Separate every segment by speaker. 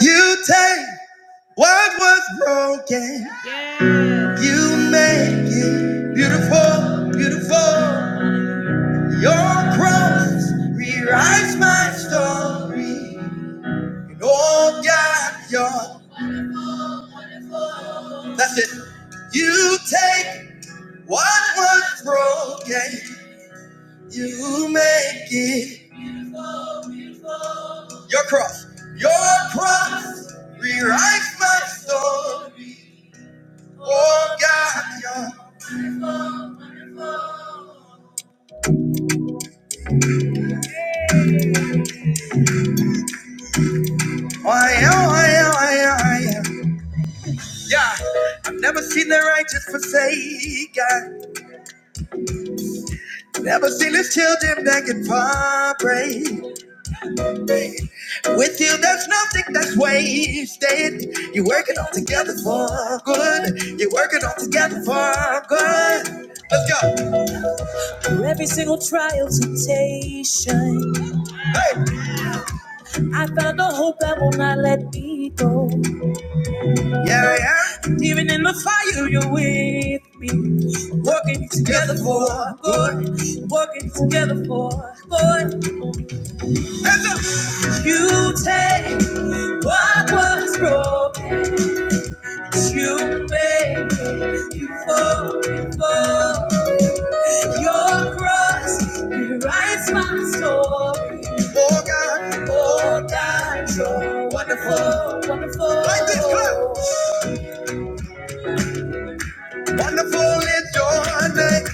Speaker 1: You take what was broken. Yes. You make it beautiful, beautiful. Your cross rewrites my story. And oh God, your that's it. You take what was broken. You make it your cross. Your cross rewrites my story. Oh God, your. Oh, Yeah, oh, yeah, oh, yeah, oh, yeah. Yeah, I've never seen the righteous forsaken. Never seen his children begging for bread. With you, there's nothing that's wasted. You're working all together for good. You're working all together for good. Let's go. Every Single trial, temptation. Hey. I found a hope that will not let me go. Yeah, yeah. Even in the fire, you're with me. Working together for good. Working together for good. You take what was broken. You make it. You fall before your cross. You write my story. Oh God, oh God, you're wonderful, wonderful. Like this, come. Wonderful is your name.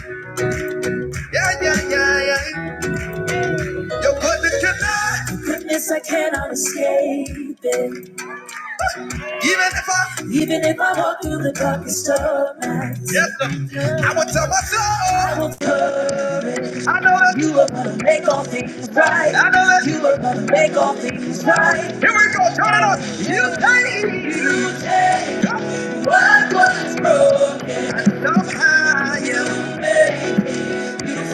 Speaker 1: Yeah, yeah, yeah, yeah. Your goodness cannot Your goodness, I cannot escape it. Even if I, even if I walk through the darkest of nights. Yes, sir. I will tell my soul. I will courage. I know that you are gonna make all things right. I know that you are gonna make all things right. Here we go, turn it on. You take, you take what was broken. And somehow you made. Somehow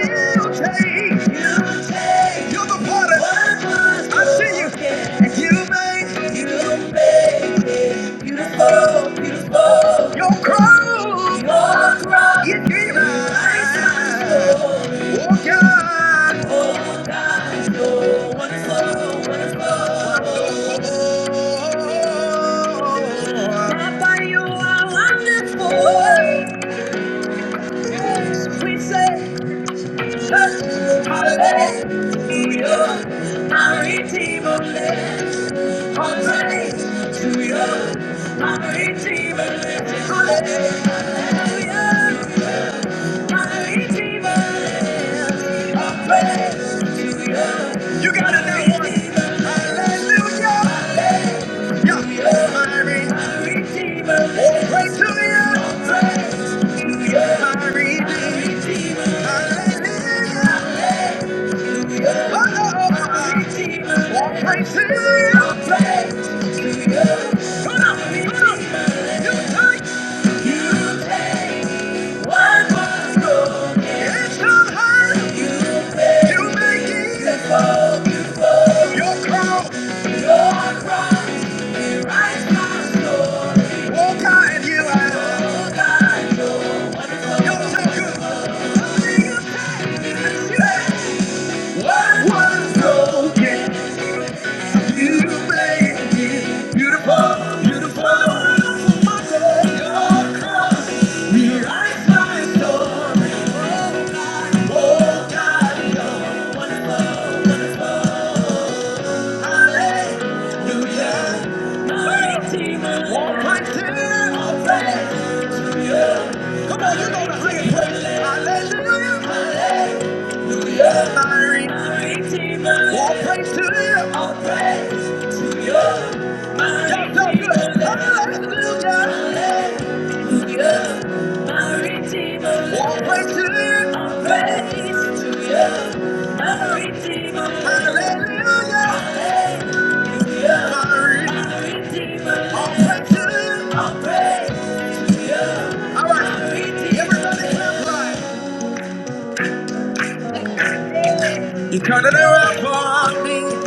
Speaker 1: you take Hey, You're the potter. I see you. And you make. You make it beautiful, beautiful. Your crown. Your crown. You give us. Oh God. Oh God. You're wonderful, wonderful. Papa, you are wonderful. Yes, we say. Hallelujah, my Redeemer lives. All praise to you, my Redeemer lives. Hallelujah, my Redeemer lives. All praise to you. You gotta know one. Hallelujah, yeah, my Redeemer my Redeemer lives. All praise to you. All praise to you, my Redeemer. Hallelujah. What was broken? Praise to you. All praise. My Y'all so good. Hallelujah. My Redeemer, Hallelujah, all praise to You turn it around for You all praise to you. All right, everybody, clap right. You Turn it around, for me.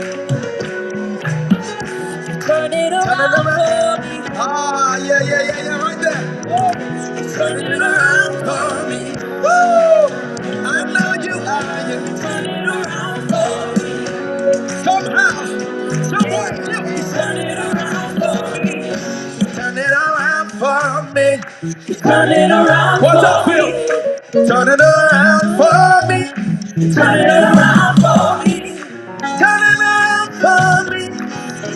Speaker 1: turn it around. for me. Ah, yeah, yeah, yeah, yeah, right there. Yeah. You turn it around for me. Woo! I know you are. You turn it around for me. Somehow, someone help me. Turn it around for me. Turn it around for me. Turn it around What's up, for Phil? me. Turn it around for me. Turn it around for me. Turn it around for me.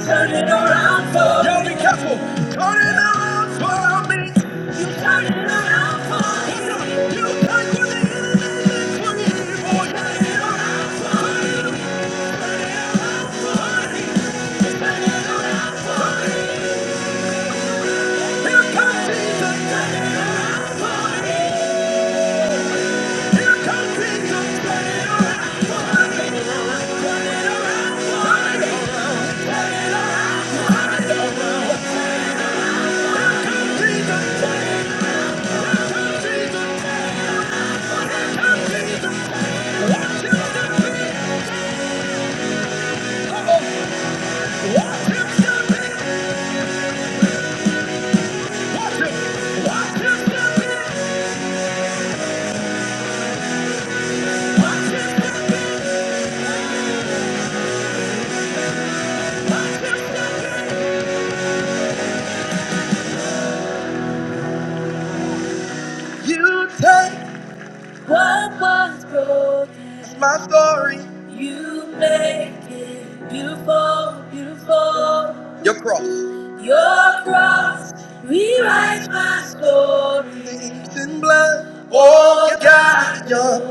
Speaker 1: Turn it around for me. Y'all be careful. Turn it around for me. Turn it around for me. You take what the enemy for evil. Turn it around. Here comes the enemy. You take What was broken? It's my story. You make it beautiful, beautiful. Your cross. Your cross rewrites my story. Things in blood. Oh God, your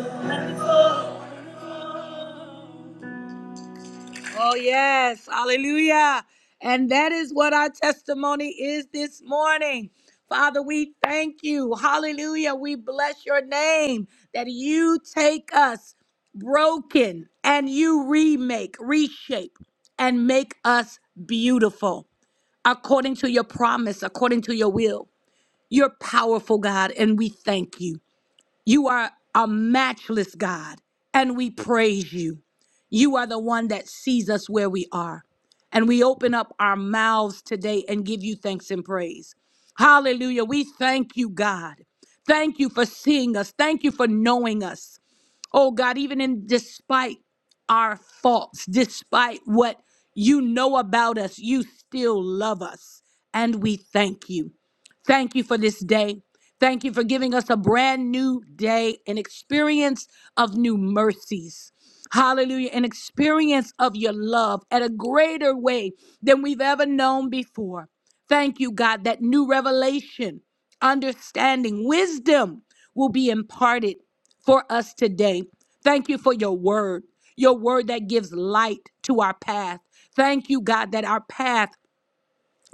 Speaker 1: Oh, yes. Hallelujah. And that is what our testimony is this morning. Father, we thank you. Hallelujah. We bless your name that you take us broken and you remake, reshape, and make us beautiful according to your promise, according to your will. You're powerful, God, and we thank you. You are a matchless God, and we praise you. You are the one that sees us where we are. And we open up our mouths today and give you thanks and praise. Hallelujah. We thank you, God. Thank you for seeing us. Thank you for knowing us. Oh God, even in despite our faults, despite what you know about us, you still love us. And we thank you. Thank you for this day. Thank you for giving us a brand new day, an experience of new mercies. Hallelujah. An experience of your love at a greater way than we've ever known before. Thank you, God, that new revelation, understanding, wisdom will be imparted for us today. Thank you for your word, your word that gives light to our path. Thank you, God, that our path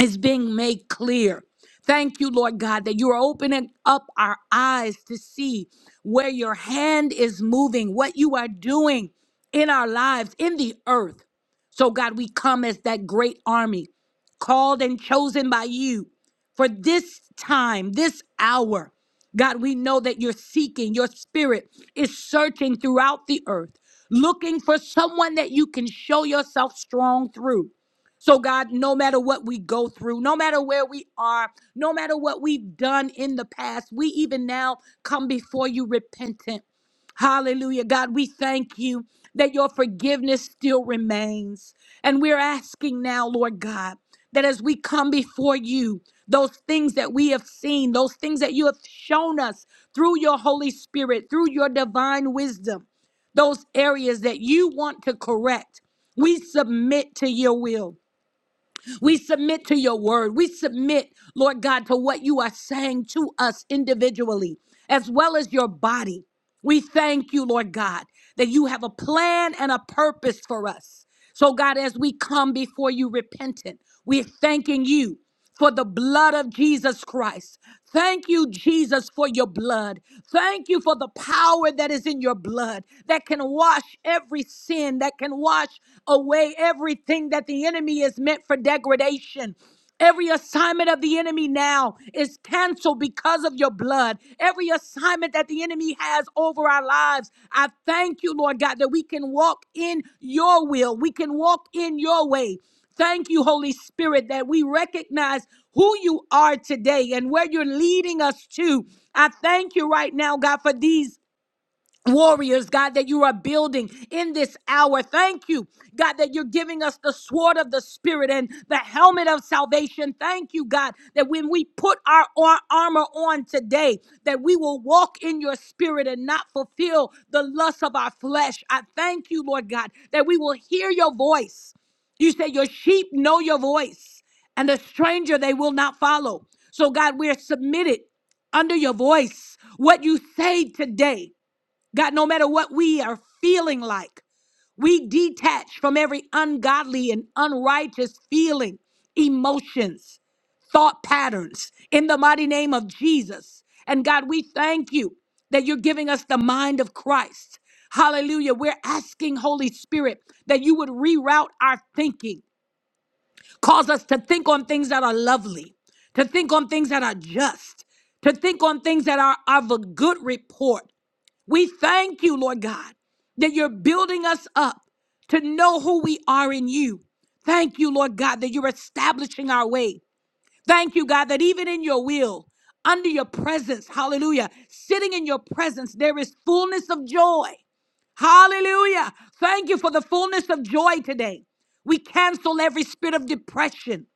Speaker 1: is being made clear. Thank you, Lord God, that you are opening up our eyes to see where your hand is moving, what you are doing in our lives, in the earth. So, God, we come as that great army, called and chosen by you for this time, this hour. God, we know that you're seeking, your spirit is searching throughout the earth, looking for someone that you can show yourself strong through. So, God, no matter what we go through, no matter where we are, no matter what we've done in the past, we even now come before you repentant. Hallelujah. God, we thank you that your forgiveness still remains. And we're asking now, Lord God, that as we come before you, those things that we have seen, those things that you have shown us through your Holy Spirit, through your divine wisdom, those areas that you want to correct, we submit to your will. We submit to your word. We submit, Lord God, to what you are saying to us individually, as well as your body. We thank you, Lord God, that you have a plan and a purpose for us. So, God, as we come before you repentant, we're thanking you for the blood of Jesus Christ. Thank you, Jesus, for your blood. Thank you for the power that is in your blood that can wash every sin, that can wash away everything that the enemy is meant for degradation. Every assignment of the enemy now is canceled because of your blood. Every assignment that the enemy has over our lives, I thank you, Lord God, that we can walk in your will. We can walk in your way. Thank you, Holy Spirit, that we recognize who you are today and where you're leading us to. I thank you right now, God, for these warriors, God, that you are building in this hour. Thank you, God, that you're giving us the sword of the Spirit and the helmet of salvation. Thank you, God, that when we put our ar- armor on today, that we will walk in your spirit and not fulfill the lust of our flesh. I thank you, Lord God, that we will hear your voice. You say your sheep know your voice, and a stranger they will not follow. So, God, we're submitted under your voice what you say today. God, no matter what we are feeling like, we detach from every ungodly and unrighteous feeling, emotions, thought patterns in the mighty name of Jesus. And God, we thank you that you're giving us the mind of Christ. Hallelujah. We're asking, Holy Spirit, that you would reroute our thinking, cause us to think on things that are lovely, to think on things that are just, to think on things that are of a good report. We thank you, Lord God, that you're building us up to know who we are in you. Thank you, Lord God, that you're establishing our way. Thank you, God, that even in your will, under your presence, hallelujah, sitting in your presence, there is fullness of joy. Hallelujah. Thank you for the fullness of joy today. We cancel every spirit of depression,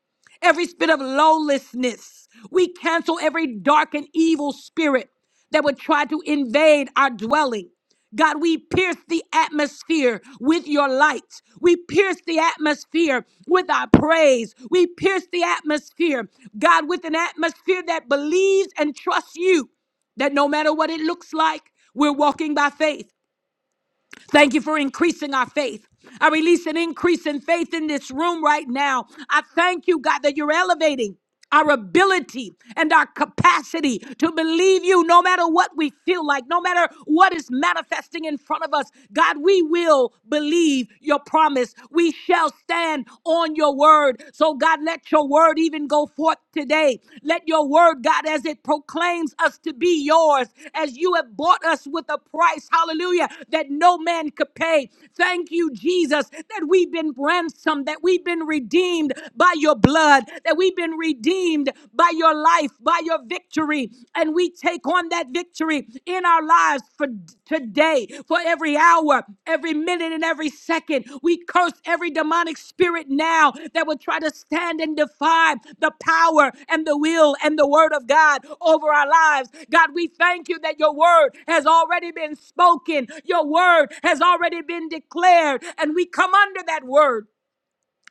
Speaker 1: every spirit of lawlessness. We cancel every dark and evil spirit that would try to invade our dwelling. God, we pierce the atmosphere with your light. We pierce the atmosphere with our praise. We pierce the atmosphere, God, with an atmosphere that believes and trusts you that no matter what it looks like, we're walking by faith. Thank you for increasing our faith. I release an increase in faith in this room right now. I thank you, God, that you're elevating our ability and our capacity to believe you no matter what we feel like, no matter what is manifesting in front of us. God, we will believe your promise. We shall stand on your word. So, God, let your your word even go forth today. Let your word, God, as it proclaims us to be yours, as you have bought us with a price, hallelujah, that no man could pay. Thank you, Jesus, that we've been ransomed, that we've been redeemed by your blood, that we've been redeemed by your life, by your victory. And we take on that victory in our in our lives for today, for every hour, every minute, and every second. We curse every demonic spirit now that would try to stand and defy the power and the will and the word of God over our lives. God, we thank you that your word has already been spoken, your word has already been declared, and we come under that word.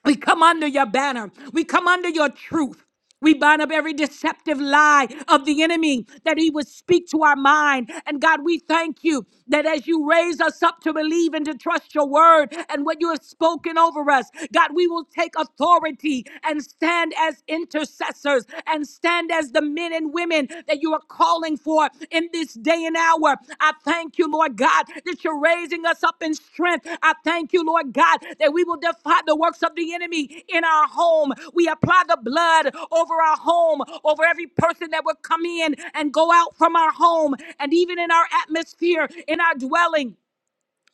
Speaker 1: We come under your banner. We come under your truth. We bind up every deceptive lie of the enemy that he would speak to our mind. And God, we thank you that as you raise us up to believe and to trust your word and what you have spoken over us, God, we will take authority and stand as intercessors and stand as the men and and women that you are calling for in this day and hour. I thank you, Lord God, that you're raising us up in strength. I thank you, Lord God, that we will defy the works of the enemy in our home. We apply the blood over our home, over every person that will come in and go out from our home, and even in our atmosphere, in our dwelling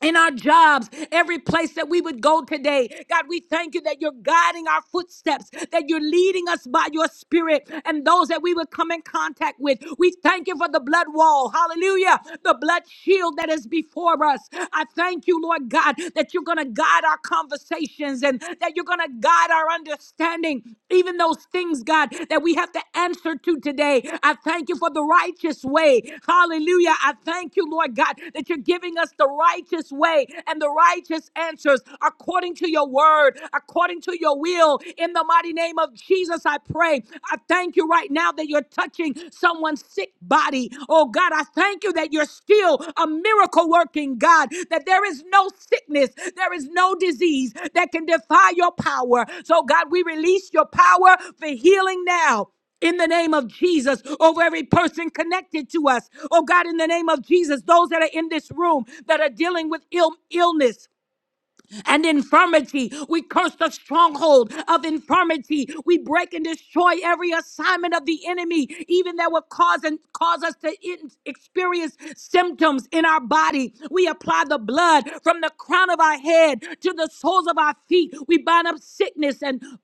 Speaker 1: in our jobs, every place that we would go today. God, we thank you that you're guiding our footsteps, that you're leading us by your spirit and those that we would come in contact with. We thank you for the blood wall. Hallelujah. The blood shield that is before us. I thank you, Lord God, that you're going to guide our conversations and that you're going to guide our understanding understanding, even those things, God, that we have to answer to today. I thank you for the righteous way. Hallelujah. I thank you, Lord God, that you're giving us the righteous way and the righteous answers according to your word, according to your will. In the mighty name of Jesus, I pray. I thank you right now that you're touching someone's sick body body. Oh God, I thank you that you're still a miracle working God, that there is no sickness, there is no disease that can defy your power. So, God, we release your power for healing now in the name of Jesus over every person connected to us. Oh God, in the name of Jesus, those that are in this room that are dealing with ill- illness, and infirmity. We curse the stronghold of infirmity. We break and destroy every assignment of the enemy, even that will cause and cause us to in- experience symptoms in our body. We apply the blood from the crown of our head to the soles of our feet. We bind up sickness and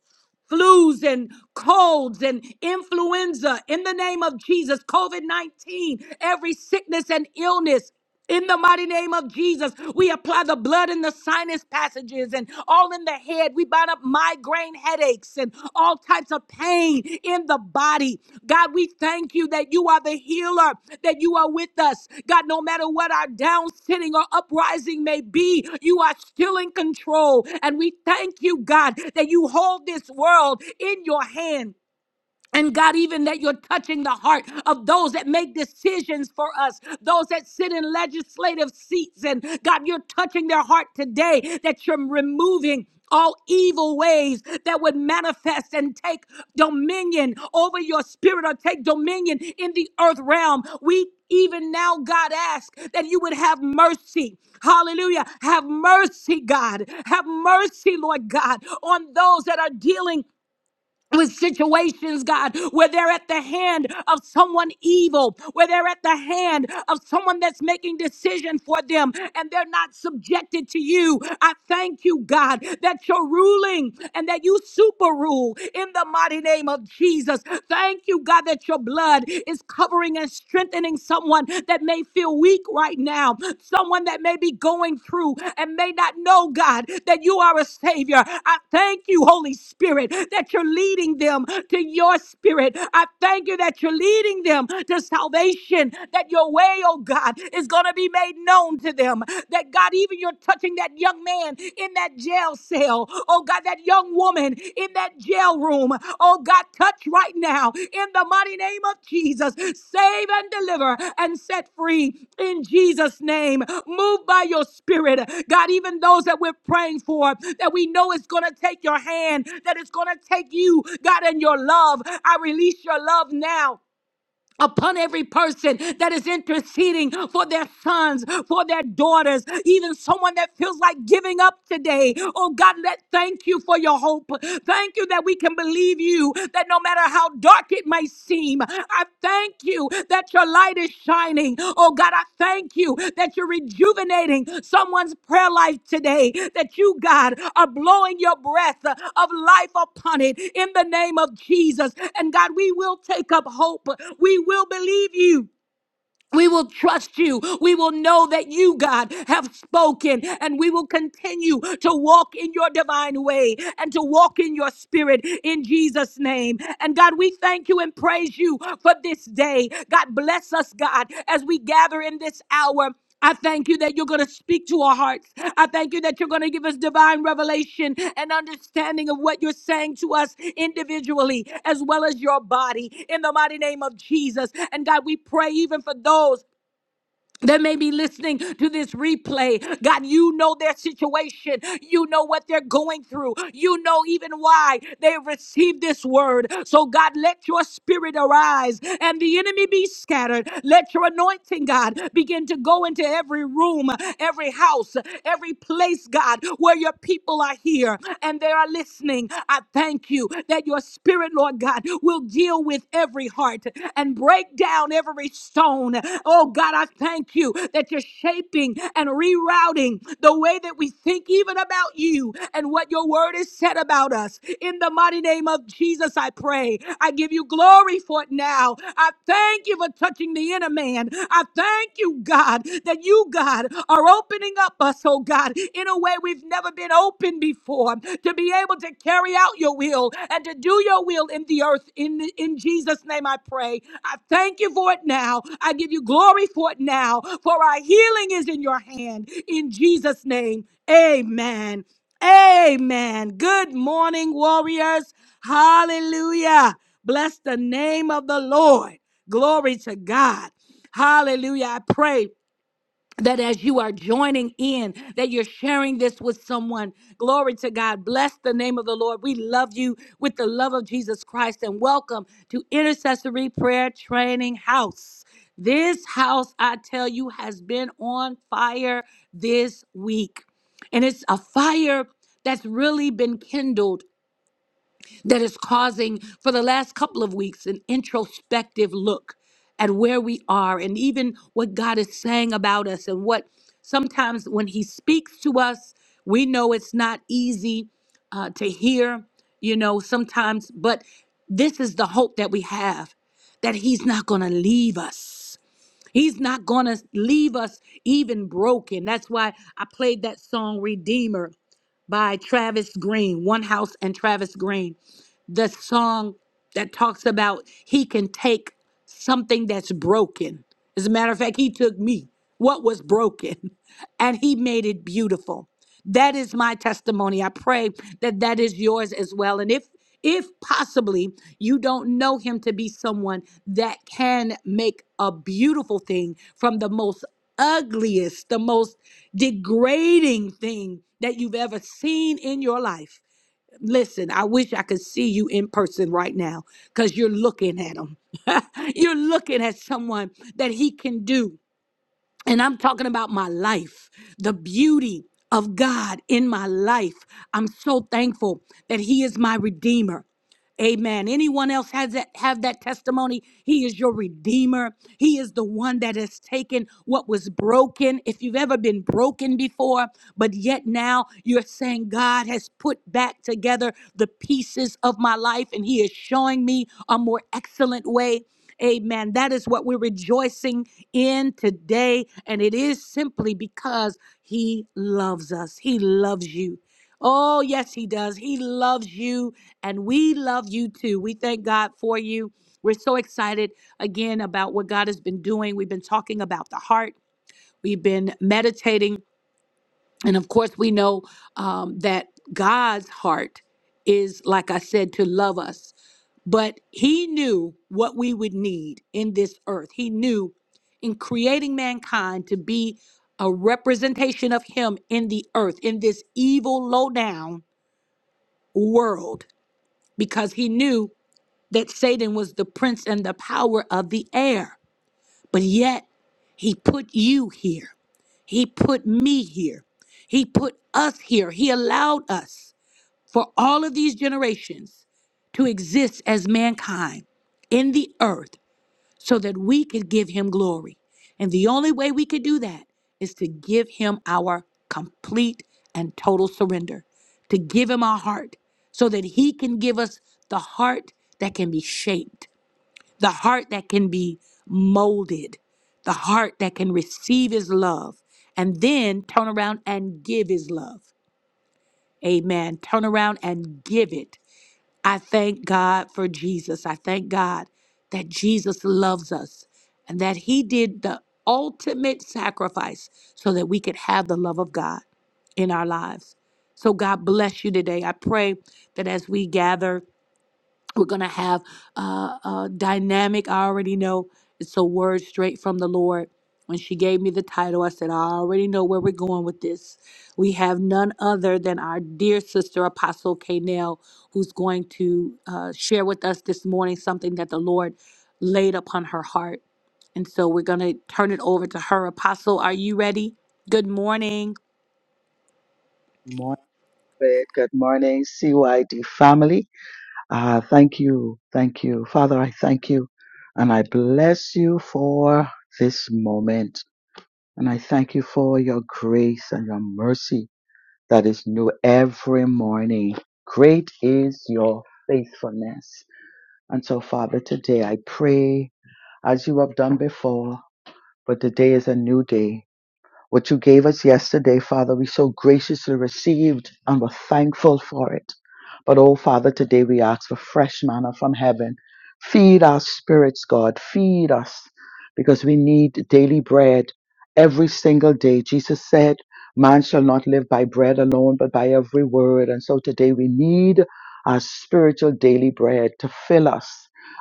Speaker 1: flus and colds and influenza in the name of Jesus, COVID 19, every sickness and illness. In the mighty name of Jesus, we apply the blood in the sinus passages and all in the head. We bind up migraine headaches and all types types of pain in the body. God, we thank you that you are the healer, that you are with us. God, no matter what our down sitting or uprising may be, you are still in control. And we thank you, God, that you hold this world in your hand. And God, even that you're touching the heart of those that make decisions for us, those that sit in legislative seats. And God, you're touching their heart today that you're removing all evil ways that would manifest and take dominion over your spirit or take dominion in the earth realm. We even now, God, ask that you would have mercy. Hallelujah. Have mercy, God. Have mercy, Lord God, on those that are dealing with situations, God, where they're at the hand of someone evil, where they're at the hand of someone that's making decision for them and they're not subjected to you. I thank you, God, that you're ruling and that you super rule in the mighty name of Jesus. Thank you, God, that your blood is covering and strengthening someone that may may feel weak right now, someone that may be going through and may not know, God, that you are a Savior. I thank you, Holy Spirit, that you're leading them to your Spirit. I thank you that you're leading them to salvation, that your way, oh God, is going to be made known to them. That God, even you're touching that young man in that jail cell jail. Oh God, that young woman in that jail room. Oh God, touch right now in the mighty name of Jesus. Save and deliver and set free in Jesus' name. Move by your spirit. God, even those that we're praying for, that we know is going to take your hand, that it's going to take you, God, and your love. I release your love now upon every person that is interceding for their sons, for their daughters, even someone that feels like giving up today. Oh God, let thank you for your hope. Thank you that we can believe you that no matter how dark it may seem, I thank you that your light is shining. Oh God, I thank you that you're rejuvenating someone's prayer life today, that you, God, are blowing your breath of life upon it in the name of Jesus. And God, we will take up hope. We will believe you. We will trust you. We will know that you, God, have spoken, and we will continue to walk in your divine way and to walk in your spirit in Jesus' name. And God, we thank you and praise you for this day. God, bless us, God, as we gather in this hour. I thank you that you're going to speak to our hearts. I thank you that you're going to give us divine revelation and understanding of what you're saying to us individually as well as your body in the mighty name of Jesus. And God, we pray even for those that may be listening to this replay. God, you know their situation. You know what they're going through. You know even why they received this word. So, God, let your spirit arise and the enemy be scattered. Let your anointing, God, begin to go into every room, every house, every place, God, where your people are here and they are listening. I thank you that your spirit, Lord God, will deal with every heart and break down every stone. Oh God, I thank you that you're shaping and rerouting the way that we think even about you and what your word is said about us. In the mighty name of Jesus, I pray. I give you glory for it now. I thank you for touching the inner man. I thank you, God, that you, God, are opening up us, oh God, in a way we've never been open been before, to be able to carry out your will and to do your will in the earth. In, in Jesus' name, I pray. I thank you for it now. I give you glory for it now, for our healing is in your hand. In Jesus' name, amen. Amen. Good morning, warriors. Hallelujah. Bless the name of the Lord. Glory to God. Hallelujah. I pray that as you are joining in, that you're sharing this with someone. Glory to God. Bless the name of the Lord. We love you with the love of Jesus Christ and welcome to Intercessory Prayer Training House. This house, I tell you, has been on fire this week. And it's a fire that's really been kindled that is causing, for the last couple of weeks, an introspective look at where we are and even what God is saying about us, and what sometimes when He speaks to us, we know it's not easy uh, to hear, you know, sometimes, but this is the hope that we have that He's not going to leave us. He's not going to leave us even broken. That's why I played that song Redeemer by Travis Green, One House and Travis Green the song that talks about he can take something that's broken. As a matter of fact, he took me, what was broken, and he made it beautiful. That is my testimony. I pray that that is yours as well. And if if possibly you don't know him to be someone that can make a beautiful thing from the most ugliest, the most degrading thing that you've ever seen in your life Listen, I wish I could see you in person right now because you're looking at him. you're looking at someone that he can do. And I'm talking about my life, the beauty of God in my life. I'm so thankful that he is my redeemer. Amen. Anyone else has that have that testimony? He is your redeemer. He is the one that has taken what was broken. If you've ever been broken before, but yet now you're saying God has put back together the pieces of my life and he is showing me a more excellent way. Amen. That is what we're rejoicing in today. And it is simply because he loves us. He loves you. Oh, yes, he does. He loves you, and we love you too. We thank God for you. We're so excited again about what God has been doing. We've been talking about the heart, we've been meditating. And of course, we know um, that God's heart is, like I said, to love us. But he knew what we would need in this earth. He knew in creating mankind to be a representation of him in the earth, in this evil lowdown world because he knew that Satan was the prince and the power of the air. But yet, he put you here. He put me here. He put us here. He allowed us for all of these generations to exist as mankind in the earth so that we could give him glory. And the only way we could do that is to give him our complete and total surrender, to give him our heart, so that he can give us the heart that can be shaped, the heart that can be molded, the heart that can receive his love, and then turn around and give his love. Amen. Turn around and give it. I thank God for Jesus. I thank God that Jesus loves us and that he did the ultimate sacrifice so that we could have the love of God in our lives. So God bless you today. I pray that as we gather we're going to have uh, a dynamic. I already know it's a word straight from the Lord. When she gave me the title, I said, I already know where we're going with this. We have none other than our dear sister, Apostle Kanell, who's going to uh, share with us this morning something that the Lord laid upon her heart. And so we're going to turn it over to her. Apostle, are you ready? Good morning.
Speaker 2: Morning, Fred. Good morning, CYD family. Uh, thank you. Thank you. Father, I thank you and I bless you for this moment. And I thank you for your grace and your mercy that is new every morning. Great is your faithfulness. And so, Father, today I pray as you have done before, but today is a new day. What you gave us yesterday, Father, we so graciously received and we're thankful for it. But oh, Father, today we ask for fresh manna from heaven. Feed our spirits, God. Feed us because we need daily bread every single day. Jesus said, Man shall not live by bread alone, but by every word. And so today we need our spiritual daily bread to fill us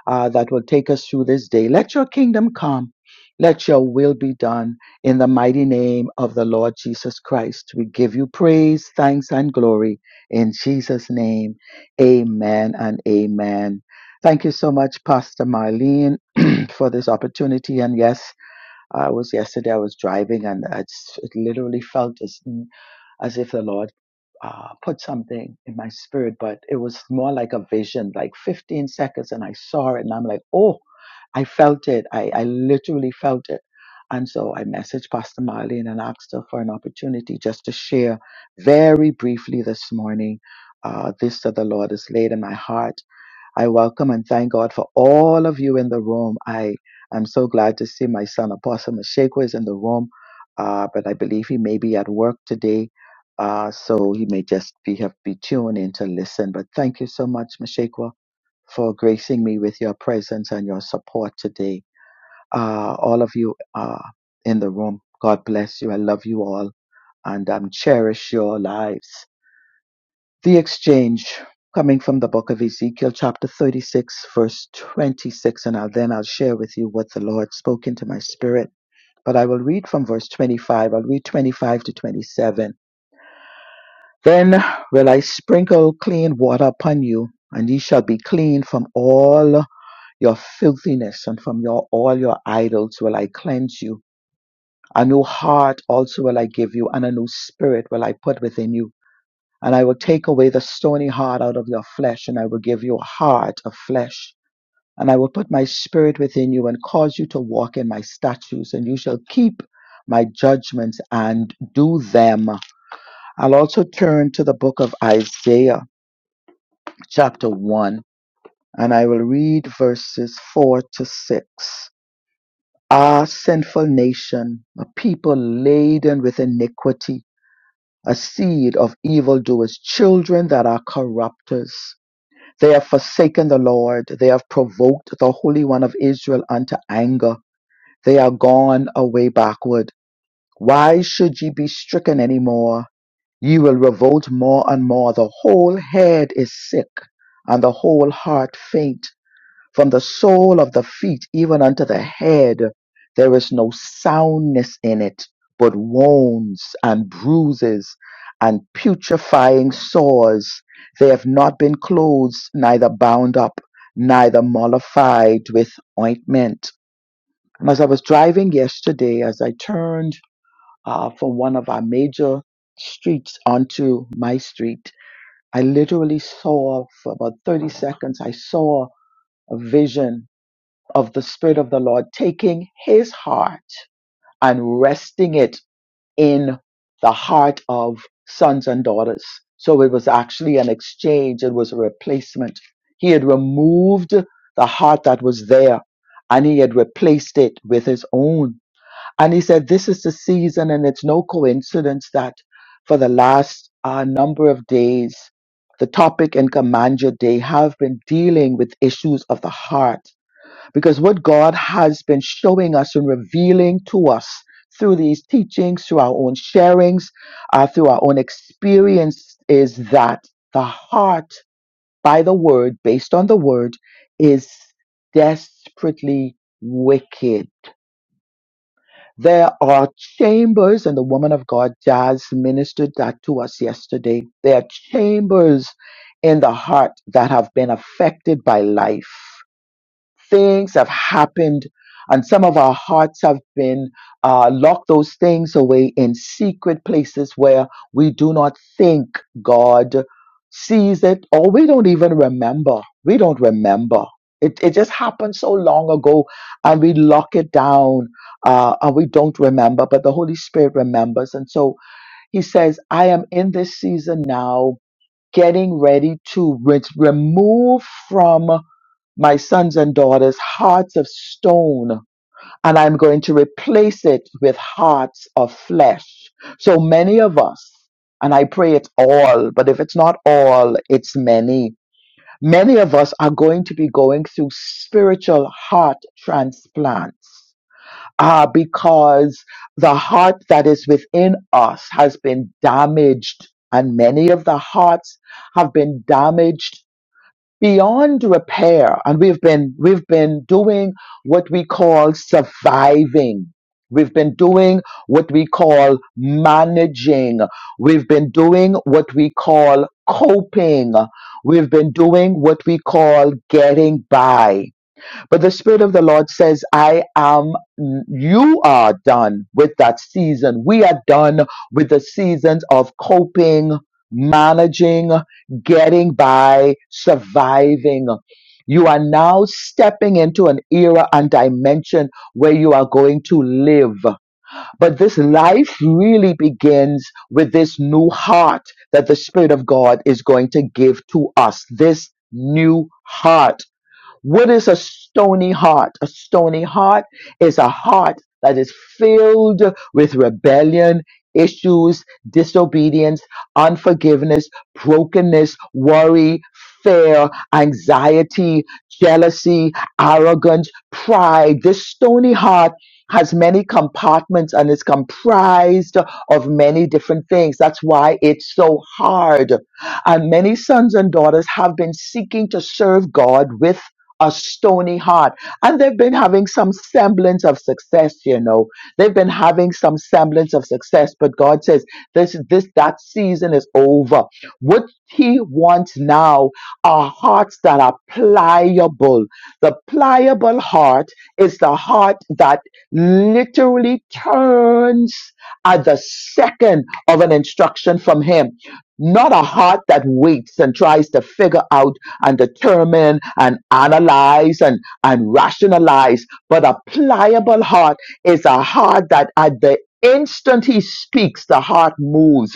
Speaker 2: uh, that will take us through this day. Let your kingdom come. Let your will be done in the mighty name of the Lord Jesus Christ, we give you praise, thanks, and glory in Jesus' name. Amen and amen. Thank you so much, Pastor Marlene, for this opportunity. And yes, I was yesterday, I was driving and I just- it literally felt as, as if the Lord uh, put something in my spirit, but it was more like a vision, like 15 seconds. And I saw it and I'm like, oh, I felt it. I, I literally felt it. And so I messaged Pastor Marlene and asked her for an opportunity just to share very briefly this morning uh, this that the Lord has laid in my heart. I welcome and thank God for all of you in the room. I am so glad to see my son Apostle Mashekwa is in the room, uh, but I believe he may be at work today. Uh, so he may just be have be tuned in to listen. But thank you so much, Mashekwa for gracing me with your presence and your support today. Uh, all of you uh, in the room, God bless you. I love you all and um, cherish your lives. The exchange coming from the book of Ezekiel, chapter 36, verse 26, and I'll, then I'll share with you what the Lord spoke into my spirit. But I will read from verse 25. I'll read 25 to 27. Then will I sprinkle clean water upon you, and ye shall be clean from all your filthiness and from your all your idols will I cleanse you. A new heart also will I give you, and a new spirit will I put within you. And I will take away the stony heart out of your flesh, and I will give you a heart of flesh. And I will put my spirit within you and cause you to walk in my statutes, and you shall keep my judgments and do them. I'll also turn to the book of Isaiah, chapter 1, and I will read verses 4 to 6. Ah, sinful nation, a people laden with iniquity, a seed of evildoers, children that are corrupters. They have forsaken the Lord. They have provoked the Holy One of Israel unto anger. They are gone away backward. Why should ye be stricken any more? Ye will revolt more and more. The whole head is sick, and the whole heart faint. From the sole of the feet even unto the head, there is no soundness in it, but wounds and bruises and putrefying sores. They have not been closed, neither bound up, neither mollified with ointment. And As I was driving yesterday, as I turned uh, from one of our major streets onto my street, I literally saw for about 30 seconds, I saw a vision of the Spirit of the Lord, taking his heart and resting it in the heart of sons and daughters. So it was actually an exchange, it was a replacement. He had removed the heart that was there and he had replaced it with his own. And he said, This is the season, and it's no coincidence that for the last uh, number of days, the topic and command your day have been dealing with issues of the heart because what God has been showing us and revealing to us through these teachings, through our own sharings, uh, through our own experience, is that the heart, by the word, based on the word, is desperately wicked. There are chambers, and the woman of God, Jazz, ministered that to us yesterday. There are chambers in the heart that have been affected by life things have happened and some of our hearts have been uh, locked those things away in secret places where we do not think god sees it or we don't even remember we don't remember it, it just happened so long ago and we lock it down uh, and we don't remember but the holy spirit remembers and so he says i am in this season now getting ready to re- remove from my sons and daughters hearts of stone, and I'm going to replace it with hearts of flesh. So many of us, and I pray it's all, but if it's not all, it's many. Many of us are going to be going through spiritual heart transplants uh, because the heart that is within us has been damaged, and many of the hearts have been damaged beyond repair and we've been we've been doing what we call surviving we've been doing what we call managing we've been doing what we call coping we've been doing what we call getting by but the Spirit of the Lord says, I am, you are done with that season. We are done with the seasons of coping, managing, getting by, surviving. You are now stepping into an era and dimension where you are going to live. But this life really begins with this new heart that the Spirit of God is going to give to us. This new heart what is a stony heart? A stony heart is a heart that is filled with rebellion, issues, disobedience, unforgiveness, brokenness, worry, fear, anxiety, jealousy, arrogance, pride. This stony heart has many compartments and is comprised of many different things. That's why it's so hard and many sons and daughters have been seeking to serve God with a stony heart. And they've been having some semblance of success, you know. They've been having some semblance of success, but God says this this that season is over. What he wants now are hearts that are pliable. The pliable heart is the heart that literally turns at the second of an instruction from him. Not a heart that waits and tries to figure out and determine and analyze and, and rationalize. But a pliable heart is a heart that at the instant he speaks, the heart moves.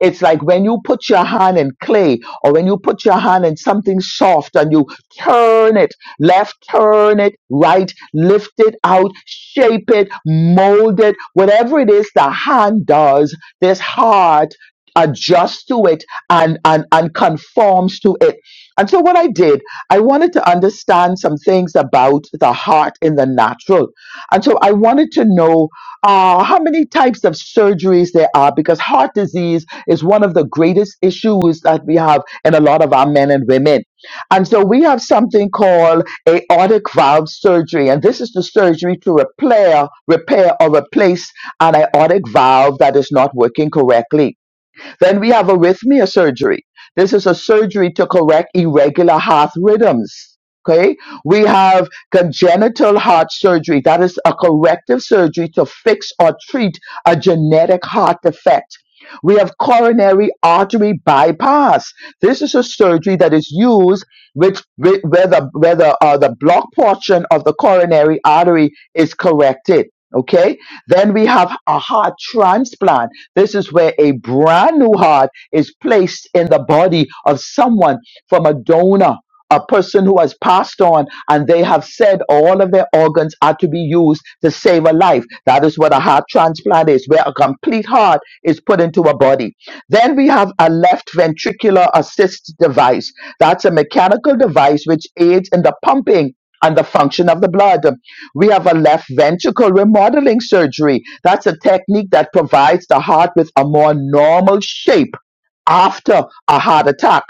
Speaker 2: It's like when you put your hand in clay or when you put your hand in something soft and you turn it left, turn it right, lift it out, shape it, mold it, whatever it is the hand does, this heart adjusts to it and, and, and conforms to it and so, what I did, I wanted to understand some things about the heart in the natural. And so, I wanted to know uh, how many types of surgeries there are because heart disease is one of the greatest issues that we have in a lot of our men and women. And so, we have something called aortic valve surgery. And this is the surgery to repair, repair or replace an aortic valve that is not working correctly. Then we have a arrhythmia surgery. This is a surgery to correct irregular heart rhythms. Okay, we have congenital heart surgery. That is a corrective surgery to fix or treat a genetic heart defect. We have coronary artery bypass. This is a surgery that is used which whi- where the where the, uh, the block portion of the coronary artery is corrected. Okay, then we have a heart transplant this is where a brand new heart is placed in the body of someone from a donor, a person who has passed on, and they have said all of their organs are to be used to save a life. That is what a heart transplant is, where a complete heart is put into a body. Then we have a left ventricular assist device. That's a mechanical device which aids in the pumping and the function of the blood. We have a left ventricle remodeling surgery. That's a technique that provides the heart with a more normal shape after a heart attack.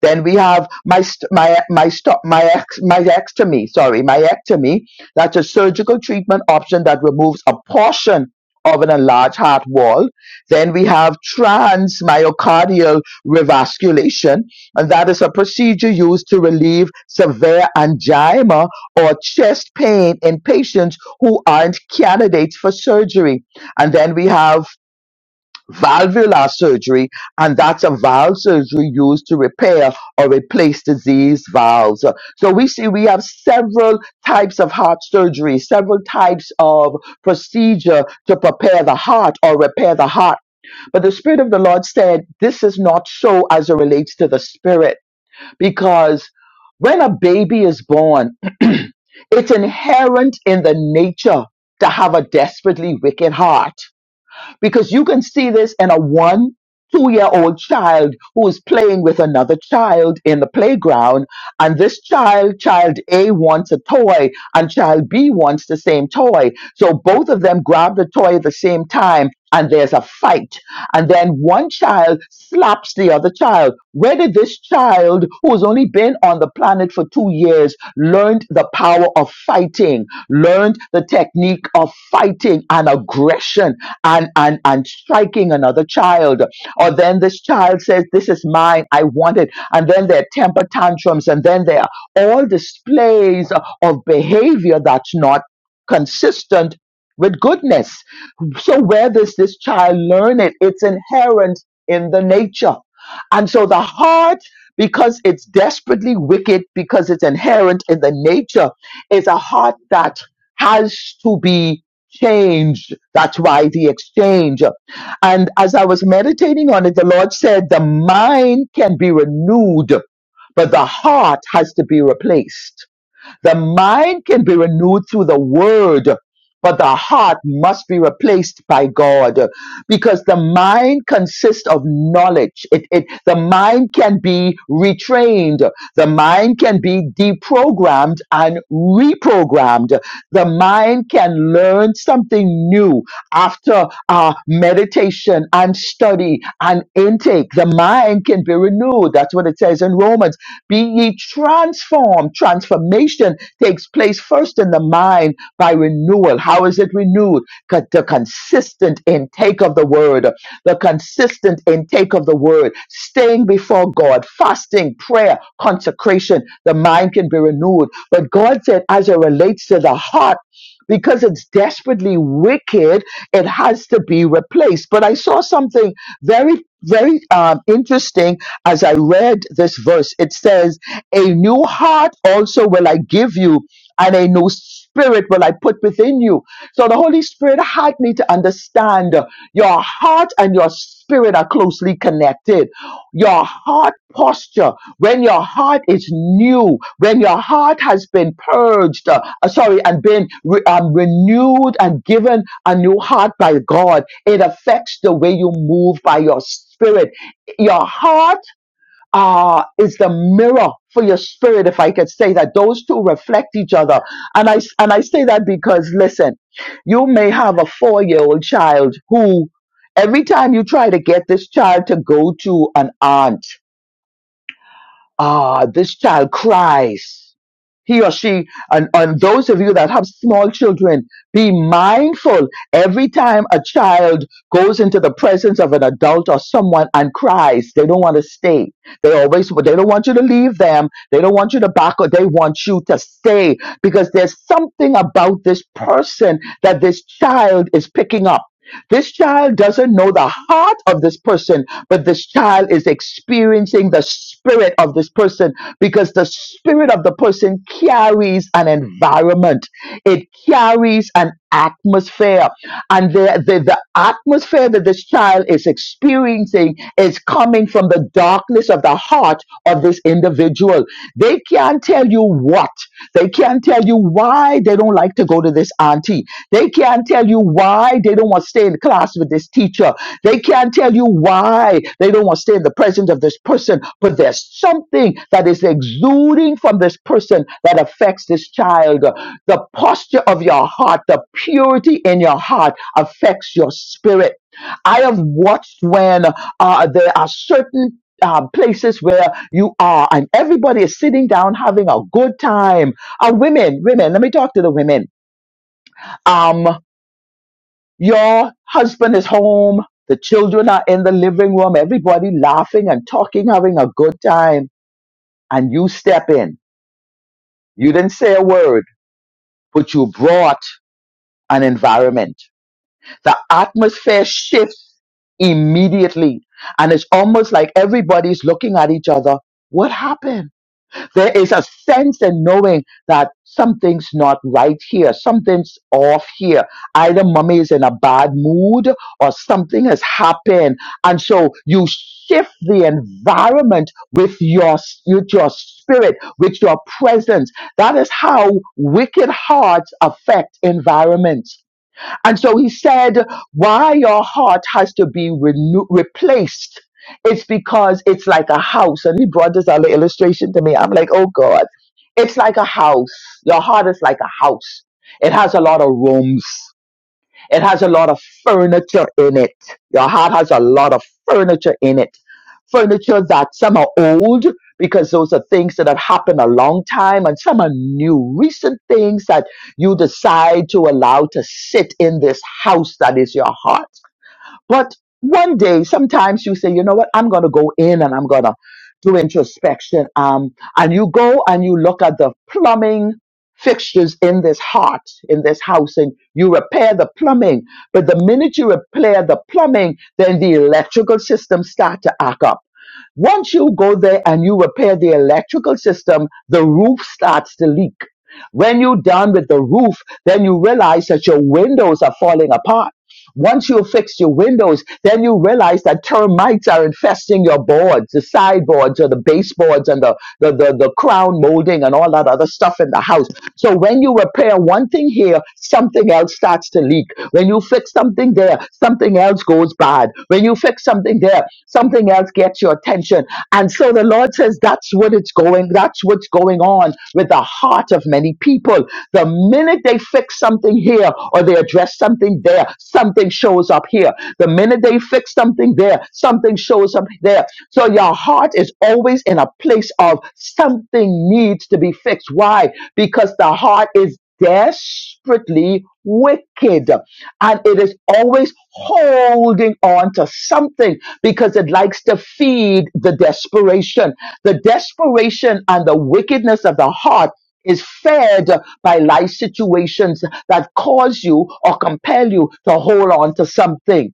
Speaker 2: Then we have my st- my my stop my ex my ectomy. Sorry, my ectomy. That's a surgical treatment option that removes a portion of an enlarged heart wall. Then we have transmyocardial revasculation, and that is a procedure used to relieve severe angina or chest pain in patients who aren't candidates for surgery. And then we have valvular surgery, and that's a valve surgery used to repair or replace diseased valves. So we see we have several types of heart surgery, several types of procedure to prepare the heart or repair the heart. But the Spirit of the Lord said, This is not so as it relates to the Spirit, because when a baby is born, it's inherent in the nature to have a desperately wicked heart because you can see this in a one, two year old child who is playing with another child in the playground. And this child, child A wants a toy and child B wants the same toy. So both of them grab the toy at the same time and there's a fight. And then one child slaps the other child. Where did this child, who has only been on the planet for two years, learned the power of fighting, learned the technique of fighting and aggression? and, and, and striking another child. Or then this child says, This is mine, I want it. And then there are temper tantrums, and then there are all displays of behavior that's not consistent with goodness. So, where does this child learn it? It's inherent in the nature. And so, the heart, because it's desperately wicked, because it's inherent in the nature, is a heart that has to be changed. That's why the exchange. And as I was meditating on it, the Lord said, the mind can be renewed, but the heart has to be replaced. The mind can be renewed through the word, but the heart must be replaced by God because the mind consists of knowledge. It, it, the mind can be retrained. The mind can be deprogrammed and reprogrammed. The mind can learn something new after uh, meditation and study and intake. The mind can be renewed. That's what it says in Romans. Be ye transformed. Transformation takes place first in the mind by renewal. How is it renewed? Co- The consistent intake of the word, the consistent intake of the word, staying before God, fasting, prayer, consecration. The mind can be renewed. But God said, as it relates to the heart, because it's desperately wicked, it has to be replaced. But I saw something very, very um, interesting as I read this verse. It says, A new heart also will I give you, and a new spirit will I put within you. So the Holy Spirit had me to understand uh, your heart and your spirit are closely connected. Your heart posture, when your heart is new, when your heart has been purged, uh, uh, sorry, and been re- um, renewed and given a new heart by God it affects the way you move by your spirit. Your heart uh, is the mirror for your spirit, if I could say that. Those two reflect each other. And I, and I say that because, listen, you may have a four year old child who, every time you try to get this child to go to an aunt, ah, this child cries. He or she, and, and those of you that have small children, be mindful every time a child goes into the presence of an adult or someone and cries, they don't want to stay. They always, they don't want you to leave them. They don't want you to back or they want you to stay because there's something about this person that this child is picking up. This child doesn't know the heart of this person but this child is experiencing the spirit of this person because the spirit of the person carries an environment, it carries an atmosphere. And the, the, the atmosphere that this child is experiencing is coming from the darkness of the heart of this individual. They can't tell you what. They can't tell you why they don't like to go to this auntie. They can't tell you why they don't want to stay in class with this teacher. They can't tell you why they don't want to stay in the presence of this person. But there's something that is exuding from this person that affects this child. The posture of your heart, the purity in your heart affects your spirit. I have watched when uh, there are certain um, places where you are and everybody is sitting down having a good time. And women, women, let me talk to the women. Um, your husband is home. The children are in the living room. Everybody laughing and talking, having a good time. And you step in. You didn't say a word, but you brought an environment. The atmosphere shifts immediately. And it's almost like everybody's looking at each other. What happened? There is a sense in knowing that something's not right here, something's off here. Either mommy is in a bad mood or something has happened. And so you shift the environment with your, with your spirit, with your presence. That is how wicked hearts affect environments and so he said, why your heart has to be renew- replaced. It's because it's like a house. And he brought this other illustration to me. I'm like, oh God, it's like a house. Your heart is like a house. It has a lot of rooms. It has a lot of furniture in it. Your heart has a lot of furniture in it. Furniture that some are old because those are things that have happened a long time, and some are new, recent things that you decide to allow to sit in this house that is your heart but one day, sometimes you say, you know what, I'm going to go in and I'm going to do introspection. Um, and you go and you look at the plumbing fixtures in this heart, in this house, and you repair the plumbing. But the minute you repair the plumbing, then the electrical system start to act up once you go there and you repair the electrical system, the roof starts to leak. When you're done with the roof, then you realize that your windows are falling apart. Once you fix your windows, then you realize that termites are infesting your boards, the sideboards or the baseboards and the the, the, the crown molding and all that other stuff in the house. So when you repair one thing here, something else starts to leak. When you fix something there, something else goes bad. When you fix something there, something else gets your attention. And so the Lord says that's what it's going, that's what's going on with the heart of many people. The minute they fix something here or they address something there, something shows up here. The minute they fix something there, something shows up there so your heart is always in a place of something needs to be fixed. Why? Because the heart is desperately wicked and it is always holding on to something because it likes to feed the desperation. The desperation and the wickedness of the heart is fed by life situations that cause you or compel you to hold on to something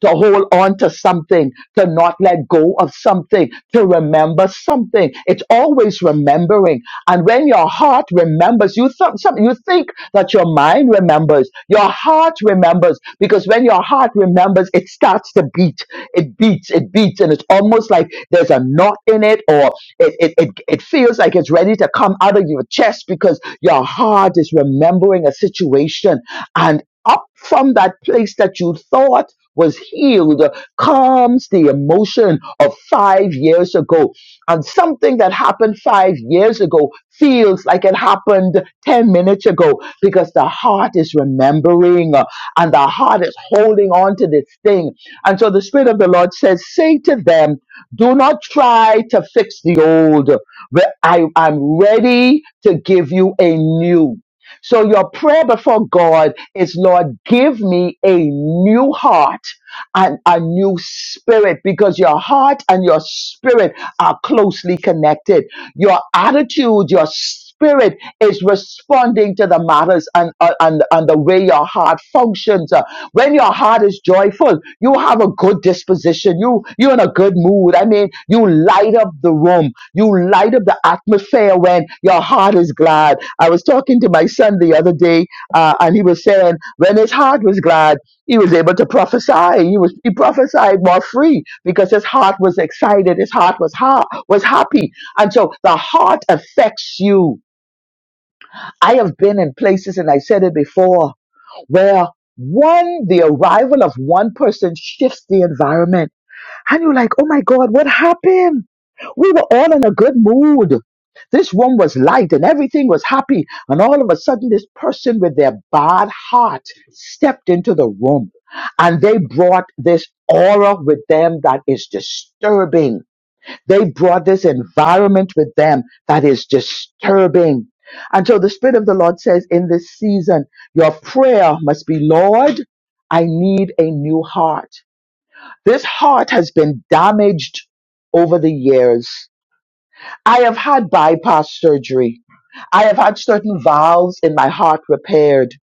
Speaker 2: to hold on to something, to not let go of something, to remember something. It's always remembering. And when your heart remembers, you, th- some, you think that your mind remembers, your heart remembers, because when your heart remembers, it starts to beat. It beats, it beats, and it's almost like there's a knot in it or it, it, it, it feels like it's ready to come out of your chest because your heart is remembering a situation and up from that place that you thought was healed calms the emotion of five years ago. And something that happened five years ago feels like it happened 10 minutes ago because the heart is remembering uh, and the heart is holding on to this thing. And so the Spirit of the Lord says, Say to them, do not try to fix the old. Re- I, I'm ready to give you a new. So your prayer before God is Lord, give me a new heart and a new spirit because your heart and your spirit are closely connected. Your attitude, your spirit is responding to the matters and, uh, and, and the way your heart functions. Uh, When your heart is joyful, you have a good disposition. You, you're in a good mood. I mean, you light up the room. You light up the atmosphere when your heart is glad. I was talking to my son the other day uh, and he was saying when his heart was glad, he was able to prophesy. He was he prophesied more free because his heart was excited. His heart was ha- was happy, and so the heart affects you. I have been in places, and I said it before, where one the arrival of one person shifts the environment, and you're like, oh my God, what happened? We were all in a good mood. This room was light and everything was happy. And all of a sudden, this person with their bad heart stepped into the room and they brought this aura with them that is disturbing. They brought this environment with them that is disturbing. And so the Spirit of the Lord says in this season, your prayer must be, Lord, I need a new heart. This heart has been damaged over the years. I have had bypass surgery. I have had certain valves in my heart repaired.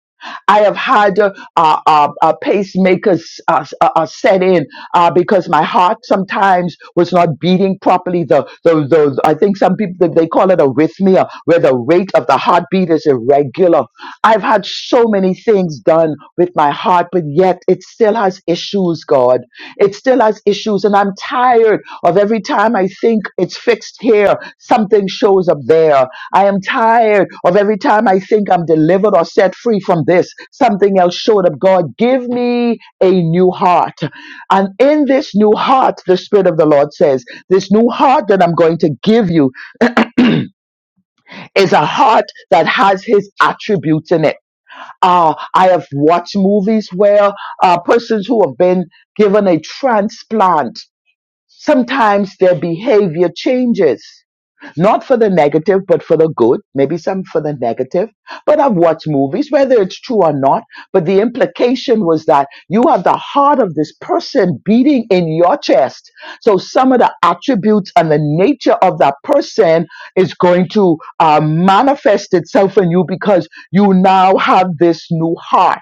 Speaker 2: I have had uh, uh, uh, uh, pacemakers uh, uh, uh, set in uh, because my heart sometimes was not beating properly. The, the, the I think some people they they call it arrhythmia, where the rate of the heartbeat is irregular. I've had so many things done with my heart, but yet it still has issues. God, it still has issues, and I'm tired of every time I think it's fixed here, something shows up there. I am tired of every time I think I'm delivered or set free from this, something else showed up. God, give me a new heart. And in this new heart, the Spirit of the Lord says, this new heart that I'm going to give you is a heart that has His attributes in it. Uh, I have watched movies where uh, persons who have been given a transplant, sometimes their behavior changes not for the negative, but for the good, maybe some for the negative. But I've watched movies, whether it's true or not, but the implication was that you have the heart of this person beating in your chest. So some of the attributes and the nature of that person is going to uh, manifest itself in you because you now have this new heart.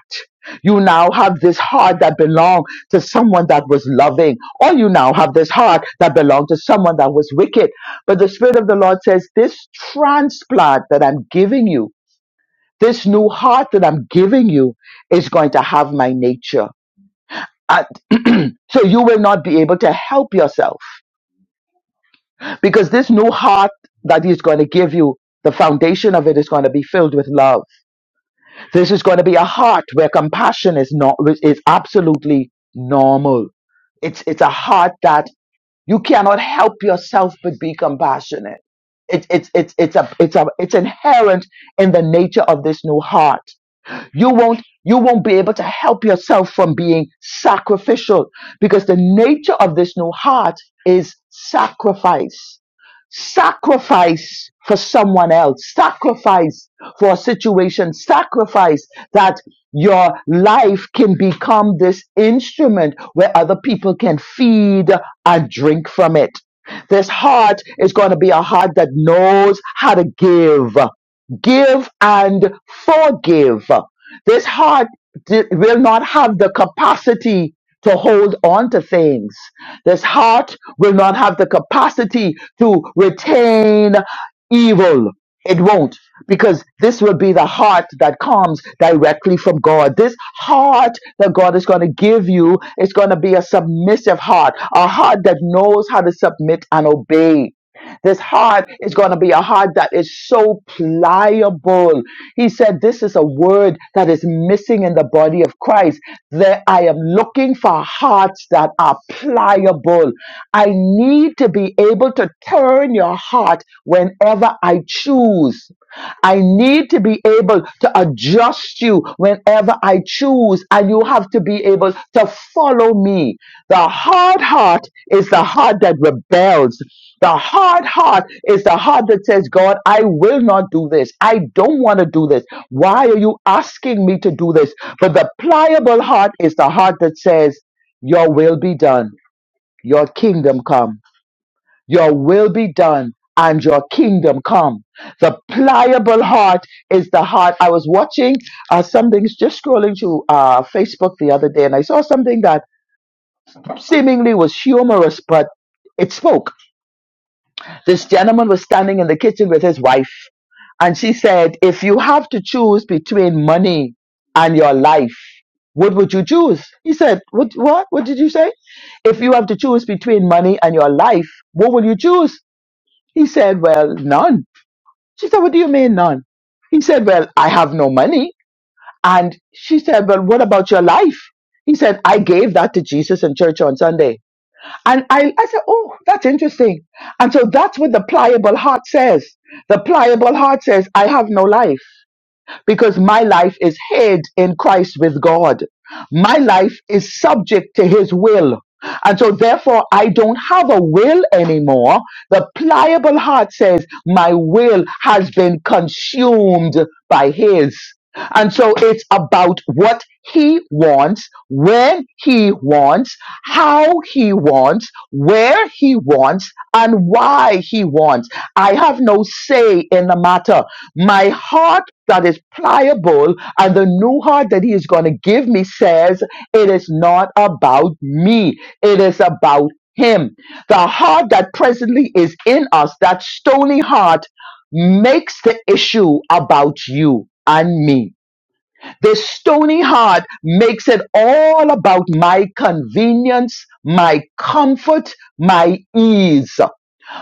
Speaker 2: You now have this heart that belonged to someone that was loving, or you now have this heart that belonged to someone that was wicked but the Spirit of the Lord says, This transplant that I'm giving you, this new heart that I'm giving you, is going to have my nature. And so you will not be able to help yourself because this new heart that He's going to give you, the foundation of it is going to be filled with love. This is going to be a heart where compassion is not is absolutely normal. It's it's a heart that You cannot help yourself but be compassionate. It's it's it's it's a it's a it's inherent in the nature of this new heart you won't you won't be able to help yourself from being sacrificial because the nature of this new heart is sacrifice sacrifice for someone else sacrifice for a situation sacrifice that your life can become this instrument where other people can feed and drink from it this heart is going to be a heart that knows how to give give and forgive. This heart di- will not have the capacity to hold on to things. This heart will not have the capacity to retain evil. It won't, because this will be the heart that comes directly from God. This heart that God is going to give you is going to be a submissive heart, a heart that knows how to submit and obey. This heart is going to be a heart that is so pliable. He said, This is a word that is missing in the body of Christ. That I am looking for hearts that are pliable. I need to be able to turn your heart whenever I choose. I need to be able to adjust you whenever I choose, and you have to be able to follow me. The hard heart is the heart that rebels. The hard heart is the heart that says, God, I will not do this. I don't want to do this. Why are you asking me to do this? But the pliable heart is the heart that says, Your will be done, your kingdom come. Your will be done and your kingdom come. The pliable heart is the heart. I was watching uh, something, just scrolling through uh, Facebook the other day, and I saw something that seemingly was humorous, but it spoke. This gentleman was standing in the kitchen with his wife, and she said, If you have to choose between money and your life, what would you choose? He said, What, what, what did you say? If you have to choose between money and your life, what will you choose? He said, Well, none. She said, What do you mean none? He said, Well, I have no money. And she said, Well, what about your life? He said, I gave that to Jesus in church on Sunday. And I, I said, Oh, that's interesting. And so that's what the pliable heart says. The pliable heart says, I have no life because my life is hid in Christ with God. My life is subject to his will. And so therefore I don't have a will anymore. The pliable heart says my will has been consumed by his. And so it's about what he wants, when he wants, how he wants, where he wants, and why he wants. I have no say in the matter. My heart that is pliable and the new heart that He is going to give me says, It is not about me, it is about Him. The heart that presently is in us, that stony heart, makes the issue about you and me. This stony heart makes it all about my convenience, my comfort, my ease.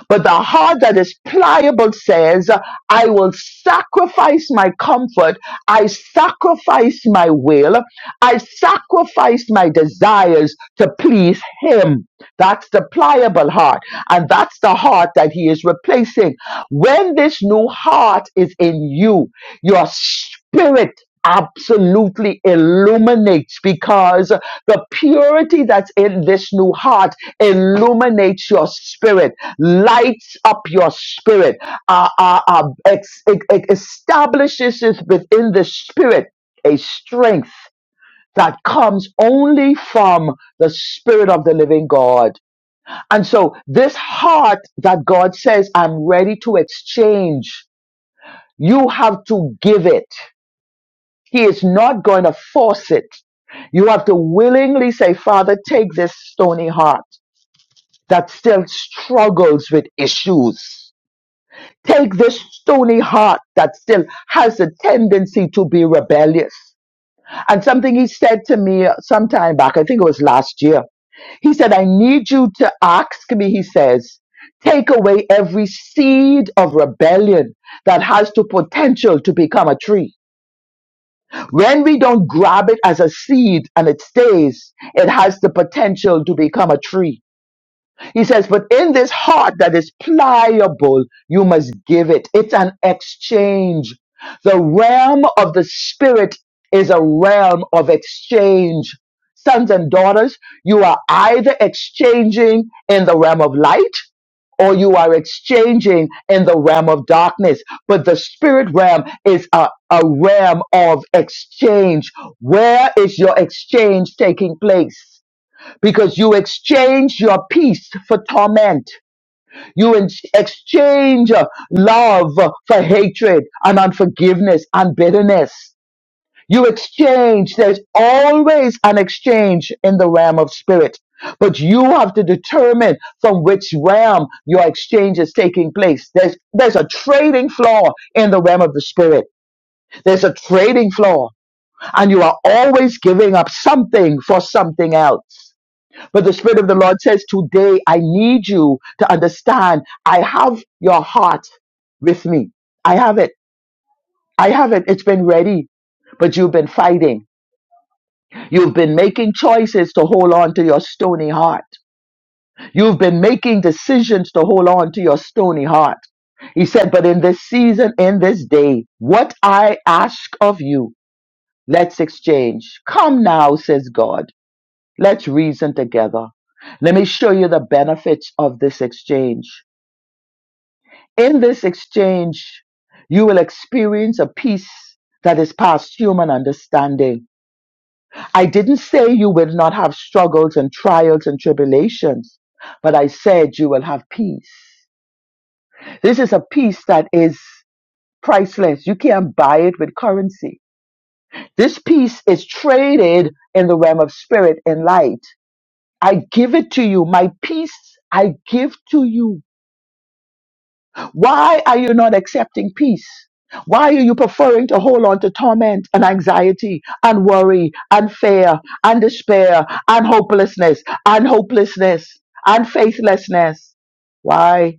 Speaker 2: But the heart that is pliable says, I will sacrifice my comfort. I sacrifice my will. I sacrifice my desires to please Him. That's the pliable heart. And that's the heart that He is replacing. When this new heart is in you, your spirit absolutely illuminates because the purity that's in this new heart illuminates your spirit lights up your spirit, uh, uh, uh, ex- ex- ex- establishes it within the spirit a strength that comes only from the spirit of the living God. And so this heart that God says, I'm ready to exchange, you have to give it. He is not going to force it. You have to willingly say, Father, take this stony heart that still struggles with issues. Take this stony heart that still has a tendency to be rebellious. And something he said to me some time back, I think it was last year. He said, I need you to ask me, he says, take away every seed of rebellion that has the potential to become a tree. When we don't grab it as a seed and it stays, it has the potential to become a tree. He says, But in this heart that is pliable, you must give it. It's an exchange. The realm of the spirit is a realm of exchange. Sons and daughters, you are either exchanging in the realm of light or you are exchanging in the realm of darkness. But the spirit realm is a, a realm of exchange. Where is your exchange taking place? because you exchange your peace for torment. You in- exchange uh, love for hatred and unforgiveness and bitterness. You exchange, there's always an exchange in the realm of spirit. But you have to determine from which realm your exchange is taking place. There's, there's a trading floor in the realm of the spirit. There's a trading floor and you are always giving up something for something else. But the Spirit of the Lord says, Today I need you to understand I have your heart with me. I have it. I have it. It's been ready, but you've been fighting. You've been making choices to hold on to your stony heart. You've been making decisions to hold on to your stony heart. He said, But in this season, in this day, what I ask of you, let's exchange. Come now, says God. Let's reason together. Let me show you the benefits of this exchange. In this exchange, you will experience a peace that is past human understanding. I didn't say you will not have struggles and trials and tribulations, but I said you will have peace. This is a peace that is priceless. You can't buy it with currency. This peace is traded in the realm of spirit and light. I give it to you. My peace I give to you. Why are you not accepting peace? Why are you preferring to hold on to torment and anxiety and worry and fear and despair and hopelessness and hopelessness and faithlessness? Why?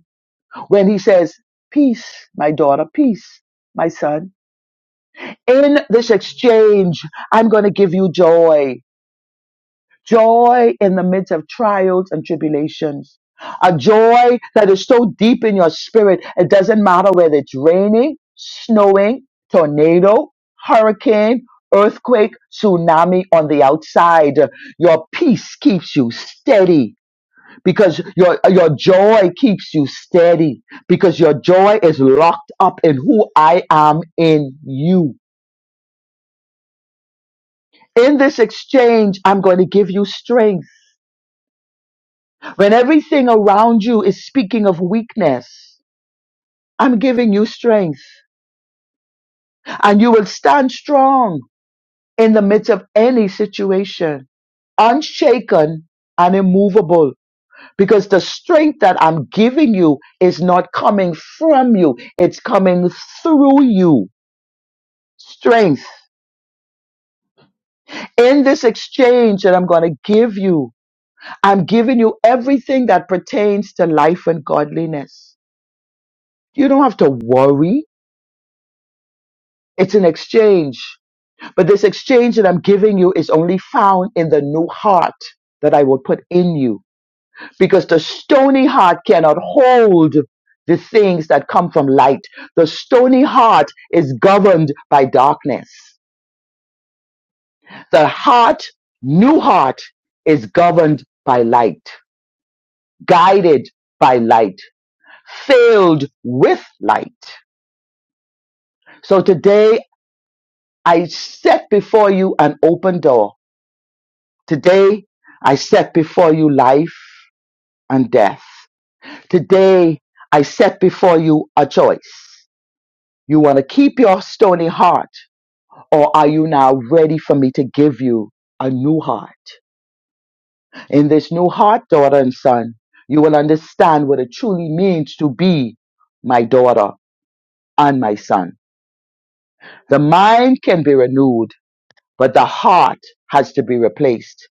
Speaker 2: When he says, Peace, my daughter, peace, my son. In this exchange, I'm going to give you joy. joy in the midst of trials and tribulations. A joy that is so deep in your spirit, it doesn't matter whether it's raining, snowing, tornado, hurricane, earthquake, tsunami on the outside. Your peace keeps you steady because your, your joy keeps you steady because your joy is locked up in who I am in you. In this exchange, I'm going to give you strength. When everything around you is speaking of weakness, I'm giving you strength and you will stand strong in the midst of any situation, unshaken and immovable, because the strength that I'm giving you is not coming from you. It's coming through you. Strength. In this exchange that I'm going to give you, I'm giving you everything that pertains to life and godliness. You don't have to worry. It's an exchange. But this exchange that I'm giving you is only found in the new heart that I will put in you. Because the stony heart cannot hold the things that come from light. The stony heart is governed by darkness. The heart, new heart, is governed by light, guided by light, filled with light. So today I set before you an open door. Today I set before you life. and death. Today, I set before you a choice. You want to keep your stony heart, or are you now ready for me to give you a new heart? In this new heart, daughter and son, you will understand what it truly means to be my daughter and my son. The mind can be renewed, but the heart has to be replaced.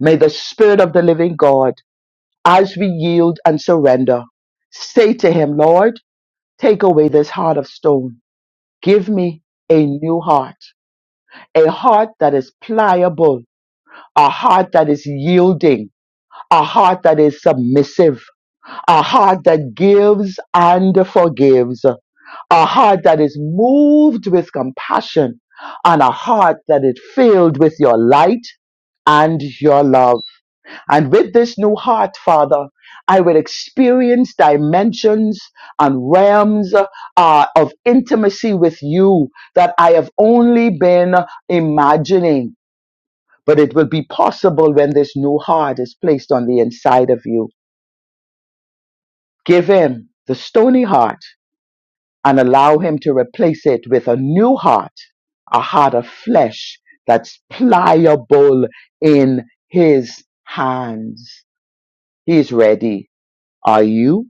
Speaker 2: May the Spirit of the living God, as we yield and surrender, say to him, Lord, take away this heart of stone Give me a new heart, a heart that is pliable, a heart that is yielding, a heart that is submissive, a heart that gives and forgives, a heart that is moved with compassion, and a heart that is filled with your light and your love. And with this new heart, Father, I will experience dimensions and realms uh, of intimacy with you that I have only been imagining. But it will be possible when this new heart is placed on the inside of you. Give him the stony heart and allow him to replace it with a new heart, a heart of flesh that's pliable in his hands. He's ready. Are you?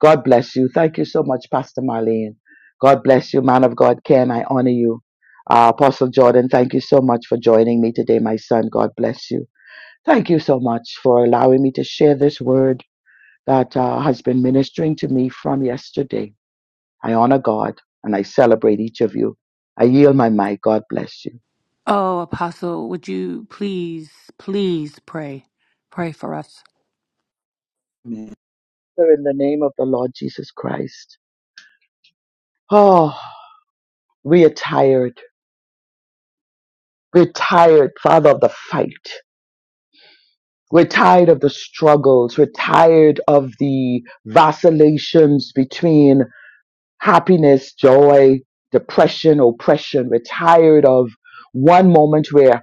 Speaker 2: God bless you. Thank you so much, Pastor Marlene. God bless you, man of God, Ken. I honor you. Uh, Apostle Jordan, thank you so much for joining me today, my son. God bless you. Thank you so much for allowing me to share this word that uh, has been ministering to me from yesterday. I honor God and I celebrate each of you. I yield my mic. God bless you.
Speaker 1: Oh, Apostle, would you please, please pray? Pray for us.
Speaker 2: Amen. Father, in the name of the Lord Jesus Christ. Oh, we are tired. We're tired, Father, of the fight. We're tired of the struggles. We're tired of the vacillations between happiness, joy, depression, oppression. We're tired of one moment we're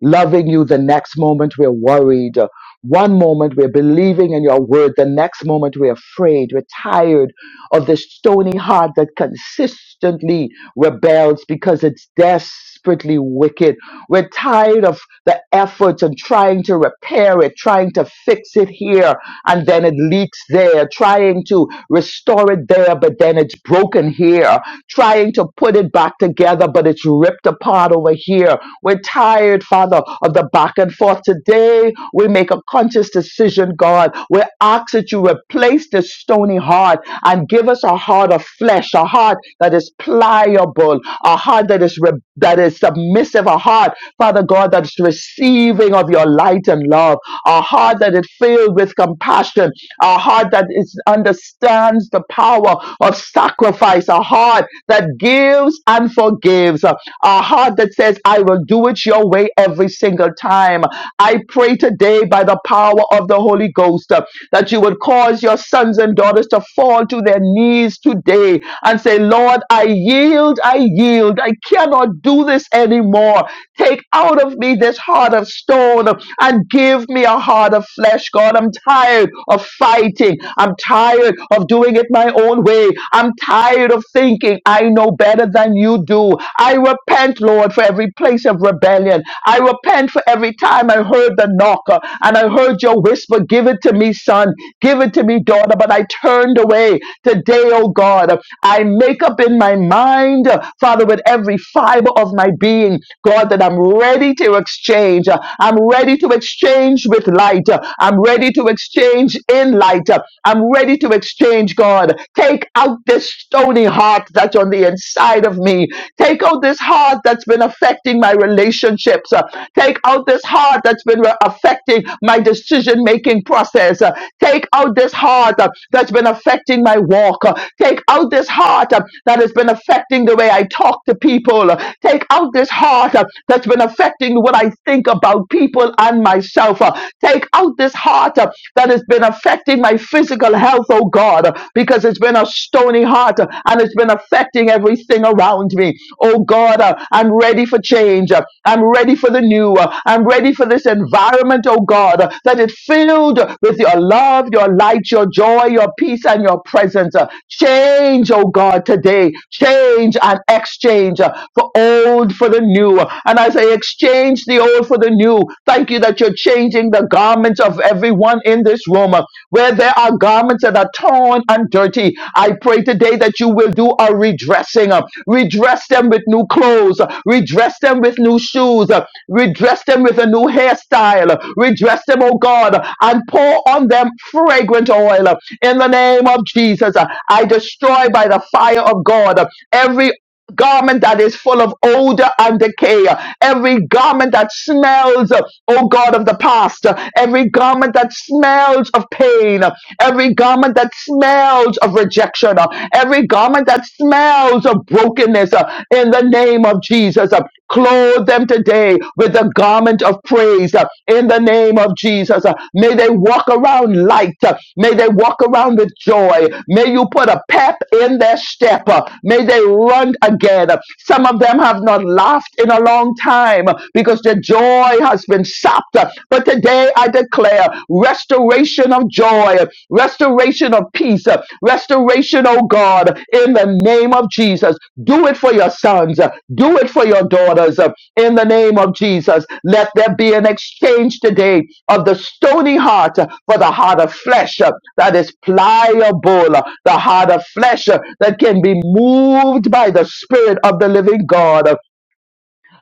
Speaker 2: loving you. The next moment we're worried. One moment we're believing in your word. The next moment we're afraid. We're tired of this stony heart that consistently rebels because it's desperately wicked. We're tired of the efforts and trying to repair it, trying to fix it here and then it leaks there, trying to restore it there, but then it's broken here, trying to put it back together, but it's ripped apart over here. We're tired, Father, of the back and forth. Today, we make a conscious decision, God. We ask that you replace this stony heart and give us a heart of flesh, a heart that is pliable, a heart that is re- that is submissive, a heart, Father God, that's receiving of your light and love, a heart heart that is filled with compassion, a heart that is understands the power of sacrifice, a heart that gives and forgives, a heart that says, I will do it your way every single time. I pray today by the power of the Holy Ghost uh, that you would cause your sons and daughters to fall to their knees today and say, Lord, I yield, I yield. I cannot do this anymore. Take out of me this heart of stone and give me a heart of flesh, God. I'm tired of fighting. I'm tired of doing it my own way. I'm tired of thinking I know better than you do. I repent, Lord, for every place of rebellion. I repent for every time I heard the knocker and I heard your whisper, Give it to me, son. Give it to me, daughter. But I turned away. Today, oh God, I make up in my mind, uh, Father, with every fiber of my being, God, that I'm ready to exchange. Uh, I'm ready to exchange with light. Uh, I'm ready to exchange in light. Uh, I'm ready to exchange, God. Take out this stony heart that's on the inside of me. Take out this heart that's been affecting my relationships. Uh, Take out this heart that's been re- affecting my decision making process. Uh, Take out this heart uh, that's been affecting my walk. Uh, Take out this heart uh, that has been affecting the way I talk to people. Uh, Take out this heart uh, uh, that's been affecting what I think about people and myself. uh, Take out this heart uh, that has been affecting my physical health, oh God, uh, because it's been a stony heart uh, and it's been affecting everything around me. Oh God, uh, I'm ready for change. uh, I'm ready for the new. uh, I'm ready for this environment, oh God, uh, that is filled with your love, your light, your joy, your peace, and your presence. uh, Change, oh God, today. Change and exchange. uh, for old for the new. And as I exchange the old for the new, thank you that you're changing the garments of everyone in this room. Where there are garments that are torn and dirty, I pray today that you will do a redressing. Redress them with new clothes, redress them with new shoes, redress them with a new hairstyle, redress them, oh God, and pour on them fragrant oil. In the name of Jesus, I destroy by the fire of God every garment that is full of odor and decay, every garment that smells, oh God of the past, every garment that smells of pain, every garment that smells of rejection, every garment that smells of brokenness, in the name of Jesus. Clothe them today with the garment of praise uh, in the name of Jesus. Uh, May they walk around light. Uh, May they walk around with joy. May you put a pep in their step. Uh, May they run again. Uh, Some of them have not laughed in a long time uh, because their joy has been sapped. Uh, But today I declare restoration of joy restoration of peace, uh, restoration, oh God, in the name of Jesus. Do it for your sons, uh, do it for your daughters, uh, in the name of Jesus. Let there be an exchange today of the stony heart uh, for the heart of flesh uh, that is pliable, uh, the heart of flesh uh, that can be moved by the Spirit of the living God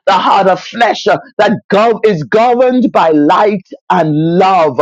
Speaker 2: the heart of flesh uh, that gov- is governed by light and love.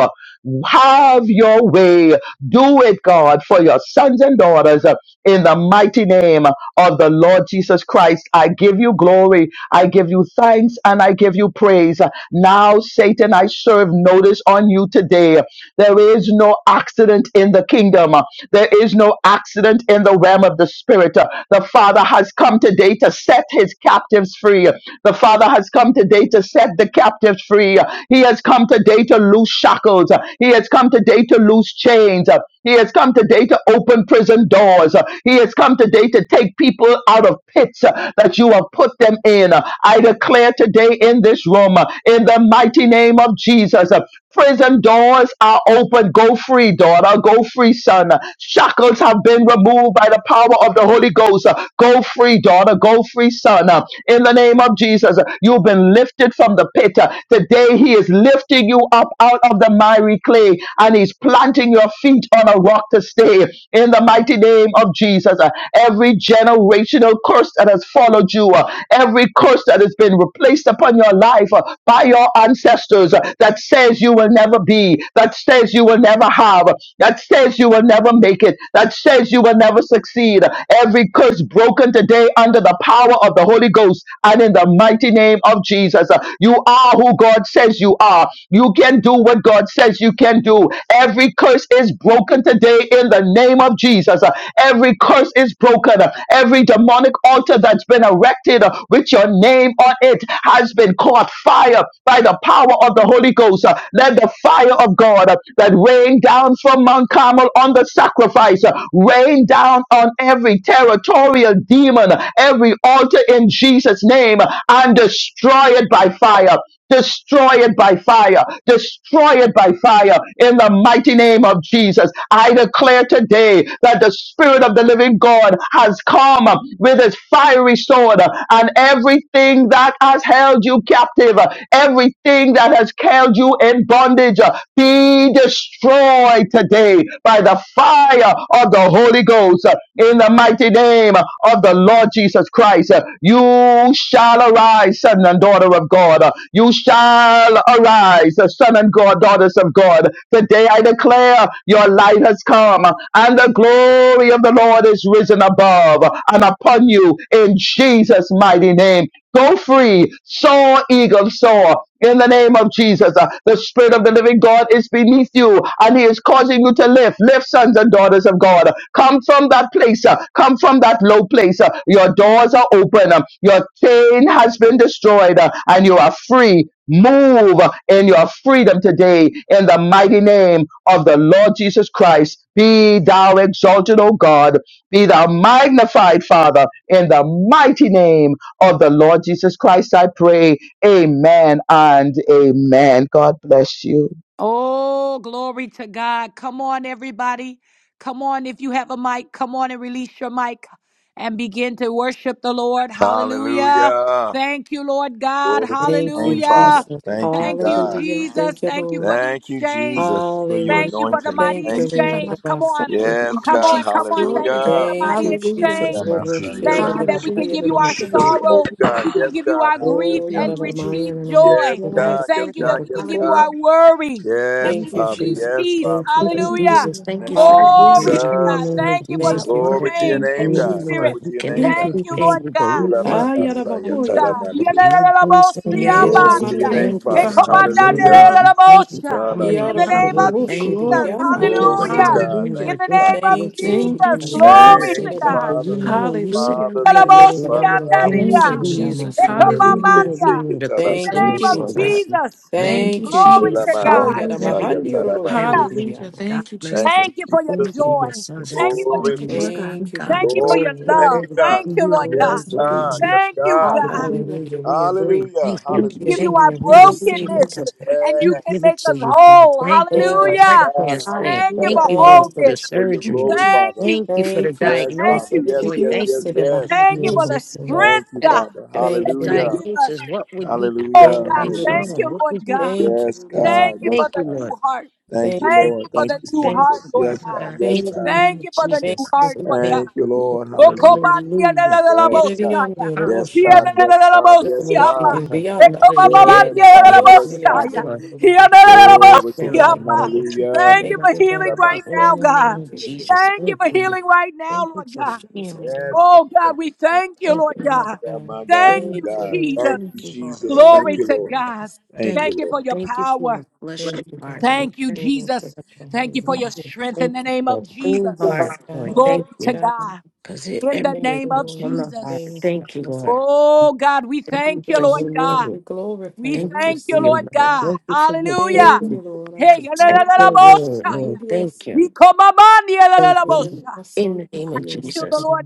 Speaker 2: Have your way. Do it, God, for your sons and daughters uh, in the mighty name of the Lord Jesus Christ. I give you glory. I give you thanks and I give you praise. Now, Satan, I serve notice on you today. There is no accident in the kingdom. There is no accident in the realm of the spirit. The Father has has come today to set his captives free. The Father has come today to set the captives free. He has come today to loose shackles. He has come today to loose chains. He has come today to open prison doors. He has come today to take people out of pits that you have put them in. I declare today in this room, in the mighty name of Jesus, Prison doors are open. Go free, daughter. Go free, son. Shackles have been removed by the power of the Holy Ghost. Go free, daughter. Go free, son. In the name of Jesus, you've been lifted from the pit. Today, He is lifting you up out of the miry clay and He's planting your feet on a rock to stay. In the mighty name of Jesus, every generational curse that has followed you, every curse that has been replaced upon your life by your your ancestors uh, that says you will never be, that says you will never have, that says you will never make it, that says you will never succeed. Every curse broken today under the power of the Holy Ghost and in the mighty name of Jesus. Uh, You are who God says you are. You can do what God says you can do. Every curse is broken today in the name of Jesus. Uh, Every curse is broken. Uh, Every demonic altar that's been erected uh, with your name on it has been caught fire by the power of the Holy Ghost. Uh, Let the fire of God uh, that rained down from Mount Carmel on the sacrifice uh, rain down on every territorial demon, uh, every altar in Jesus' name, uh, and destroy it by fire. Destroy it by fire. Destroy it by fire in the mighty name of Jesus. I declare today that the Spirit of the living God has come with his fiery sword and everything that has held you captive, everything that has held you in bondage, be destroyed today by the fire of the Holy Ghost. Ghost uh, in the mighty name of the Lord Jesus Christ. Uh, You shall arise, son and daughter of God. Uh, You shall arise, uh, son and God, daughters of God. Today I declare your light has come uh, and the glory of the Lord is risen above uh, and upon you in Jesus' mighty name. Go free, soar, eagle, soar. In the name of Jesus, uh, the Spirit of the living God is beneath you and He is causing you to lift. Lift, sons and daughters of God. Come from that place. uh, Come from that low place. uh, Your doors are open. um, Your chain has been destroyed uh, and you are free. Move in your freedom today in the mighty name of the Lord Jesus Christ. Be thou exalted, O God. Be thou magnified, Father, in the mighty name of the Lord Jesus Christ, I pray. Amen and amen. God bless you.
Speaker 1: Oh, glory to God. Come on, everybody. Come on, if you have a mic, come on and release your mic and begin to worship the Lord. Hallelujah.
Speaker 3: Hallelujah.
Speaker 1: Thank you, Lord God.
Speaker 3: Glory to your
Speaker 4: Thank you,
Speaker 3: name, Father.
Speaker 1: Hallelujah.
Speaker 4: Jesus.
Speaker 3: Thank you,
Speaker 1: Thank you,
Speaker 3: God.
Speaker 4: Hallelujah.
Speaker 5: man
Speaker 4: Thank
Speaker 1: Jesus.
Speaker 4: you,
Speaker 1: Thank you for
Speaker 4: Lord.
Speaker 1: the
Speaker 3: Thank you,
Speaker 1: exchange.
Speaker 3: Jesus, for your
Speaker 4: Hallelujah.
Speaker 1: Thank you for the
Speaker 6: Hallelujah.
Speaker 3: anointing.
Speaker 1: mighty
Speaker 4: Thank you,
Speaker 3: Thank
Speaker 6: Thank you,
Speaker 3: you.
Speaker 4: Lord.
Speaker 1: exchange.
Speaker 6: God.
Speaker 4: Abba,
Speaker 1: Come on.
Speaker 4: Father.
Speaker 3: Yes,
Speaker 6: Thank you,
Speaker 1: Come
Speaker 3: God.
Speaker 1: on.
Speaker 6: Jesus.
Speaker 1: Come on. Thank
Speaker 6: Glory
Speaker 1: you
Speaker 6: to
Speaker 1: for
Speaker 6: God.
Speaker 3: Hallelujah.
Speaker 1: the
Speaker 4: Thank you,
Speaker 1: mighty
Speaker 6: Hallelujah.
Speaker 4: Jesus.
Speaker 3: Ira
Speaker 1: exchange.
Speaker 4: Lord, we
Speaker 3: masaya
Speaker 7: Jesus.
Speaker 4: say
Speaker 1: Thank
Speaker 3: la-
Speaker 4: that
Speaker 1: you
Speaker 4: the
Speaker 6: Hallelujah.
Speaker 1: that we can
Speaker 6: Thank
Speaker 4: Bahaya
Speaker 1: give
Speaker 4: to the
Speaker 1: you
Speaker 4: Most
Speaker 1: our
Speaker 3: For your
Speaker 4: High.
Speaker 3: glory,
Speaker 1: sorrow,
Speaker 6: you,
Speaker 3: God.
Speaker 1: we can
Speaker 3: Yes,
Speaker 6: Lord.
Speaker 1: give you
Speaker 3: God.
Speaker 1: our grief
Speaker 4: Oh,
Speaker 6: Thank
Speaker 3: Hallelujah.
Speaker 4: yada
Speaker 1: and
Speaker 4: da
Speaker 6: you,
Speaker 4: maya
Speaker 1: receive
Speaker 4: na
Speaker 6: Jesus.
Speaker 4: na mas,
Speaker 3: Yes,
Speaker 1: joy.
Speaker 4: yada da ba,
Speaker 3: God.
Speaker 6: Yes,
Speaker 3: Yes,
Speaker 6: Lord
Speaker 1: Thank you
Speaker 6: God.
Speaker 1: that
Speaker 3: God.
Speaker 4: yada
Speaker 1: we
Speaker 4: da
Speaker 3: Yes,
Speaker 1: can give
Speaker 4: fo.
Speaker 1: you
Speaker 3: God.
Speaker 1: our
Speaker 6: Hallelujah.
Speaker 1: worry
Speaker 3: Yes,
Speaker 1: and
Speaker 6: Thank
Speaker 4: Thank
Speaker 6: you,
Speaker 4: you,
Speaker 3: Father.
Speaker 1: receive
Speaker 6: Father.
Speaker 4: Jesus.
Speaker 3: Yes,
Speaker 1: peace.
Speaker 3: Father.
Speaker 4: Thank you,
Speaker 8: Thank you,
Speaker 3: Yes,
Speaker 6: Thank you,
Speaker 1: Hallelujah.
Speaker 8: Jesus.
Speaker 3: Father.
Speaker 6: Lord
Speaker 3: In
Speaker 8: Thank
Speaker 3: the
Speaker 6: God.
Speaker 8: you
Speaker 3: name
Speaker 8: for
Speaker 4: God.
Speaker 8: the
Speaker 3: of
Speaker 1: Glory
Speaker 6: Hallelujah.
Speaker 8: message.
Speaker 4: Hallelujah.
Speaker 1: to
Speaker 8: In the
Speaker 1: God.
Speaker 3: Jesus.
Speaker 8: name of
Speaker 1: Thank you for the
Speaker 8: Jesus,
Speaker 4: Thank you
Speaker 8: Lord,
Speaker 4: for
Speaker 3: Glory
Speaker 6: Hallelujah.
Speaker 3: to
Speaker 8: do
Speaker 3: your
Speaker 8: we
Speaker 1: exchange
Speaker 6: Thank
Speaker 4: a
Speaker 1: in
Speaker 6: you,
Speaker 8: pay
Speaker 3: name,
Speaker 1: the
Speaker 4: new
Speaker 8: you,
Speaker 3: God.
Speaker 6: Jesus.
Speaker 4: heart.
Speaker 8: Lord?
Speaker 1: spirit.
Speaker 3: Glory
Speaker 8: We
Speaker 3: to your
Speaker 8: can
Speaker 3: name,
Speaker 6: Oh,
Speaker 4: Thank
Speaker 8: never
Speaker 4: you,
Speaker 1: Thank
Speaker 3: God.
Speaker 1: you,
Speaker 8: repay
Speaker 4: Jesus.
Speaker 1: Lord
Speaker 8: you, but
Speaker 1: God.
Speaker 8: we
Speaker 3: Ira
Speaker 8: thank
Speaker 6: yes,
Speaker 4: Ah,
Speaker 8: you.
Speaker 6: Lord.
Speaker 4: yada ba
Speaker 3: masaya,
Speaker 4: ho,
Speaker 6: Thank
Speaker 3: tada
Speaker 4: yada.
Speaker 1: God.
Speaker 6: you.
Speaker 8: Lord, no
Speaker 3: maniyo.
Speaker 8: grace and
Speaker 6: Thank you,
Speaker 4: Yada da
Speaker 3: Glory
Speaker 8: mercy.
Speaker 6: Father.
Speaker 3: to
Speaker 4: ban,
Speaker 3: your
Speaker 1: Yadadadadabosiamandia.
Speaker 4: yada
Speaker 3: name,
Speaker 4: da
Speaker 8: Thank
Speaker 6: Thank you,
Speaker 8: you for
Speaker 3: Father.
Speaker 4: kos,
Speaker 6: Father.
Speaker 4: yada da maya, yada da.
Speaker 3: Hallelujah.
Speaker 6: Hallelujah.
Speaker 8: transformation. Thank you for
Speaker 1: Hekomandadadadadabosha.
Speaker 8: coming and
Speaker 1: In the
Speaker 3: Anamasha.
Speaker 8: getting me.
Speaker 1: name of
Speaker 8: Lord.
Speaker 6: Hallelujah.
Speaker 8: Thank you.
Speaker 1: Jesus.
Speaker 6: Glory, Father.
Speaker 8: Thank you
Speaker 3: Glory
Speaker 8: for
Speaker 3: to
Speaker 8: this
Speaker 1: Hallelujah.
Speaker 4: Yarororoboshidididiandiyorosidadaba.
Speaker 3: God.
Speaker 8: morning,
Speaker 3: Thank
Speaker 1: In
Speaker 6: Hallelujah.
Speaker 8: Lord.
Speaker 3: you,
Speaker 1: the
Speaker 8: Thank you
Speaker 1: name
Speaker 3: Father.
Speaker 8: for
Speaker 1: of
Speaker 8: what
Speaker 4: Thank you,
Speaker 8: you've
Speaker 4: Jesus.
Speaker 8: done
Speaker 6: Thank you,
Speaker 1: Jesus.
Speaker 8: in this day
Speaker 6: Jesus.
Speaker 1: Glory
Speaker 8: with
Speaker 3: Thank
Speaker 8: your
Speaker 1: to
Speaker 3: you,
Speaker 1: God.
Speaker 8: people. You
Speaker 3: Father. Thank
Speaker 8: know
Speaker 3: you,
Speaker 8: you
Speaker 4: Orosilebahandiyorodoshi.
Speaker 8: said
Speaker 6: Hallelujah.
Speaker 3: Father.
Speaker 8: how you
Speaker 3: Thank
Speaker 8: look
Speaker 3: you,
Speaker 8: low.
Speaker 3: Father.
Speaker 8: You knew
Speaker 6: Thank
Speaker 3: Amas.
Speaker 1: Yadadadabosiandadia.
Speaker 8: that
Speaker 6: you,
Speaker 8: we needed
Speaker 6: Jesus.
Speaker 8: you, Lord. We
Speaker 3: Get a
Speaker 6: Hallelujah.
Speaker 8: knew
Speaker 4: Yedidiandorobosididiamasandarodosha.
Speaker 3: bit
Speaker 8: that we
Speaker 3: sick,
Speaker 1: Hekomamandia.
Speaker 8: needed
Speaker 3: it's
Speaker 8: a
Speaker 3: a lot of
Speaker 1: In
Speaker 8: close
Speaker 1: the
Speaker 4: Thank you,
Speaker 6: Thank
Speaker 1: name
Speaker 6: you,
Speaker 3: money.
Speaker 1: of
Speaker 8: relationship.
Speaker 6: Lord God.
Speaker 4: Jesus.
Speaker 1: Jesus.
Speaker 8: And we
Speaker 6: Thank you,
Speaker 4: Thank
Speaker 8: thank
Speaker 4: you,
Speaker 6: Jesus.
Speaker 8: you
Speaker 1: Glory
Speaker 3: Ela
Speaker 4: Jesus.
Speaker 1: to
Speaker 4: Oh,
Speaker 8: for
Speaker 1: God.
Speaker 3: manana
Speaker 8: everything,
Speaker 6: Hallelujah.
Speaker 8: everything, everything.
Speaker 6: Hallelujah.
Speaker 4: yadamahandiyorodoshidididiyama.
Speaker 8: God
Speaker 6: Thank you,
Speaker 8: bless
Speaker 3: Thank
Speaker 8: these
Speaker 6: Jesus.
Speaker 3: you,
Speaker 1: Thank you for your
Speaker 8: people,
Speaker 3: Jesus.
Speaker 4: Thank you,
Speaker 8: your
Speaker 1: joy.
Speaker 8: sons and
Speaker 1: Thank you
Speaker 4: Jesus.
Speaker 1: for
Speaker 8: daughters,
Speaker 1: your
Speaker 3: Glory,
Speaker 6: Thank you,
Speaker 8: and this
Speaker 6: Lord
Speaker 1: peace.
Speaker 6: God.
Speaker 8: morning.
Speaker 4: Thank you,
Speaker 8: God
Speaker 1: Thank
Speaker 4: God.
Speaker 1: you
Speaker 8: bless
Speaker 1: for
Speaker 3: glory
Speaker 1: your
Speaker 3: to
Speaker 4: Glory.
Speaker 3: your
Speaker 8: all
Speaker 1: love.
Speaker 8: of
Speaker 3: name,
Speaker 8: the
Speaker 3: God.
Speaker 1: Thank
Speaker 8: people
Speaker 1: you,
Speaker 8: you have
Speaker 1: Lord
Speaker 3: Yes,
Speaker 4: Glory
Speaker 1: God.
Speaker 6: Yes,
Speaker 4: to
Speaker 6: God.
Speaker 4: your
Speaker 3: God.
Speaker 8: made.
Speaker 4: name,
Speaker 3: Yes,
Speaker 1: Thank
Speaker 4: Jesus.
Speaker 1: you,
Speaker 3: God.
Speaker 8: Thank
Speaker 1: God.
Speaker 6: Hallelujah.
Speaker 4: Hallelujah. We
Speaker 8: you.
Speaker 4: agree.
Speaker 3: Hallelujah.
Speaker 8: Thank,
Speaker 6: Thank
Speaker 4: We
Speaker 6: you,
Speaker 1: Give
Speaker 3: Hallelujah.
Speaker 1: you
Speaker 8: you,
Speaker 4: agree
Speaker 6: Jesus.
Speaker 1: our
Speaker 4: and we
Speaker 8: thank
Speaker 3: Hallelujah.
Speaker 8: you,
Speaker 6: Hallelujah.
Speaker 4: receive it, God.
Speaker 1: brokenness
Speaker 8: Jesus.
Speaker 1: and
Speaker 8: You
Speaker 1: you can
Speaker 8: give
Speaker 3: Yes.
Speaker 8: it
Speaker 1: make
Speaker 8: to
Speaker 1: us
Speaker 8: you. God.
Speaker 1: whole.
Speaker 8: Thank you for
Speaker 4: Thank you,
Speaker 3: Yes,
Speaker 8: the heart
Speaker 1: Hallelujah.
Speaker 3: God.
Speaker 4: Jesus.
Speaker 1: Thank
Speaker 8: transplant.
Speaker 1: you
Speaker 8: Thank
Speaker 6: Hallelujah.
Speaker 3: Hallelujah.
Speaker 1: for
Speaker 8: you, Lord,
Speaker 4: Thank
Speaker 8: for
Speaker 4: you,
Speaker 8: the
Speaker 1: wholeness.
Speaker 3: For your
Speaker 6: Thank
Speaker 8: surgery.
Speaker 6: you,
Speaker 3: glory,
Speaker 6: Jesus.
Speaker 1: Thank
Speaker 3: Father.
Speaker 1: you,
Speaker 8: Thank you for the
Speaker 4: Thank you,
Speaker 1: Jesus.
Speaker 3: Yes,
Speaker 1: Thank
Speaker 4: Jesus.
Speaker 3: Father.
Speaker 8: diagnosis,
Speaker 1: you,
Speaker 3: Yes,
Speaker 8: Lord.
Speaker 3: yes,
Speaker 1: Jesus.
Speaker 8: Thank you
Speaker 3: yes,
Speaker 8: for the
Speaker 3: yes.
Speaker 1: Thank you for the
Speaker 8: diagnosis.
Speaker 3: Thank
Speaker 1: strength,
Speaker 3: you,
Speaker 8: That it,
Speaker 1: God,
Speaker 3: Father.
Speaker 8: for the
Speaker 4: Thank you,
Speaker 1: that you
Speaker 4: Lord.
Speaker 3: Hallelujah.
Speaker 1: give us.
Speaker 8: diagnosis, what would we have
Speaker 1: Oh,
Speaker 4: Thank
Speaker 3: Hallelujah.
Speaker 1: God.
Speaker 4: you,
Speaker 8: operated on?
Speaker 1: Thank
Speaker 3: Hallelujah.
Speaker 4: Jesus.
Speaker 1: you,
Speaker 8: What
Speaker 1: Lord
Speaker 8: would we have
Speaker 1: God.
Speaker 4: Thank you,
Speaker 3: Yes,
Speaker 8: operated
Speaker 4: Jesus.
Speaker 8: on?
Speaker 1: Thank
Speaker 3: God.
Speaker 1: you
Speaker 3: Yes,
Speaker 1: for
Speaker 8: Thank you,
Speaker 1: the
Speaker 3: God.
Speaker 1: new
Speaker 8: Lord.
Speaker 1: heart.
Speaker 3: Thank
Speaker 8: Thank
Speaker 3: you,
Speaker 8: you,
Speaker 4: Thank you.
Speaker 1: Thank you
Speaker 3: Lord.
Speaker 1: for
Speaker 3: Thank
Speaker 1: the
Speaker 3: you,
Speaker 8: Jesus.
Speaker 1: new
Speaker 8: Thank
Speaker 1: heart,
Speaker 3: Jesus.
Speaker 8: you,
Speaker 1: Lord
Speaker 3: Yes,
Speaker 8: Father
Speaker 1: God.
Speaker 3: God.
Speaker 8: God.
Speaker 3: Yes,
Speaker 8: In the
Speaker 4: Thank you.
Speaker 3: God.
Speaker 4: God.
Speaker 8: name
Speaker 1: Thank you
Speaker 8: of
Speaker 1: for the
Speaker 4: Thank
Speaker 1: new
Speaker 8: Jesus,
Speaker 4: you.
Speaker 1: heart,
Speaker 8: say
Speaker 1: Lord
Speaker 8: thank
Speaker 1: God.
Speaker 3: Thank you,
Speaker 8: you.
Speaker 4: God.
Speaker 3: Lord. Hallelujah.
Speaker 1: Okomandia de
Speaker 8: Hallelujah.
Speaker 1: la de la
Speaker 3: Yes, God.
Speaker 1: Mosaya.
Speaker 3: Yes,
Speaker 1: Here
Speaker 4: Yerediyandiyororoshi,
Speaker 3: God.
Speaker 1: de
Speaker 8: Hallelujah.
Speaker 3: Yes,
Speaker 1: la de la
Speaker 3: God. Yes,
Speaker 8: Thank
Speaker 4: yeroroshi,
Speaker 3: God.
Speaker 1: Mosiama.
Speaker 8: you. Lord,
Speaker 4: diriyanda.
Speaker 3: Yes,
Speaker 1: Ekomamandia de la
Speaker 3: Father. Yes, Father.
Speaker 1: Mosaya.
Speaker 8: before
Speaker 1: Here de la
Speaker 8: and
Speaker 1: de
Speaker 8: the lift
Speaker 3: Glory to
Speaker 8: their
Speaker 3: God.
Speaker 8: love
Speaker 4: Yededidiyosilebasororororoshinda.
Speaker 8: that what you
Speaker 3: Hallelujah.
Speaker 1: Thank
Speaker 8: came
Speaker 1: you
Speaker 4: Thank
Speaker 1: for
Speaker 8: that's
Speaker 4: you,
Speaker 1: healing
Speaker 8: upon
Speaker 4: God.
Speaker 3: Rama
Speaker 8: me
Speaker 1: right
Speaker 8: Oh,
Speaker 1: now,
Speaker 8: in the
Speaker 1: God.
Speaker 8: name
Speaker 4: Thank
Speaker 8: of
Speaker 4: you, Jesus.
Speaker 8: Jesus.
Speaker 1: Thank you
Speaker 8: Thank
Speaker 1: for
Speaker 8: you. Lord.
Speaker 1: healing right now,
Speaker 8: Thank you
Speaker 1: Lord
Speaker 8: for
Speaker 4: Thank
Speaker 1: God.
Speaker 4: you,
Speaker 8: freeing me.
Speaker 4: Jesus.
Speaker 3: Yes,
Speaker 1: Oh, God,
Speaker 3: Father.
Speaker 1: we thank you,
Speaker 3: My
Speaker 8: Thank
Speaker 1: Lord
Speaker 8: you,
Speaker 3: God, my
Speaker 8: Lord.
Speaker 1: God.
Speaker 3: God,
Speaker 4: God.
Speaker 3: my God, my
Speaker 1: Thank
Speaker 8: Thank
Speaker 1: you,
Speaker 4: Thank you,
Speaker 3: God.
Speaker 8: you,
Speaker 4: Lord.
Speaker 1: Jesus.
Speaker 3: Thank you,
Speaker 8: Thank you, Lord.
Speaker 3: Jesus.
Speaker 4: Thank you.
Speaker 3: Thank
Speaker 1: Glory
Speaker 8: Thank
Speaker 3: you,
Speaker 1: to
Speaker 8: you,
Speaker 3: Lord.
Speaker 8: Lord.
Speaker 1: God.
Speaker 3: Thank
Speaker 8: Thank
Speaker 1: Thank
Speaker 3: you,
Speaker 1: you
Speaker 8: you.
Speaker 1: for
Speaker 3: Lord.
Speaker 1: your
Speaker 8: Thank you for
Speaker 1: power.
Speaker 8: a
Speaker 4: Thank
Speaker 8: fleshly
Speaker 4: you,
Speaker 8: heart, Lord.
Speaker 1: Thank you,
Speaker 8: Thank
Speaker 1: Jesus. Thank you for
Speaker 4: God.
Speaker 1: your
Speaker 8: you.
Speaker 1: strength in
Speaker 8: Thank
Speaker 1: the
Speaker 8: you
Speaker 1: name of
Speaker 8: for a clean
Speaker 1: Jesus.
Speaker 8: heart,
Speaker 4: Yes,
Speaker 8: Lord.
Speaker 4: God. Yes,
Speaker 8: Thank
Speaker 1: Glory to
Speaker 8: you.
Speaker 4: God.
Speaker 1: God
Speaker 8: Because it
Speaker 1: in the
Speaker 4: Thank
Speaker 8: emptied
Speaker 1: name
Speaker 4: you,
Speaker 1: of
Speaker 8: us from
Speaker 4: Lord.
Speaker 8: the heart.
Speaker 1: Jesus.
Speaker 4: Thank you,
Speaker 8: Thank you,
Speaker 4: Jesus.
Speaker 8: Lord.
Speaker 1: Oh God, we
Speaker 8: Thank
Speaker 4: We
Speaker 8: you
Speaker 1: thank you,
Speaker 8: for your
Speaker 1: Lord
Speaker 4: bless you, God.
Speaker 8: word.
Speaker 1: God.
Speaker 4: We glorify
Speaker 1: We
Speaker 4: you.
Speaker 8: Thank
Speaker 4: We
Speaker 8: you
Speaker 1: thank you,
Speaker 8: for your
Speaker 4: receive,
Speaker 1: Lord
Speaker 8: word.
Speaker 4: God.
Speaker 1: God.
Speaker 8: Thank you for your
Speaker 1: Hallelujah.
Speaker 4: Thank you,
Speaker 8: children.
Speaker 4: Lord.
Speaker 1: Hey,
Speaker 8: Protect
Speaker 4: Abasai,
Speaker 8: your
Speaker 4: Lord,
Speaker 8: word,
Speaker 1: yalalalaboshaya.
Speaker 4: Shalom,
Speaker 8: Lord.
Speaker 4: yes,
Speaker 8: Thank you.
Speaker 4: Lord.
Speaker 1: Hikomamani,
Speaker 8: Thank you.
Speaker 4: Yes,
Speaker 8: Lord.
Speaker 1: yalalalaboshaya.
Speaker 4: my
Speaker 8: In the name
Speaker 1: I
Speaker 8: of
Speaker 1: can
Speaker 4: yes,
Speaker 1: feel the
Speaker 8: Jesus.
Speaker 4: God.
Speaker 1: Lord.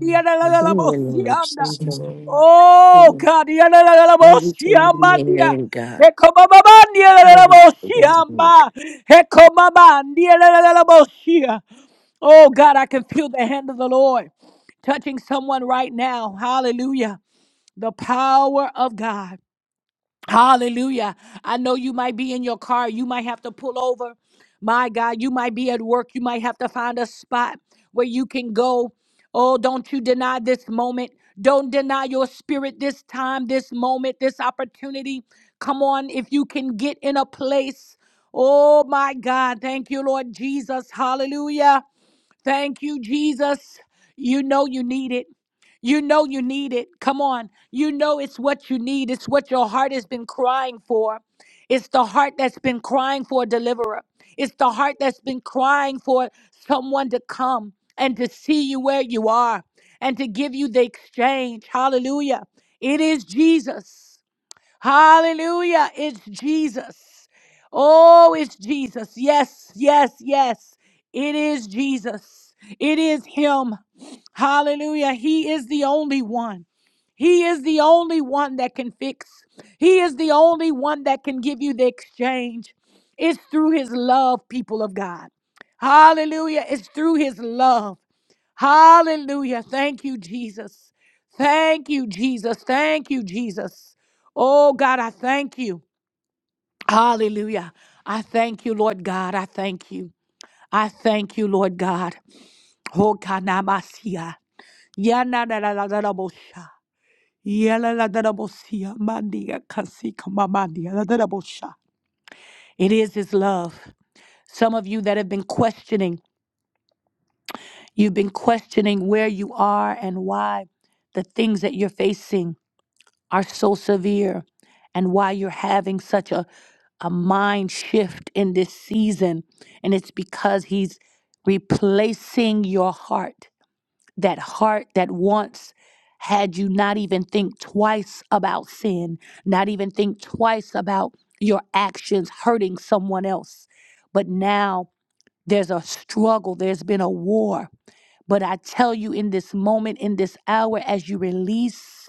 Speaker 8: In the name of
Speaker 1: yalalalaboshianda.
Speaker 4: Thank you,
Speaker 8: Jesus.
Speaker 4: Lord.
Speaker 1: Oh God,
Speaker 8: Glory to your
Speaker 1: yalalalaboshiamandia.
Speaker 8: name, God.
Speaker 1: Hekomamamani,
Speaker 8: Glory to your name.
Speaker 1: yalalalaboshiyama. Hekomamandi, yalalalaboshia. Oh God, I can feel the hand of the Lord touching someone right now. Hallelujah. The power of God. Hallelujah. I know you might be in your car. You might have to pull over. My God, you might be at work. You might have to find a spot where you can go. Oh, don't you deny this moment. Don't deny your spirit this time, this moment, this opportunity. Come on, if you can get in a place. Oh, my God. Thank you, Lord Jesus. Hallelujah. Thank you, Jesus. You know you need it. You know you need it. Come on. You know it's what you need. It's what your heart has been crying for. It's the heart that's been crying for a deliverer. It's the heart that's been crying for someone to come and to see you where you are and to give you the exchange. Hallelujah. It is Jesus. Hallelujah. It's Jesus. Oh, it's Jesus. Yes, yes, yes. It is Jesus. It is Him. Hallelujah. He is the only one. He is the only one that can fix. He is the only one that can give you the exchange. It's through His love, people of God. Hallelujah. It's through His love. Hallelujah. Thank you, Jesus. Thank you, Jesus. Thank you, Jesus. Oh, God, I thank you. Hallelujah. I thank you, Lord God. I thank you. I thank you, Lord God. Oh, kanamasia. Yanadadadadabosha. Yaladadabosia. Mandia kasika mamandia. Dadadabosha. It is His love. Some of you that have been questioning, you've been questioning where you are and why, the things that you're facing. are so severe and why you're having such a, a mind shift in this season. And it's because he's replacing your heart, that heart that once had you not even think twice about sin, not even think twice about your actions hurting someone else. But now there's a struggle, there's been a war. But I tell you, in this moment, in this hour, as you release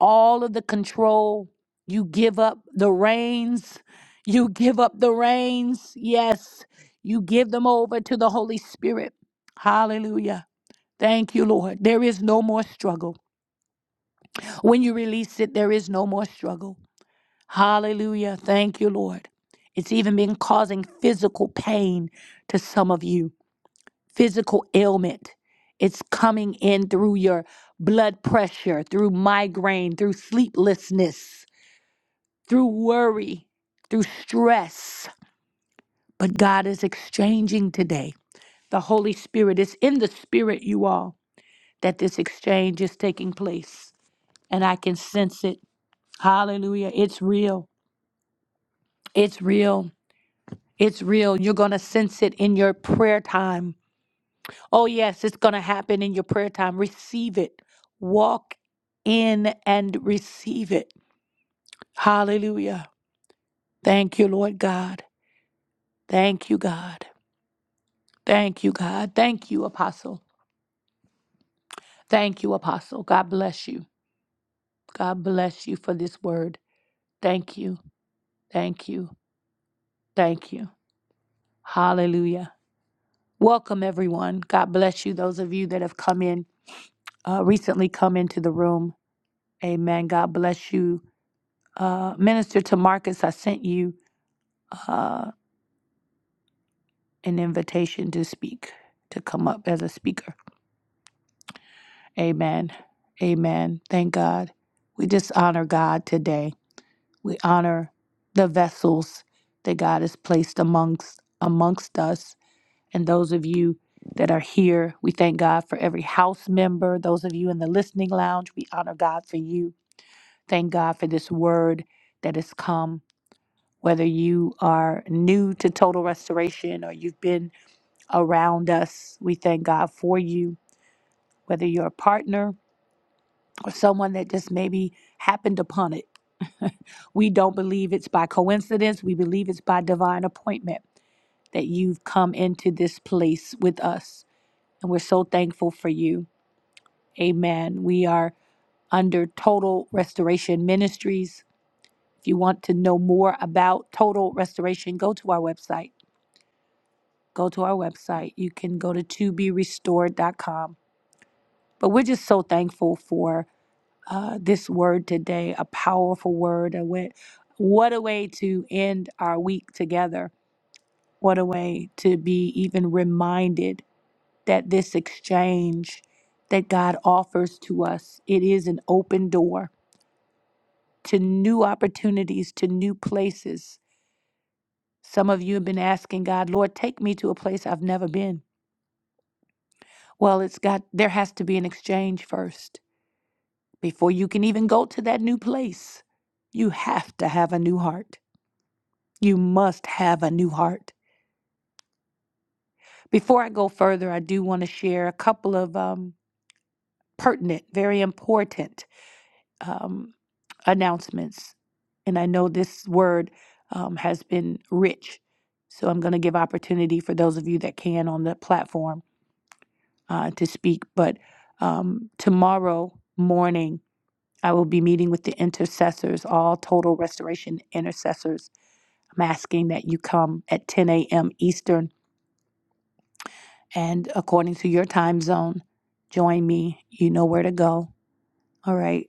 Speaker 1: all of the control. You give up the reins. You give up the reins. Yes, you give them over to the Holy Spirit. Hallelujah. Thank you, Lord. There is no more struggle. When you release it, there is no more struggle. Hallelujah. Thank you, Lord. It's even been causing physical pain to some of you, physical ailment. It's coming in through your blood pressure, through migraine, through sleeplessness. through worry, through stress. But God is exchanging today. The Holy Spirit is in the spirit, you all, that this exchange is taking place. And I can sense it. Hallelujah. It's real. It's real. It's real. You're going to sense it in your prayer time. Oh, yes, it's going to happen in your prayer time. Receive it. Walk in and receive it. Hallelujah. Thank you, Lord God. Thank you, God. Thank you, God. Thank you, Apostle. Thank you, Apostle. God bless you. God bless you for this word. Thank you. Thank you. Thank you. Hallelujah. Welcome, everyone. God bless you. Those of you that have come in, uh, recently come into the room. Amen. God bless you. Uh, Minister to Marcus, I sent you uh, an invitation to speak, to come up as a speaker. Amen. Amen. Thank God. We just honor God today We honor the vessels that God has placed amongst amongst us. And those of you that are here, we thank God for every house member. Those of you in the listening lounge, we honor God for you. Thank God for this word that has come. Whether you are new to total restoration or you've been around us, we thank God for you. Whether you're a partner or someone that just maybe happened upon it. we don't believe it's by coincidence. We believe it's by divine appointment that you've come into this place with us. And we're so thankful for you. Amen. We are under Total Restoration Ministries. If you want to know more about Total Restoration, go to our website. Go to our website. You can go to to be restored. dot com. But we're just so thankful for uh, this word today, a powerful word. A way, what a way to end our week together. What a way to be even reminded that this exchange that God offers to us, it is an open door to new opportunities, to new places. Some of you have been asking God, Lord, take me to a place I've never been. Well, it's got there has to be an exchange first. Before you can even go to that new place, you have to have a new heart. You must have a new heart. Before I go further, I do want to share a couple of um, pertinent, very important um, announcements. And I know this word um, has been rich. So I'm going to give opportunity for those of you that can on the platform uh, to speak. But um, tomorrow morning, I will be meeting with the intercessors, all total restoration intercessors. I'm asking that you come at 10 a.m. Eastern And according to your time zone, join me. You know where to go. All right.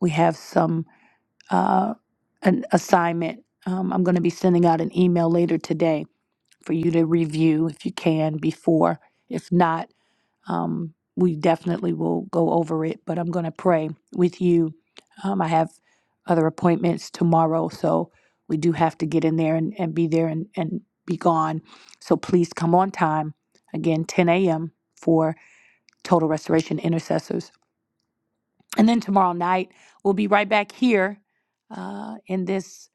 Speaker 1: We have some uh, an assignment. Um, I'm going to be sending out an email later today for you to review if you can before. If not, um, we definitely will go over it. But I'm going to pray with you. Um, I have other appointments tomorrow, so we do have to get in there and, and be there and, and be gone. So please come on time. Again, 10 a.m. for Total Restoration Intercessors. And then tomorrow night, we'll be right back here uh, in this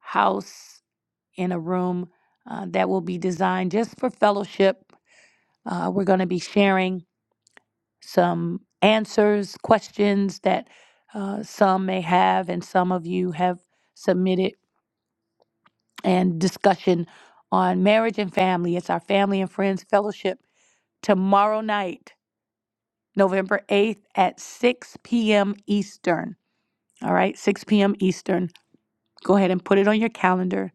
Speaker 1: house in a room uh, that will be designed just for fellowship. Uh, we're going to be sharing some answers, questions that uh, some may have, and some of you have submitted, and discussion on marriage and family. It's our family and friends fellowship tomorrow night, November 8th at 6 p.m. Eastern. all right, 6 p.m. Eastern. Go ahead and put it on your calendar.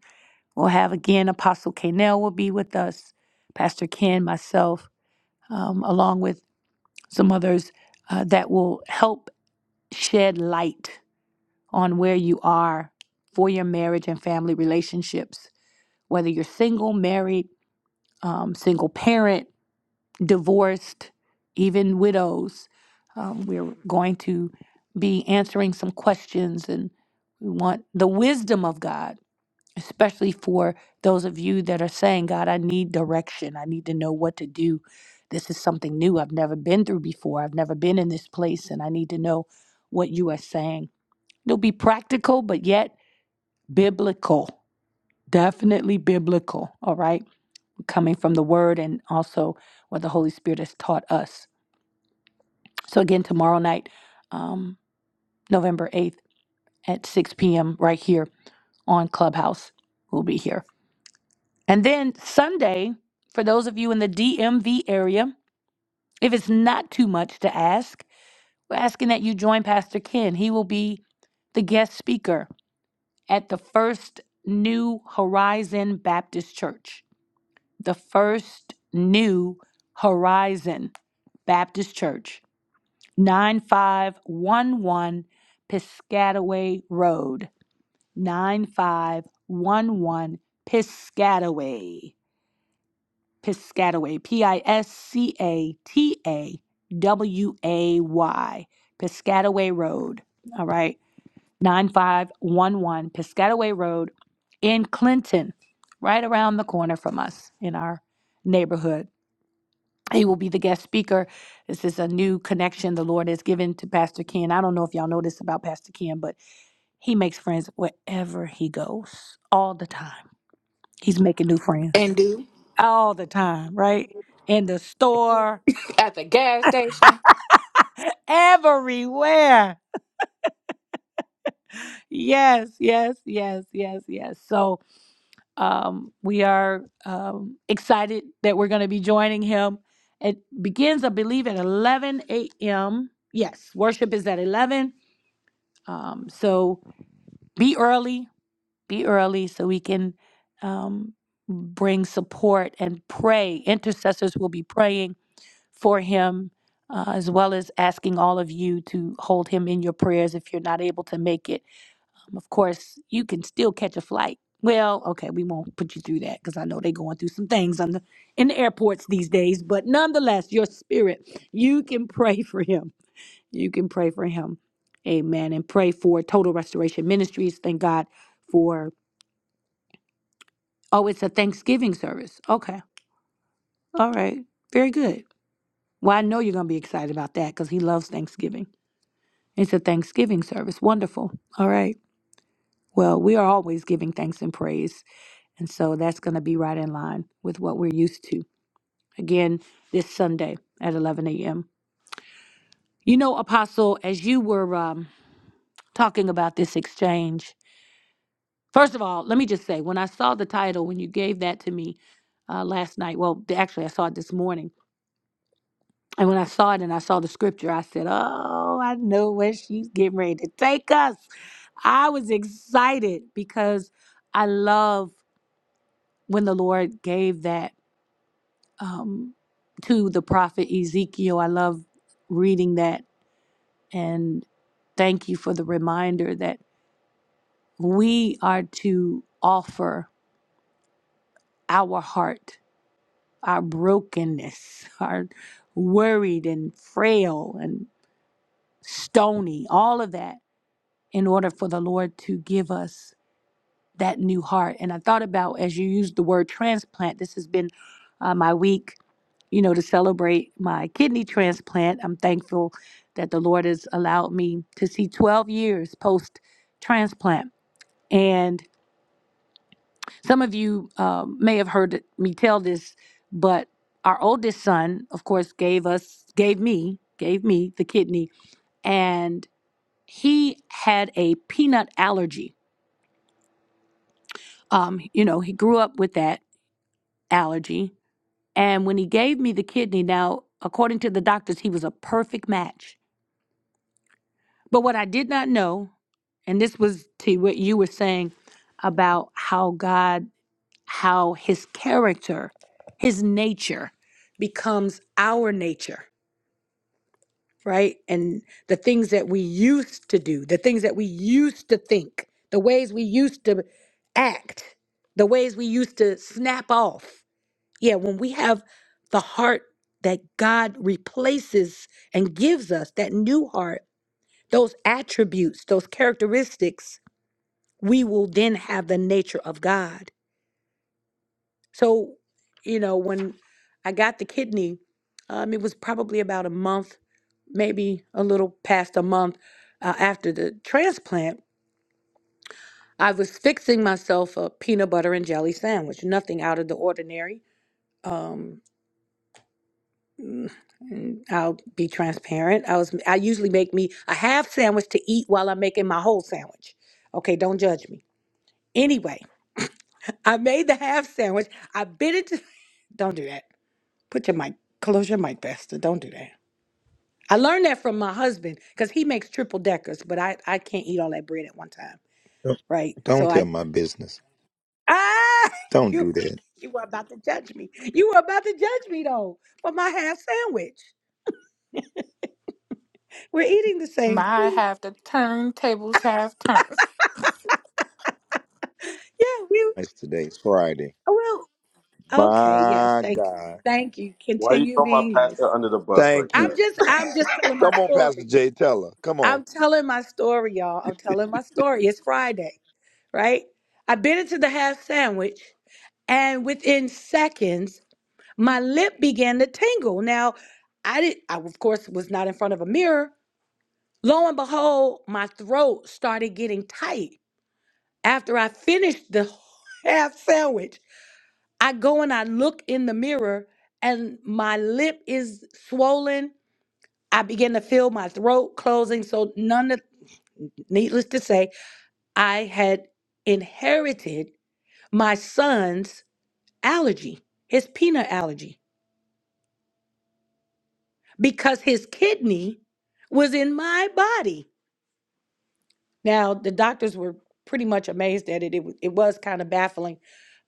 Speaker 1: We'll have again Apostle Kanell will be with us, Pastor Ken, myself, um, along with some others uh, that will help shed light on where you are for your marriage and family relationships, whether you're single, married, um, single parent, divorced, even widows. Um, we're going to be answering some questions and we want the wisdom of God especially for those of you that are saying, God, I need direction. I need to know what to do. This is something new I've never been through before. I've never been in this place, and I need to know what you are saying. It'll be practical, but yet biblical. Definitely biblical, all right? Coming from the word and also what the Holy Spirit has taught us. So, again, tomorrow night, um, November 8th at 6 p.m., right here on Clubhouse, we'll be here. And then Sunday, for those of you in the DMV area, if it's not too much to ask, we're asking that you join Pastor Ken. He will be the guest speaker at the first New Horizon Baptist Church. The first New Horizon Baptist Church, 9511 Piscataway Road, 9511 Piscataway. Piscataway, P I S C A T A W A Y, Piscataway Road. All right, 9511 Piscataway Road in Clinton, right around the corner from us in our neighborhood. He will be the guest speaker. This is a new connection the Lord has given to Pastor Ken. I don't know if y'all know this about Pastor Ken, but he makes friends wherever he goes all the time. He's making new friends
Speaker 6: And do
Speaker 1: all the time, right? In the store,
Speaker 6: at the gas station.
Speaker 1: everywhere. Yes, yes, yes, yes, yes. So um, we are um, excited that we're going to be joining him. It begins, I believe, at 11 a.m. Yes, worship is at 11. Um, so be early, be early so we can um, bring support and pray. Intercessors will be praying for him, uh, as well as asking all of you to hold him in your prayers if you're not able to make it. Um, of course, you can still catch a flight. Well, okay, we won't put you through that because I know they're going through some things on the, in the airports these days. But nonetheless, your spirit, you can pray for him. You can pray for him. Amen. And pray for Total Restoration Ministries. Thank God for, oh, it's a Thanksgiving service. Okay. All right. Very good. Well, I know you're going to be excited about that because he loves Thanksgiving. It's a Thanksgiving service. Wonderful. All right. Well, we are always giving thanks and praise. And so that's going to be right in line with what we're used to. Again, this Sunday at 11 a.m. You know, Apostle, as you were um, talking about this exchange, first of all, let me just say, when I saw the title, when you gave that to me uh, last night, well, actually, I saw it this morning And when I saw it and I saw the scripture, I said, Oh, I know where she's getting ready to take us. I was excited because I love when the Lord gave that um, to the prophet Ezekiel. I love reading that. And thank you for the reminder that we are to offer our heart, our brokenness, our worried and frail and stony, all of that in order for the Lord to give us that new heart. And I thought about as you used the word transplant, this has been uh, my week, you know, to celebrate my kidney transplant. I'm thankful that the Lord has allowed me to see 12 years post transplant. And some of you um, may have heard me tell this, but our oldest son, of course, gave us, gave me, gave me the kidney, and he had a peanut allergy um, you know, he grew up with that allergy. And when he gave me the kidney, now, according to the doctors, he was a perfect match. But what I did not know, and this was to what you were saying about how God, how his character, his nature becomes our nature, right? And the things that we used to do, the things that we used to think, the ways we used to act, the ways we used to snap off Yeah, when we have the heart that God replaces and gives us, that new heart, those attributes, those characteristics, we will then have the nature of God. So, you know, when I got the kidney, um, it was probably about a month, maybe a little past a month uh, after the transplant. I was fixing myself a peanut butter and jelly sandwich, nothing out of the ordinary. Um, Mm, I'll be transparent. I was I usually make me a half sandwich to eat while I'm making my whole sandwich. Okay, don't judge me. Anyway, I made the half sandwich. I bit into Don't do that. Put your mic close your mic, bastard. Don't do that. I learned that from my husband cuz he makes triple deckers, but I I can't eat all that bread at one time,
Speaker 3: Don't,
Speaker 1: right?
Speaker 3: don't
Speaker 1: So I
Speaker 3: tell my business.
Speaker 1: Ah,
Speaker 3: Don't
Speaker 1: you
Speaker 3: do that.
Speaker 1: you were about to judge me. You were about to judge me though for my half sandwich. We're eating the same
Speaker 6: My
Speaker 1: thing.
Speaker 6: half the turntables have turns.
Speaker 1: Yeah, we
Speaker 3: It's today's Friday.
Speaker 1: well, Okay, yes,
Speaker 3: My
Speaker 1: thank you.
Speaker 3: God.
Speaker 1: Thank you.
Speaker 7: Why you
Speaker 1: Continue
Speaker 7: throw my
Speaker 1: being nice.
Speaker 7: pastor under the bus like
Speaker 3: Thank you.
Speaker 1: I'm
Speaker 7: that?
Speaker 1: just I'm just telling my
Speaker 3: Come on, Pastor
Speaker 1: story.
Speaker 3: Jay, tell her. Come on.
Speaker 1: I'm telling my story, y'all. I'm telling my story. It's Friday, right? I bit into the half sandwich and within seconds my lip began to tingle. Now, I did I of course was not in front of a mirror. Lo and behold, my throat started getting tight after I finished the half sandwich. I go and I look in the mirror and my lip is swollen. I begin to feel my throat closing. So, none of, needless to say, I had inherited my son's allergy, his peanut allergy, because his kidney was in my body. Now, the doctors were pretty much amazed at it. It, wa- it was kind of baffling.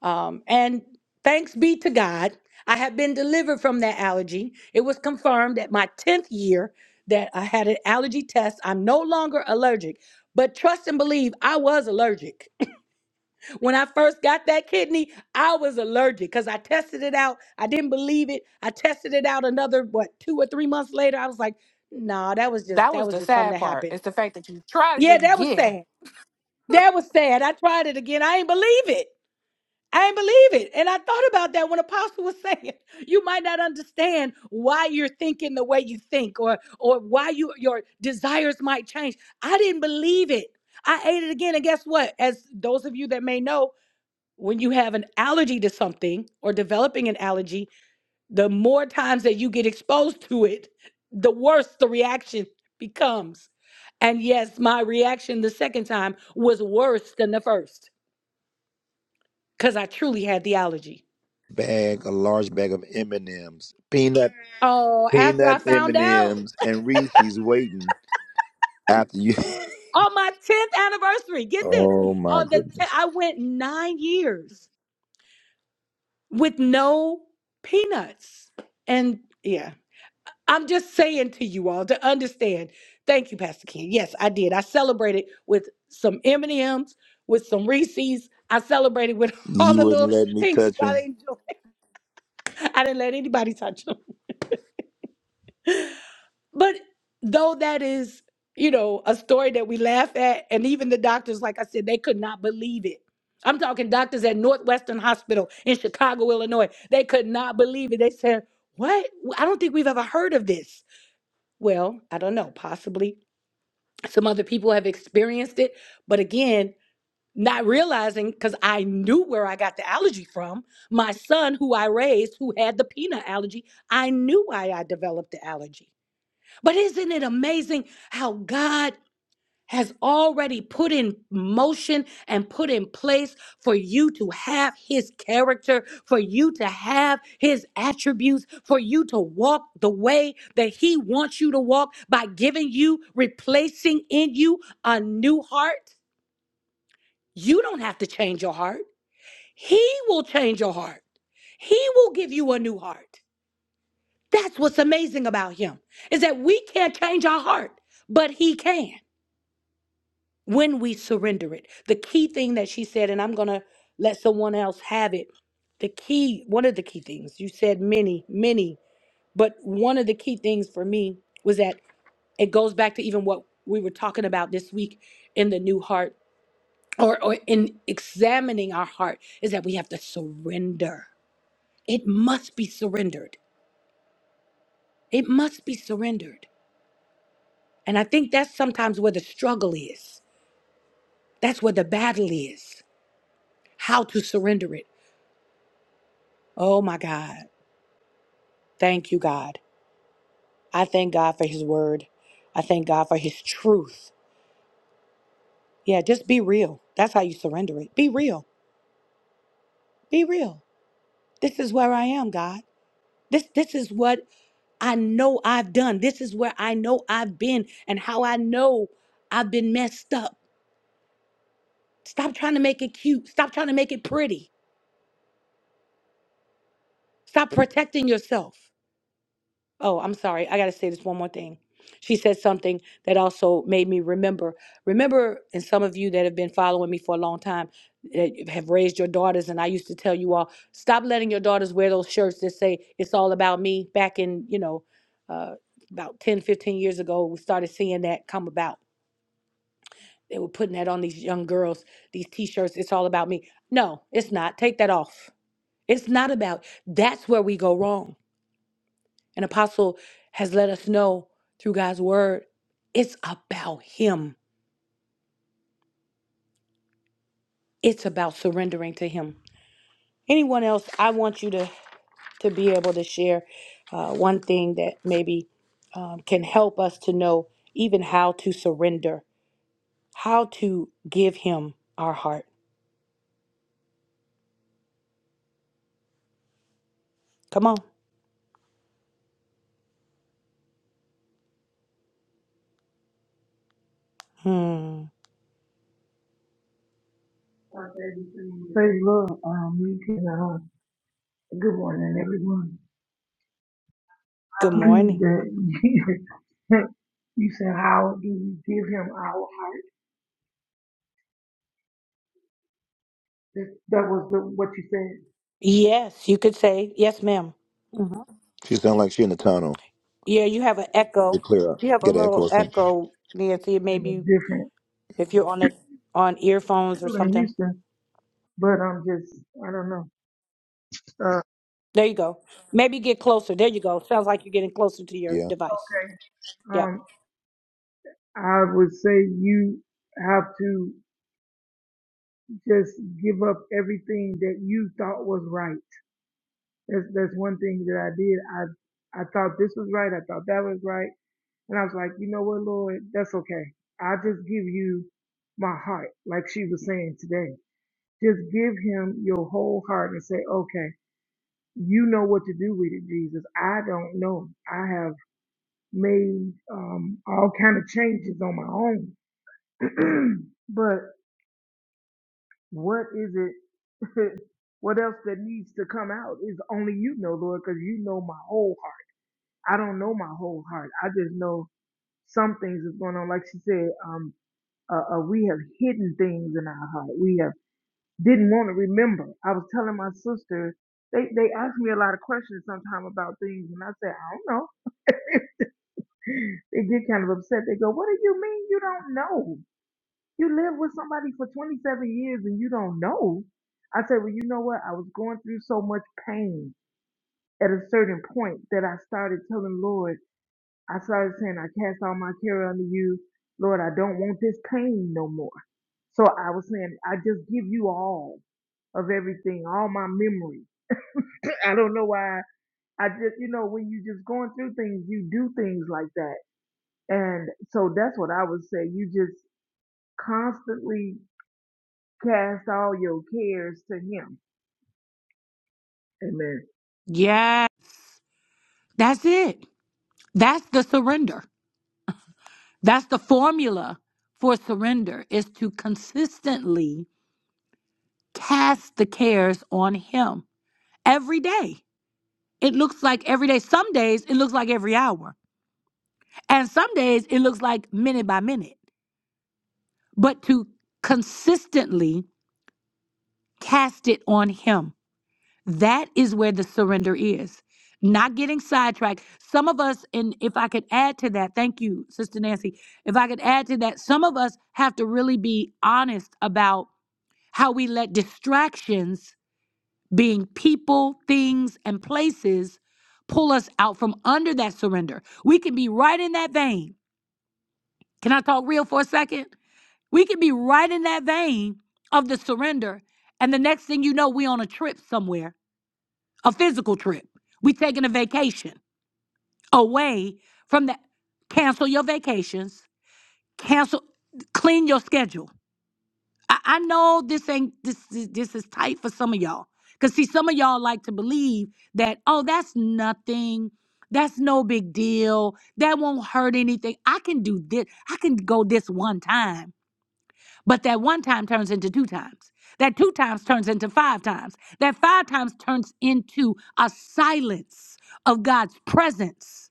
Speaker 1: Um, and thanks be to God, I have been delivered from that allergy. It was confirmed at my 10th year that I had an allergy test. I'm no longer allergic. But trust and believe, I was allergic. When I first got that kidney, I was allergic because I tested it out. I didn't believe it. I tested it out another, what, two or three months later. I was like, nah, that was just,
Speaker 6: That
Speaker 1: that
Speaker 6: was
Speaker 1: was
Speaker 6: the
Speaker 1: just something
Speaker 6: sad
Speaker 1: that
Speaker 6: part.
Speaker 1: happened.
Speaker 6: It's the fact that you tried it
Speaker 1: Yeah, that was
Speaker 6: again.
Speaker 1: sad. That was sad. I tried it again. I ain't believe it. I ain't believe it. And I thought about that when Apostle was saying, you might not understand why you're thinking the way you think or or why you your desires might change. I didn't believe it. I ate it again. And guess what? As those of you that may know, when you have an allergy to something or developing an allergy, the more times that you get exposed to it, the worse the reaction becomes. And yes, my reaction the second time was worse than the first because I truly had the allergy.
Speaker 3: Bag, a large bag of M&Ms, peanut,
Speaker 1: Oh, after I
Speaker 3: peanut M&Ms,
Speaker 1: found
Speaker 3: and
Speaker 1: out
Speaker 3: M's, and Reese's waiting after you.
Speaker 1: on my 10th anniversary, get this.
Speaker 3: oh my
Speaker 1: On the te-
Speaker 3: goodness!
Speaker 1: I went 9 years with no peanuts. And yeah. I'm just saying to you all to understand. Thank you, Pastor Ken. Yes, I did. I celebrated with some M&Ms, with some Reese's. I celebrated with all
Speaker 3: You
Speaker 1: the
Speaker 3: wouldn't
Speaker 1: little
Speaker 3: let me
Speaker 1: things that
Speaker 3: touch
Speaker 1: I
Speaker 3: him.
Speaker 1: enjoyed. I didn't let anybody touch them. But though that is, you know, a story that we laugh at, and even the doctors, like I said, they could not believe it. I'm talking doctors at Northwestern Hospital in Chicago, Illinois. They could not believe it. They said, What? I don't think we've ever heard of this. Well, I don't know, possibly some other people have experienced it but again not realizing because i knew where i got the allergy from my son who i raised who had the peanut allergy i knew why i developed the allergy but isn't it amazing how god has already put in motion and put in place for you to have his character, for you to have his attributes, for you to walk the way that he wants you to walk by giving you, replacing in you a new heart. You don't have to change your heart. He will change your heart. He will give you a new heart. That's what's amazing about him is that we can't change our heart, but he can. when we surrender it. The key thing that she said, and I'm going to let someone else have it. The key, one of the key things, you said many, many, but one of the key things for me was that it goes back to even what we were talking about this week in the new heart or, or in examining our heart is that we have to surrender it must be surrendered it must be surrendered and i think that's sometimes where the struggle is that's where the battle is how to surrender it Oh my God. Thank you, God. I thank God for his word. I thank God for his truth. Yeah, just be real. That's how you surrender it. Be real. Be real. This is where I am, God. This this is what I know I've done. This is where I know I've been and how I know I've been messed up. Stop trying to make it cute. Stop trying to make it pretty. Stop protecting yourself. Oh, I'm sorry. I got to say this one more thing. She said something that also made me remember. Remember, and some of you that have been following me for a long time that have raised your daughters, and I used to tell you all, stop letting your daughters wear those shirts that say it's all about me. Back in, you know, uh, about 10, 15 years ago, we started seeing that come about. They were putting that on these young girls, these t shirts, it's all about me. No, it's not. Take that off. It's not about, that's where we go wrong and Apostle has let us know through God's word, it's about Him. It's about surrendering to Him. Anyone else? I want you to to be able to share uh, one thing that maybe um, can help us to know even how to surrender, how to give Him our heart. Come on. Hmm.
Speaker 9: Praise the Lord. Um, you can, uh, good morning, everyone. I
Speaker 1: Good
Speaker 9: believe
Speaker 1: morning.
Speaker 9: that you said, How do we give him our heart? That, that was the, what you said
Speaker 1: Yes, you could say yes, madam Mm-hmm.
Speaker 3: She sound like she in the tunnel.
Speaker 1: Yeah, you have an echo.
Speaker 3: Get clear up.
Speaker 1: You have a
Speaker 3: Get an echo
Speaker 1: little
Speaker 3: or something.
Speaker 1: echo, Nancy.
Speaker 9: in a
Speaker 1: Maybe
Speaker 9: different
Speaker 1: If you're on it on earphones or
Speaker 9: school in
Speaker 1: something.
Speaker 9: Houston, but I'm just, I don't know. Uh,
Speaker 1: There you go. Maybe get closer. There you go. Sounds like you're getting closer to your
Speaker 3: Yeah.
Speaker 1: device.
Speaker 9: okay,
Speaker 1: Yep.
Speaker 9: um, I would say you have to just give up everything that you thought was right. That's, that's one thing that I did. I, I thought this was right. I thought that was right And I was like, you know what, Lord, that's okay. I just give you my heart, like she was saying today. Just give him your whole heart and say, okay, you know what to do with it, Jesus. I don't know. I have made um, all kind of changes on my own, but what is it? what else that needs to come out is only you know, Lord, because you know my whole heart. I don't know my whole heart. I just know some things is going on. Like she said, um, Uh, uh, we have hidden things in our heart. We have didn't want to remember. I was telling my sister, they, they ask me a lot of questions sometime about things, and I say, I don't know. they get kind of upset. They go, What do you mean you don't know? You lived with somebody for 27 years and you don't know. I said, Well, you know what? I was going through so much pain at a certain point that I started telling Lord. I started saying, I cast all my care unto you. Lord, I don't want this pain no more. So I was saying, I just give you all of everything, all my memory. I don't know why. I just, you know, when you just going through things, you do things like that. And so that's what I would say. You just constantly cast all your cares to Him. Amen.
Speaker 1: Yeah, that's it. That's the surrender. That's the formula for surrender is to consistently cast the cares on him every day. It looks like every day. Some days it looks like every hour. And some days it looks like minute by minute. But to consistently cast it on him That is where the surrender is. Not getting sidetracked. Some of us, and if I could add to that, thank you, Sister Nancy. If I could add to that, some of us have to really be honest about how we let distractions, being people, things, and places, pull us out from under that surrender. We can be right in that vein. Can I talk real for a second? We can be right in that vein of the surrender. And the next thing you know, we on a trip somewhere a physical trip. We taking a vacation away from that. Cancel your vacations. Cancel. Clean your schedule. I, I know this ain't this is- this is tight for some of y'all. Cause see, some of y'all like to believe that oh, that's nothing. That's no big deal. That won't hurt anything. I can do this. I can go this one time. But that one time turns into two times. That two times turns into five times. That five times turns into a silence of God's presence.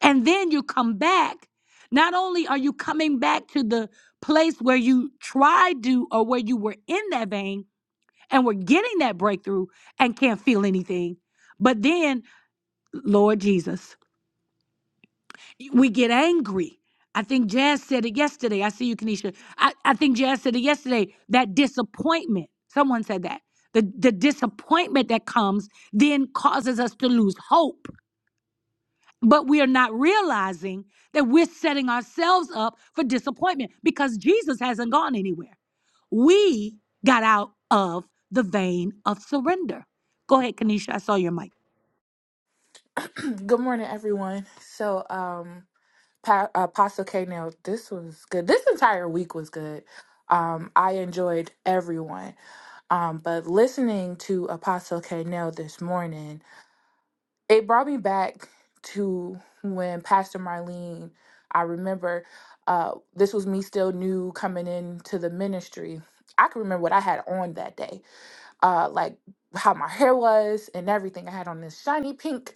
Speaker 1: And then you come back. Not only are you coming back to the place where you tried to or where you were in that vein and were getting that breakthrough and can't feel anything, but then, Lord Jesus we get angry. I think Jazz said it yesterday. I see you, Kenesha. I, I think Jazz said it yesterday. That disappointment. Someone said that. The, the disappointment that comes then causes us to lose hope. But we are not realizing that we're setting ourselves up for disappointment because Jesus hasn't gone anywhere. We got out of the vein of surrender. Go ahead, Kenesha. I saw your mic.
Speaker 6: Good morning, everyone. So, um. Pa- Apostle K. Now, this was good. This entire week was good. Um, I enjoyed everyone. Um, but listening to Apostle K. Now this morning, it brought me back to when Pastor Marlene, I remember uh, this was me still new coming into the ministry. I can remember what I had on that day uh, like how my hair was and everything. I had on this shiny pink,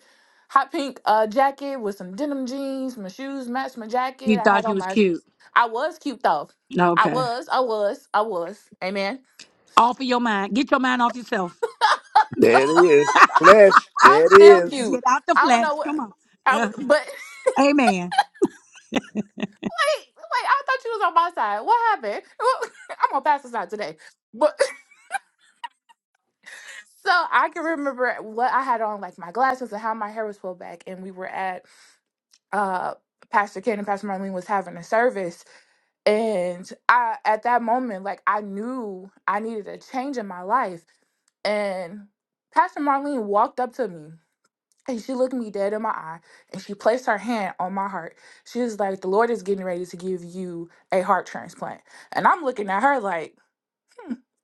Speaker 6: hot pink uh, jacket with some denim jeans. My shoes matched my jacket.
Speaker 1: You
Speaker 6: I had
Speaker 1: thought you
Speaker 6: on
Speaker 1: was
Speaker 6: my.
Speaker 1: cute.
Speaker 6: I was cute though. I
Speaker 1: Okay.
Speaker 6: was. I was. I was. Amen.
Speaker 1: Off of your mind. Get your mind off yourself.
Speaker 3: There it is. Flesh.
Speaker 6: I'm
Speaker 3: There it
Speaker 6: still
Speaker 3: is.
Speaker 6: cute.
Speaker 1: Get out the
Speaker 6: I don't
Speaker 1: flesh.
Speaker 6: know what.
Speaker 1: Come on.
Speaker 6: I
Speaker 1: Uh-huh.
Speaker 6: w- but
Speaker 1: Amen.
Speaker 6: wait, wait. I thought you was on my side. What happened? I'm on Pastor's side today. But so I can remember what I had on, like my glasses and how my hair was pulled back. And we were at uh Pastor Ken and Pastor Marlene was having a service And I at that moment, like I knew I needed a change in my life. And Pastor Marlene walked up to me and she looked me dead in my eye and she placed her hand on my heart. She was like, The Lord is getting ready to give you a heart transplant. And I'm looking at her like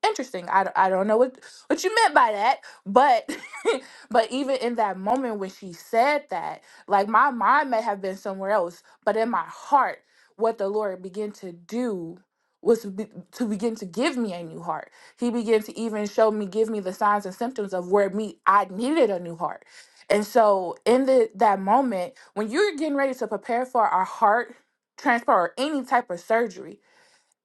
Speaker 6: interesting I, d- I don't know what what you meant by that but but even in that moment when she said that like my mind may have been somewhere else but in my heart what the lord began to do was to, be, to begin to give me a new heart he began to even show me give me the signs and symptoms of where me i needed a new heart and so in the, that moment when you're getting ready to prepare for a heart transplant or any type of surgery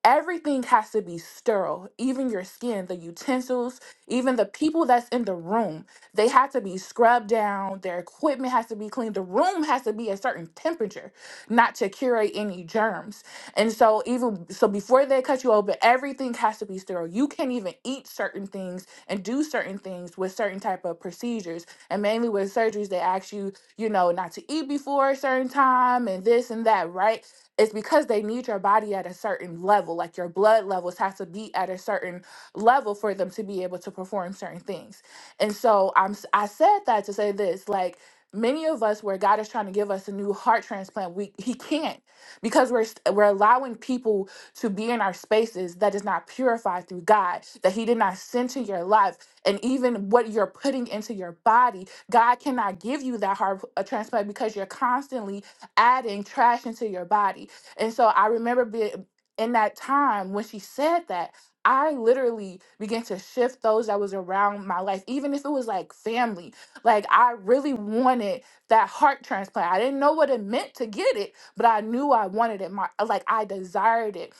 Speaker 6: Everything has to be sterile, even your skin, the utensils, even the people that's in the room. They have to be scrubbed down, their equipment has to be clean, the room has to be a certain temperature, not to curate any germs. And so even so before they cut you open, everything has to be sterile. You can't even eat certain things and do certain things with certain type of procedures. And mainly with surgeries, they ask you, you know, not to eat before a certain time and this and that, right? It's because they need your body at a certain level, like your blood levels have to be at a certain level for them to be able to perform certain things. And so I'm s- i am I said that to say this, like many of us where God is trying to give us a new heart transplant, we he can't because we're st- we're allowing people to be in our spaces that is not purified through God, that He did not send to your life, and even what you're putting into your body, God cannot give you that heart uh, transplant because you're constantly adding trash into your body. And so I remember being in that time when she said that, I literally began to shift those that was around my life, even if it was like family. Like I really wanted that heart transplant. I didn't know what it meant to get it, but I knew I wanted it. My like I desired it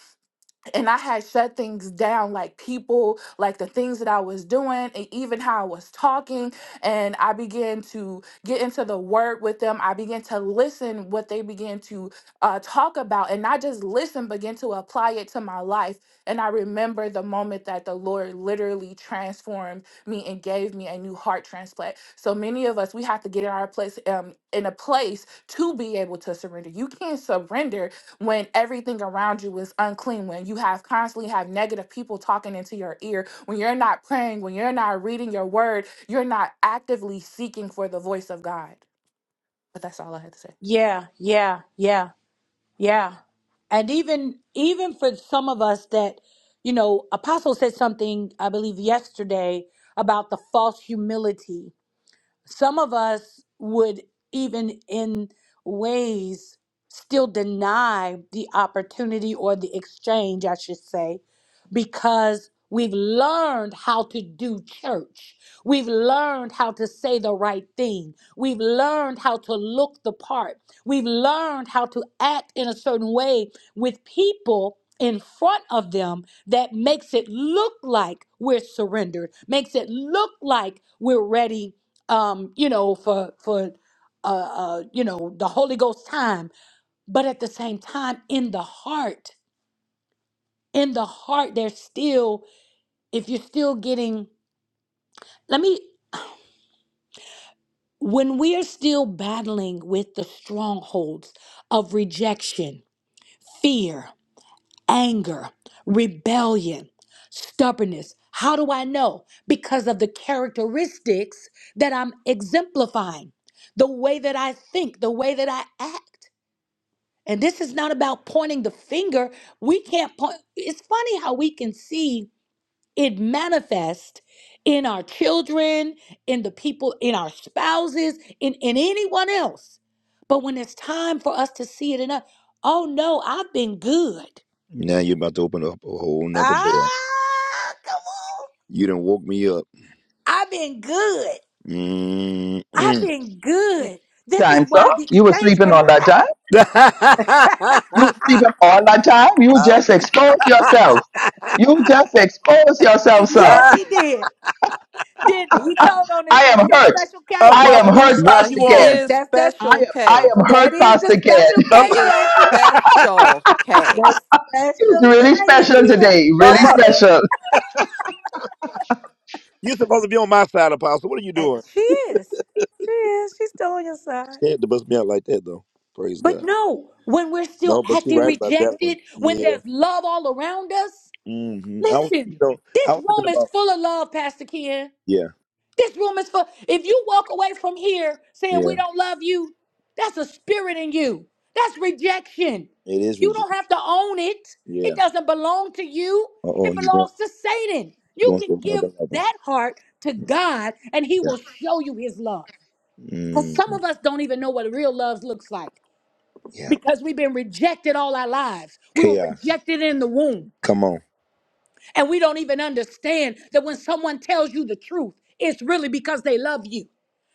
Speaker 6: and I had shut things down, like people, like the things that I was doing, and even how I was talking. And I began to get into the word with them. I began to listen what they began to uh, talk about, and not just listen, begin to apply it to my life. And I remember the moment that the Lord literally transformed me and gave me a new heart transplant. So many of us, we have to get in our place, um, in a place to be able to surrender. You can't surrender when everything around you is unclean when you have constantly have negative people talking into your ear when you're not praying when you're not reading your word you're not actively seeking for the voice of god but that's all i had to say
Speaker 1: Yeah, yeah, yeah, yeah. And even even for some of us that, you know, Apostle said something, I believe yesterday, about the false humility. Some of us would even in ways still deny the opportunity or the exchange, I should say, because we've learned how to do church. We've learned how to say the right thing. We've learned how to look the part. We've learned how to act in a certain way with people in front of them that makes it look like we're surrendered, makes it look like we're ready um, you know, for for uh, uh, you know the Holy Ghost time. But at the same time, in the heart, in the heart, there's still if you're still getting. Let me when we are still battling with the strongholds of rejection, fear, anger, rebellion, stubbornness. How do I know? Because of the characteristics that I'm exemplifying, the way that I think, the way that I act. And this is not about pointing the finger. We can't point. It's funny how we can see it manifest in our children, in the people, in our spouses, in, in anyone else. But when it's time for us to see it in us, oh no, I've been good.
Speaker 3: Now you're about to open up a whole nother door.
Speaker 1: Ah, come on.
Speaker 3: You done woke me up.
Speaker 1: I've been good. I've
Speaker 3: Mm-mm.
Speaker 1: been
Speaker 2: Sleep
Speaker 1: good. This is
Speaker 2: Time, sir.
Speaker 1: why the
Speaker 2: You were
Speaker 1: exchange
Speaker 2: sleeping all
Speaker 1: cannot
Speaker 2: that time.
Speaker 1: happen.
Speaker 2: You were sleeping all that time. You just expose yourself. You just expose yourself, sir.
Speaker 1: Yes, he did. Didn't he? He
Speaker 2: I
Speaker 1: told on this. That's
Speaker 2: am
Speaker 1: your
Speaker 2: hurt.
Speaker 1: special case.
Speaker 2: I
Speaker 3: Apostle,
Speaker 2: am
Speaker 3: whose
Speaker 2: hurt,
Speaker 4: Well,
Speaker 3: side you
Speaker 2: Pastor
Speaker 4: he
Speaker 3: on?
Speaker 2: Ken.
Speaker 4: is
Speaker 1: That's that.
Speaker 2: I
Speaker 4: special
Speaker 2: am, I
Speaker 4: K.
Speaker 2: am
Speaker 1: That
Speaker 2: hurt,
Speaker 1: is the
Speaker 2: Pastor Ken.
Speaker 1: special
Speaker 3: Up,
Speaker 4: He
Speaker 1: K,
Speaker 4: is
Speaker 1: Jackie.
Speaker 4: special K.
Speaker 1: The
Speaker 2: It's
Speaker 1: special
Speaker 2: really
Speaker 1: K is
Speaker 2: special
Speaker 1: here.
Speaker 2: today.
Speaker 3: up,
Speaker 2: Really special.
Speaker 3: you supposed to be on my side, Apostle. What are you
Speaker 1: And
Speaker 3: doing?
Speaker 1: she is. She is. She's still on your side.
Speaker 3: They had to bust me out like that, though. Praise
Speaker 1: But
Speaker 3: God.
Speaker 1: no, when we're still
Speaker 3: No, but you're
Speaker 1: acting
Speaker 3: right about that one.
Speaker 1: rejected, when
Speaker 3: Yeah.
Speaker 1: there's love all around us,
Speaker 3: hmm I was, you
Speaker 1: listen,
Speaker 3: know, I
Speaker 1: this
Speaker 3: was thinking
Speaker 1: room is
Speaker 3: about.
Speaker 1: full of love, Pastor Ken.
Speaker 3: Yeah,
Speaker 1: This room is for if you walk away from here saying
Speaker 3: yeah.
Speaker 1: we don't love you, that's a spirit in you. That's rejection.
Speaker 3: It is
Speaker 1: You
Speaker 3: region.
Speaker 1: don't have to own it.
Speaker 3: Yeah.
Speaker 1: It doesn't belong to you.
Speaker 3: Uh oh,
Speaker 1: It
Speaker 3: you going
Speaker 1: belongs to Satan. You
Speaker 3: going
Speaker 1: can
Speaker 3: to
Speaker 1: give
Speaker 3: another level.
Speaker 1: that heart to God and he will show you his love. Cuz some
Speaker 3: Mm,
Speaker 1: of us don't even know what real love looks like
Speaker 3: yeah,
Speaker 1: because we've been rejected all our lives. We were
Speaker 3: chaos.
Speaker 1: rejected in the womb.
Speaker 3: Come on,
Speaker 1: And we don't even understand that when someone tells you the truth, it's really because they love you.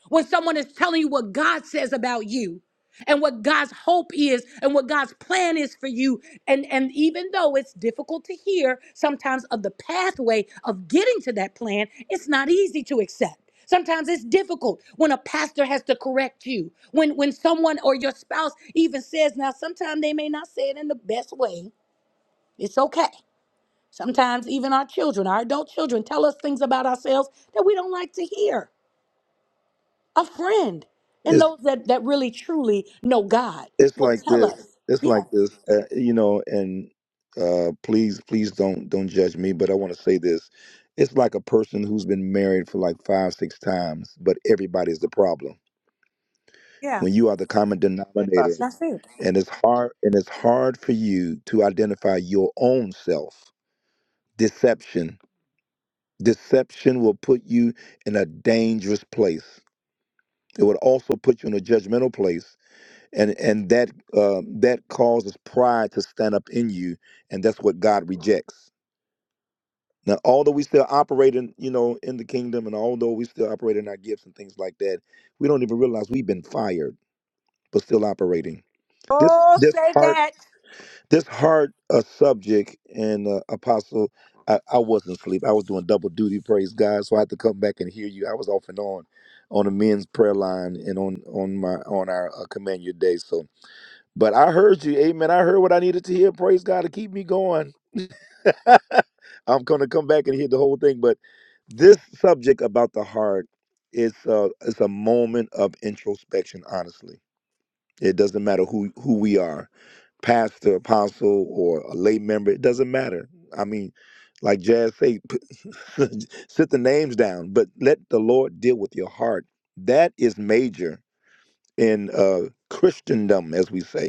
Speaker 1: When someone is telling you what God says about you and what God's hope is and what God's plan is for you, and, and even though it's difficult to hear sometimes of the pathway of getting to that plan, it's not easy to accept. Sometimes it's difficult when a pastor has to correct you. When when someone or your spouse even says, now sometimes they may not say it in the best way. It's okay. Sometimes even our children, our adult children, tell us things about ourselves that we don't like to hear. A friend and
Speaker 3: it's
Speaker 1: those that, that really truly know God
Speaker 3: it's
Speaker 1: will
Speaker 3: like
Speaker 1: tell
Speaker 3: this.
Speaker 1: us.
Speaker 3: It's like this.
Speaker 1: Yes.
Speaker 3: Uh, you know, and uh, please, please don't don't judge me, but I want to say this. It's like a person who's been married for like five, six times, but everybody's the problem.
Speaker 1: Yeah.
Speaker 3: When you are the common denominator,
Speaker 1: That's it.
Speaker 3: and it's hard, and it's hard for you to identify your own self. Deception, deception will put you in a dangerous place. It would also put you in a judgmental place and and that uh, that causes pride to stand up in you, and that's what God rejects. Now, although we still operate in you know in the kingdom, and although we still operate in our gifts and things like that, we don't even realize we've been fired, but still operating. This
Speaker 1: Oh,
Speaker 3: this
Speaker 1: say
Speaker 3: hard
Speaker 1: that.
Speaker 3: this hard uh, subject and uh, apostle. I, I wasn't asleep. I was doing double duty, praise God. So I had to come back and hear you. I was off and on on the men's prayer line and on on my on our uh, command your day. So But I heard you, amen. I heard what I needed to hear. Praise God to keep me going. I'm going to come back and hear the whole thing. But this subject about the heart is a, it's a moment of introspection, honestly. It doesn't matter who, who we are, pastor, apostle, or a lay member. It doesn't matter. I mean, like Jazz say, sit the names down, but let the Lord deal with your heart. That is major in uh, Christendom, as we say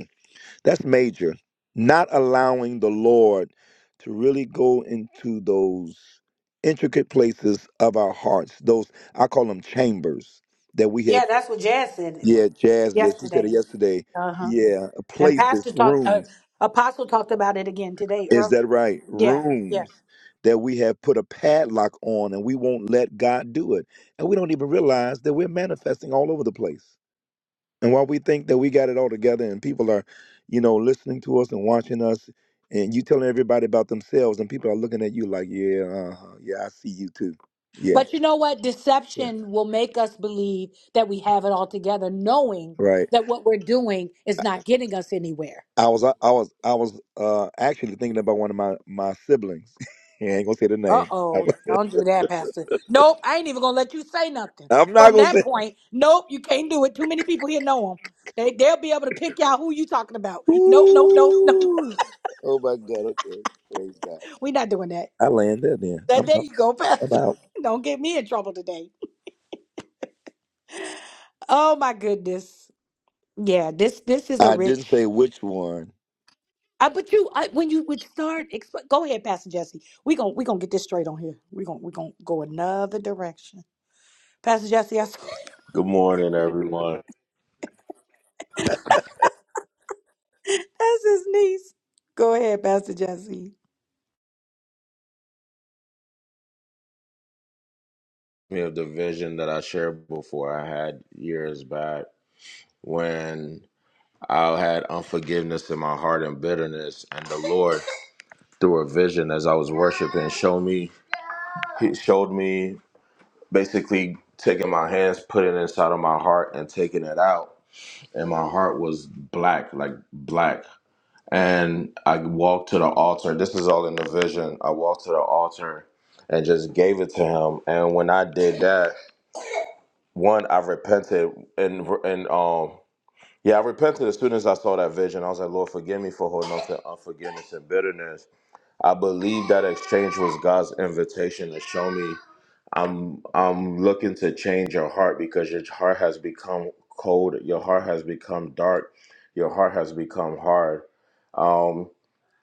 Speaker 3: that's major. Not allowing the Lord to really go into those intricate places of our hearts. Those I call them chambers that we have.
Speaker 1: Yeah, that's what Jazz said it
Speaker 3: Yeah,
Speaker 1: was
Speaker 3: Jazz. Yes, you said
Speaker 1: yesterday.
Speaker 3: it yesterday.
Speaker 1: Uh-huh.
Speaker 3: Yeah, uh,
Speaker 1: And
Speaker 3: places,
Speaker 1: Pastor talked uh,
Speaker 3: rooms.
Speaker 1: Apostle talked about it again today
Speaker 3: Is
Speaker 1: earlier.
Speaker 3: that right?
Speaker 1: Yeah, yeah.
Speaker 3: Rooms that we have put a padlock on, and we won't let God do it, and we don't even realize that we're manifesting all over the place. And while we think that we got it all together and people are, you know, listening to us and watching us, and you telling everybody about themselves, and people are looking at you like, yeah, uh yeah, I see you too. Yeah,
Speaker 1: But you know what?
Speaker 3: yeah,
Speaker 1: Deception will make us believe that we have it all together, knowing
Speaker 3: right.
Speaker 1: that what we're doing is not getting us anywhere.
Speaker 3: I was, I was, I was uh, actually thinking about one of my my siblings. I ain't gonna say the
Speaker 1: Uh
Speaker 3: name. I,
Speaker 1: oh, don't do that, Pastor. Nope, I ain't even gonna let you say nothing.
Speaker 3: am not
Speaker 1: From
Speaker 3: gonna
Speaker 1: that
Speaker 3: say.
Speaker 1: point, nope, you can't do it. Too many people here know them. They they'll be able to pick out who you talking about. Nope, nope, nope, nope.
Speaker 3: Ooh. Oh my God. Okay. Praise God.
Speaker 1: We're not doing that.
Speaker 3: I land there. Then
Speaker 1: That
Speaker 3: I'm,
Speaker 1: there
Speaker 3: I'm
Speaker 1: you go, Pastor.
Speaker 3: out.
Speaker 1: don't get me in trouble today. Oh my goodness. Yeah, this this is a
Speaker 3: I didn't say
Speaker 1: rich.
Speaker 3: which one,
Speaker 1: I, but you, I, when you would start, exp- go ahead, Pastor Jesse. We gon' we gonna get this straight on here. We gon' we gonna go another direction. Pastor Jesse, I saw
Speaker 7: Good morning, everyone.
Speaker 1: that's his niece. Go ahead, Pastor Jesse.
Speaker 7: We have the vision that I shared before I had years back when I had unforgiveness in my heart and bitterness, and the Lord, through a vision as I was worshiping, showed me, He showed me basically taking my hands, putting it inside of my heart, and taking it out. And my heart was black, like black. and I walked to the altar. This is all in the vision. I walked to the altar and just gave it to him. And when I did that, one, I repented and and um yeah, I repented as soon as I saw that vision. I was like, Lord, forgive me for holding on to unforgiveness and bitterness. I believe that exchange was God's invitation to show me I'm I'm looking to change your heart because your heart has become cold, your heart has become dark, your heart has become hard. Um,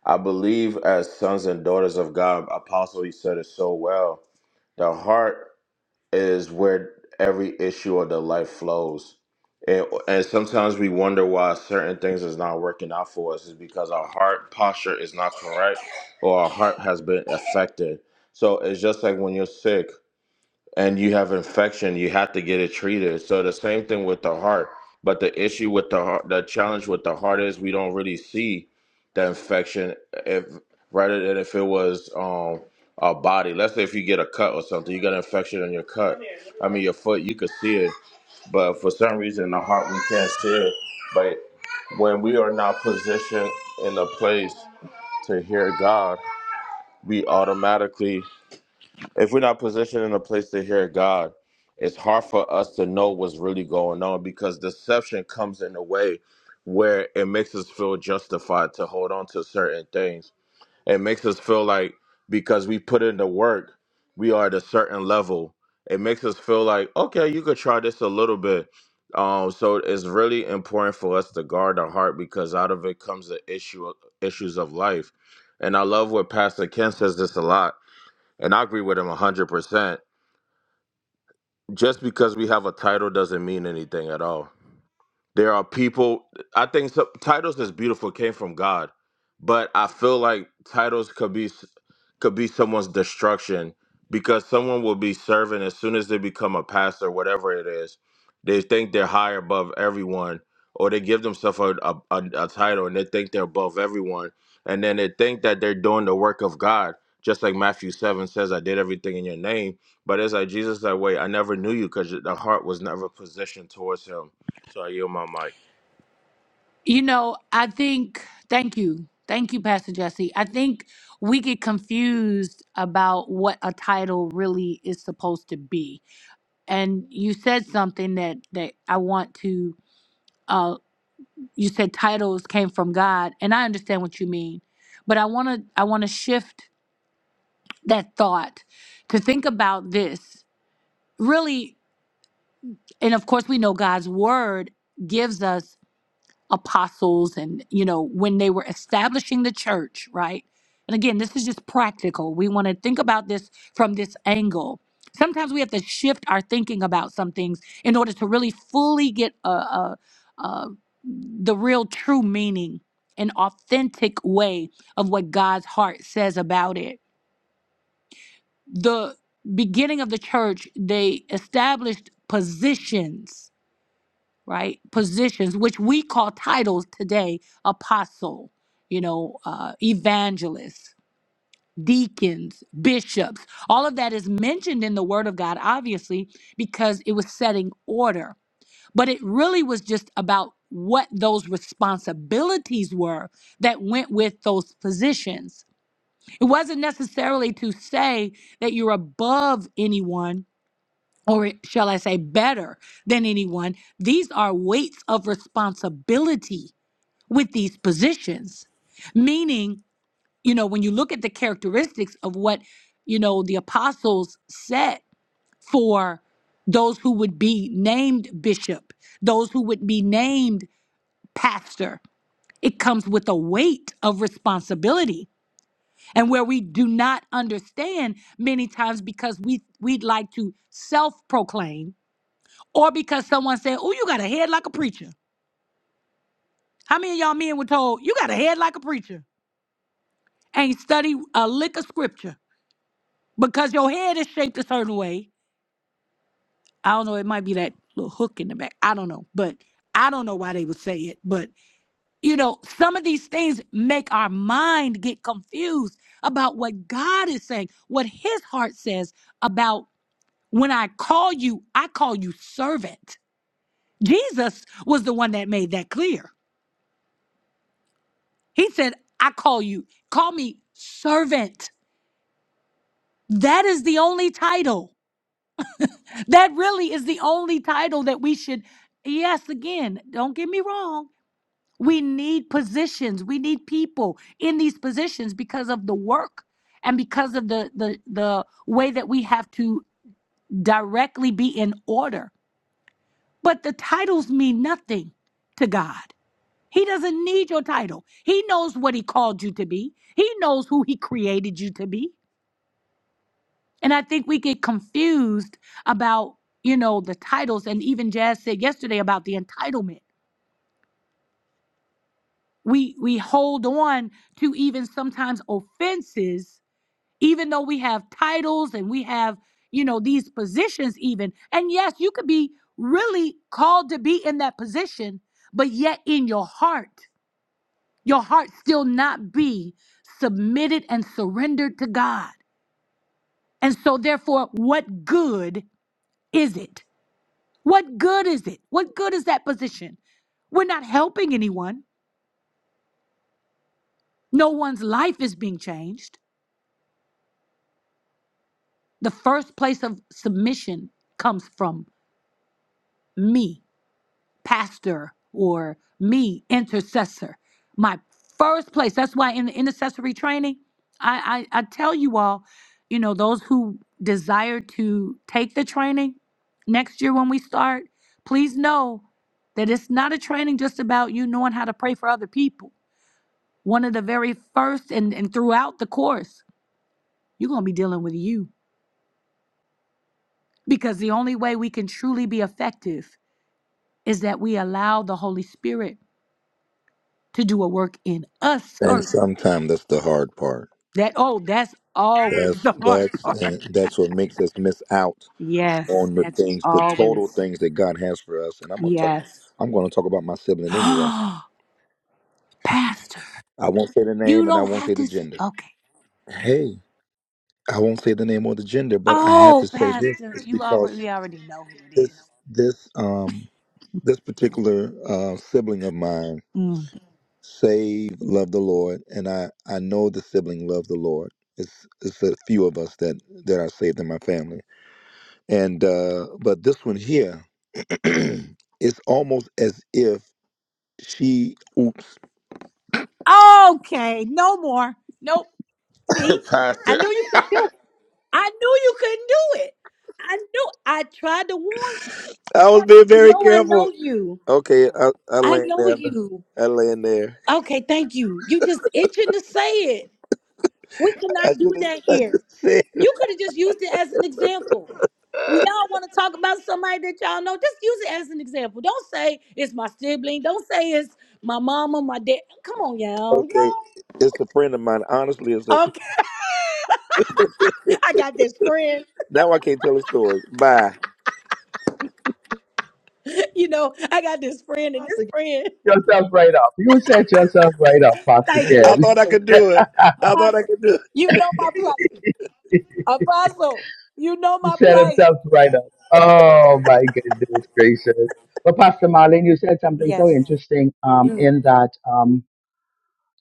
Speaker 7: I believe as sons and daughters of God, Apostle, he said it so well. The heart is where every issue of the life flows. And, and sometimes we wonder why certain things is not working out for us is because our heart posture is not correct or our heart has been affected. So it's just like when you're sick and you have infection, you have to get it treated. So the same thing with the heart. But the issue with the heart, the challenge with the heart is we don't really see the infection if rather than if it was um a body. Let's say if you get a cut or something, you got an infection on your cut. I mean your foot, you could see it, but for some reason the heart we can't see it. But when we are not positioned in a place to hear God, we automatically if we're not positioned in a place to hear God, it's hard for us to know what's really going on because deception comes in a way where it makes us feel justified to hold on to certain things. It makes us feel like because we put in the work, we are at a certain level. It makes us feel like, okay, you could try this a little bit. Um, so it's really important for us to guard our heart because out of it comes the issue issues of life. And I love what Pastor Ken says this a lot and I agree with him 100%. Just because we have a title doesn't mean anything at all. There are people. I think so, titles is beautiful came from God, but I feel like titles could be could be someone's destruction because someone will be serving as soon as they become a pastor, whatever it is. They think they're high above everyone, or they give themselves a, a, a, a title and they think they're above everyone, and then they think that they're doing the work of God. Just like Matthew seven says, "I did everything in your name," but it's like Jesus, that way I never knew you because the heart was never positioned towards Him. So I yield my mic.
Speaker 1: You know, I think, thank you. Thank you, Pastor Jesse. I think we get confused about what a title really is supposed to be. And you said something that, that I want to, uh, you said titles came from God, and I understand what you mean. But I want to, I want to shift that thought to think about this really. And of course, we know God's word gives us apostles and you know when they were establishing the church right and again this is just practical we want to think about this from this angle sometimes we have to shift our thinking about some things in order to really fully get a, a, a the real true meaning an authentic way of what god's heart says about it the beginning of the church they established positions right? Positions, which we call titles today apostle, you know, uh, evangelist, deacons, bishops. All of that is mentioned in the Word of God, obviously, because it was setting order. But it really was just about what those responsibilities were that went with those positions. It wasn't necessarily to say that you're above anyone or shall I say, better than anyone. These are weights of responsibility with these positions, meaning, you know, when you look at the characteristics of what, you know, the apostles set for those who would be named bishop, those who would be named pastor, it comes with a weight of responsibility. And where we do not understand many times because we we'd like to self-proclaim or because someone said, "Oh, you got a head like a preacher." How many of y'all men were told, "You got a head like a preacher"? Ain't study a lick of scripture because your head is shaped a certain way. I don't know. It might be that little hook in the back. I don't know, but I don't know why they would say it. But you know, some of these things make our mind get confused about what God is saying, what His heart says about when I call you, I call you servant. Jesus was the one that made that clear. He said, I call you, call me servant. That is the only title. That really is the only title that we should, yes, again, don't get me wrong. We need positions, we need people in these positions because of the work and because of the the the way that we have to directly be in order. But the titles mean nothing to God. He doesn't need your title. He knows what he called you to be. He knows who he created you to be. And I think we get confused about, you know, the titles and even Jazz said yesterday about the entitlement. We we hold on to even sometimes offenses even though we have titles and we have, you know, these positions even. And yes, you could be really called to be in that position, but yet in your heart, your heart still not be submitted and surrendered to God. And so therefore, what good is it? What good is it? What good is that position? We're not helping anyone. No one's life is being changed. The first place of submission comes from me, pastor, or me, intercessor. My first place. That's why in the intercessory training, I, I, I tell you all, you know, those who desire to take the training next year when we start, please know that it's not a training just about you knowing how to pray for other people one of the very first and, and throughout the course, you're going to be dealing with you. Because the only way we can truly be effective is that we allow the Holy Spirit to do a work in us
Speaker 3: and
Speaker 1: first.
Speaker 3: sometimes that's the hard part.
Speaker 1: That, oh, that's always
Speaker 3: That's
Speaker 1: the hard
Speaker 3: that's
Speaker 1: part.
Speaker 3: and that's what makes us miss out
Speaker 1: Yes,
Speaker 3: on the
Speaker 1: that's
Speaker 3: things, the total
Speaker 1: always,
Speaker 3: things that God has for us. And I'm gonna talk.
Speaker 1: yes.
Speaker 3: I'm gonna talk about my sibling anyway.
Speaker 1: Pastor,
Speaker 3: I won't say the
Speaker 1: you
Speaker 3: name and I
Speaker 1: don't
Speaker 3: won't
Speaker 1: have
Speaker 3: say the
Speaker 1: to say,
Speaker 3: gender.
Speaker 1: okay.
Speaker 3: Hey, I won't say the name or the gender, but I have
Speaker 1: Oh,
Speaker 3: to say this.
Speaker 1: Pastor,
Speaker 3: It's
Speaker 1: you already,
Speaker 3: because
Speaker 1: we already know who it
Speaker 3: this
Speaker 1: is.
Speaker 3: this um this particular uh, sibling of mine saved, loved the Lord, and I I know the sibling loved the Lord. It's it's a few of us that that are saved in my family, and uh but this one here. it's almost as if she. Oops,
Speaker 1: Okay, no more. Nope. See, I
Speaker 7: Pastor,
Speaker 1: knew you could do it. I knew you couldn't do it. I knew. I tried to warn you.
Speaker 3: I was being
Speaker 1: Pastor, You
Speaker 3: very
Speaker 1: know, I
Speaker 3: careful.
Speaker 1: know you.
Speaker 3: Okay, I, I
Speaker 1: I
Speaker 3: land
Speaker 1: know
Speaker 3: down. there.
Speaker 1: you.
Speaker 3: I land there.
Speaker 1: Okay, thank you. You just itching to say it. We
Speaker 3: I
Speaker 1: cannot do
Speaker 3: should have.
Speaker 1: that
Speaker 3: I should
Speaker 1: here.
Speaker 3: have said.
Speaker 1: You could have just used it as an example. When y'all want to talk about somebody that y'all know, just use it as an example. Don't say it's my sibling. Don't say it's my mama, my dad. Come on, y'all.
Speaker 3: Okay,
Speaker 1: Y'all.
Speaker 3: it's a friend of mine. Honestly, it's a.
Speaker 1: Okay. I got this friend,
Speaker 3: Now I can't tell a story. Bye.
Speaker 1: you know, I got this friend and this
Speaker 2: Pastor, Ken,
Speaker 1: friend.
Speaker 2: yourself right up. You set yourself right up, Pastor
Speaker 1: Thank you,
Speaker 3: I
Speaker 2: Ken.
Speaker 3: thought I
Speaker 1: Apostle.
Speaker 3: could do it. I thought I
Speaker 1: Apostle,
Speaker 3: could do it.
Speaker 1: you know my plight. Apostle, you know
Speaker 2: He
Speaker 1: my
Speaker 2: set
Speaker 1: plight.
Speaker 2: himself right up. Oh my goodness gracious. But Pastor Marlene, you said something so
Speaker 1: Yes.
Speaker 2: interesting um,
Speaker 1: Mm.
Speaker 2: in that um,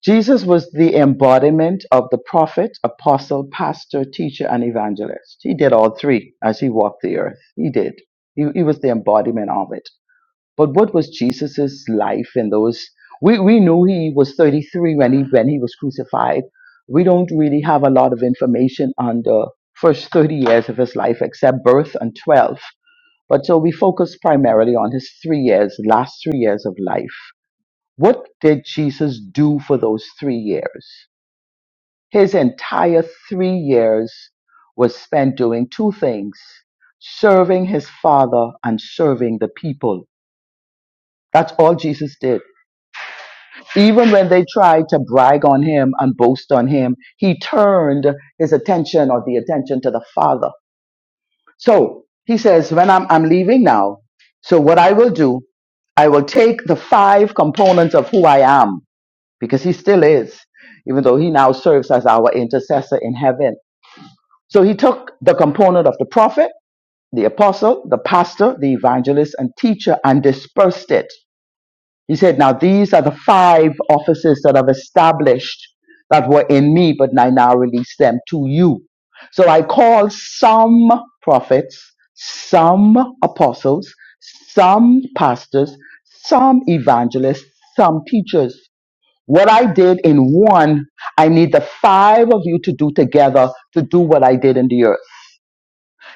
Speaker 2: Jesus was the embodiment of the prophet, apostle, pastor, teacher, and evangelist. He did all three as he walked the earth. He did. He, he was the embodiment of it. But what was Jesus's life in those? We, we know he was 33 when he, when he was crucified. We don't really have a lot of information on the first 30 years of his life except birth and 12. But so we focus primarily on his three years, last three years of life. What did Jesus do for those three years? His entire three years was spent doing two things serving his father and serving the people. That's all Jesus did. Even when they tried to brag on him and boast on him, he turned his attention or the attention to the Father. So he says, When I'm, I'm leaving now, so what I will do, I will take the five components of who I am, because he still is, even though he now serves as our intercessor in heaven. So he took the component of the prophet, the apostle, the pastor, the evangelist, and teacher and dispersed it. He said, Now these are the five offices that I've established that were in me, but I now release them to you. So I call some prophets, some apostles, some pastors, some evangelists, some teachers. What I did in one, I need the five of you to do together to do what I did in the earth.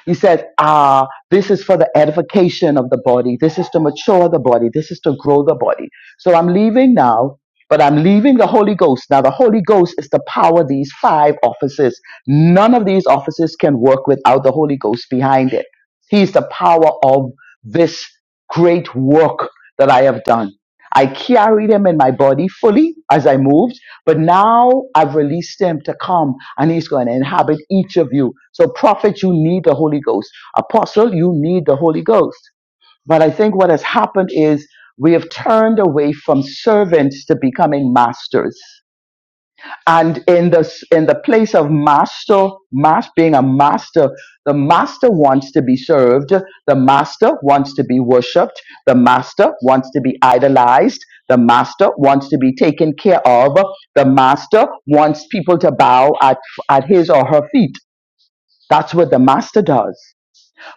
Speaker 2: You said, ah, this is for the edification of the body. This is to mature the body. This is to grow the body. So I'm leaving now, but I'm leaving the Holy Ghost. Now, the Holy Ghost is to power these five offices. None of these offices can work without the Holy Ghost behind it. He's the power of this great work that I have done. I carried him in my body fully as I moved. But now I've released him to come and he's going to inhabit each of you. So prophet, you need the Holy Ghost. Apostle, you need the Holy Ghost. But I think what has happened is we have turned away from servants to becoming masters and in the in the place of master mas being a master the master wants to be served the master wants to be worshiped the master wants to be idolized the master wants to be taken care of the master wants people to bow at at his or her feet that's what the master does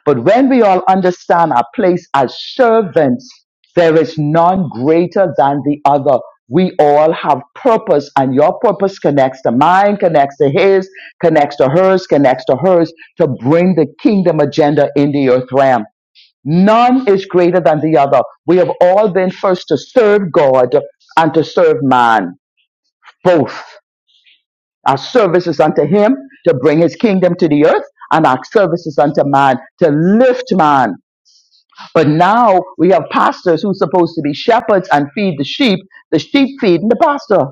Speaker 2: but when we all understand our place as servants, there is none greater than the other. We all have purpose, and your purpose connects to mine, connects to his, connects to hers, connects to hers to bring the kingdom agenda in the earth realm. None is greater than the other. We have all been first to serve God and to serve man, both. Our service is unto him to bring his kingdom to the earth, and our service is unto man to lift man but now we have pastors who's supposed to be shepherds and feed the sheep. The sheep feeding the pastor.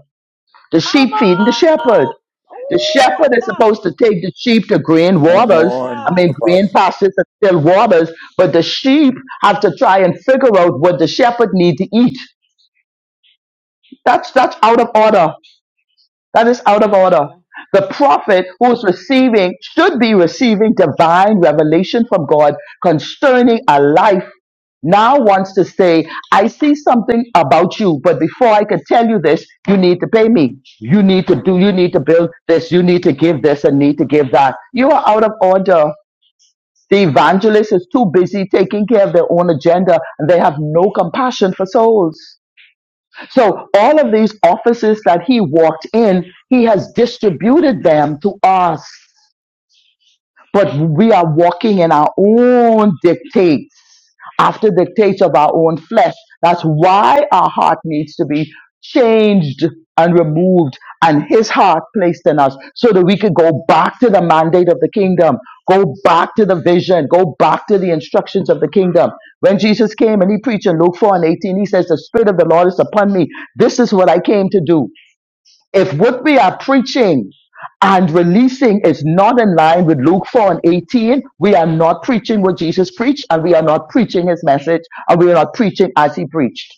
Speaker 2: The
Speaker 1: Come
Speaker 2: sheep feeding the
Speaker 1: on.
Speaker 2: shepherd. The
Speaker 1: Ooh,
Speaker 2: shepherd is supposed to
Speaker 1: apostle.
Speaker 2: take the sheep to green
Speaker 3: Come
Speaker 2: waters.
Speaker 3: on,
Speaker 2: I
Speaker 1: God.
Speaker 2: mean, green
Speaker 3: apostle.
Speaker 2: pastures and still waters. But the sheep have to try and figure out what the shepherd need to eat. That's that's out of order. That is out of order. The prophet who is receiving should be receiving divine revelation from God concerning a life. Now wants to say, I see something about you, but before I can tell you this, you need to pay me. You need to do, you need to build this, you need to give this and need to give that. You are out of order. The evangelist is too busy taking care of their own agenda and they have no compassion for souls. So all of these offices that he walked in, he has distributed them to us but we are walking in our own dictates, after dictates of our own flesh. That's why our heart needs to be changed and removed and his heart placed in us so that we could go back to the mandate of the kingdom, go back to the vision, go back to the instructions of the kingdom. When Jesus came and he preached in Luke 4 and 18, he says, The Spirit of the Lord is upon me. This is what I came to do. If what we are preaching and releasing is not in line with Luke 4 and 18, we are not preaching what Jesus preached and we are not preaching his message and we are not preaching as he preached.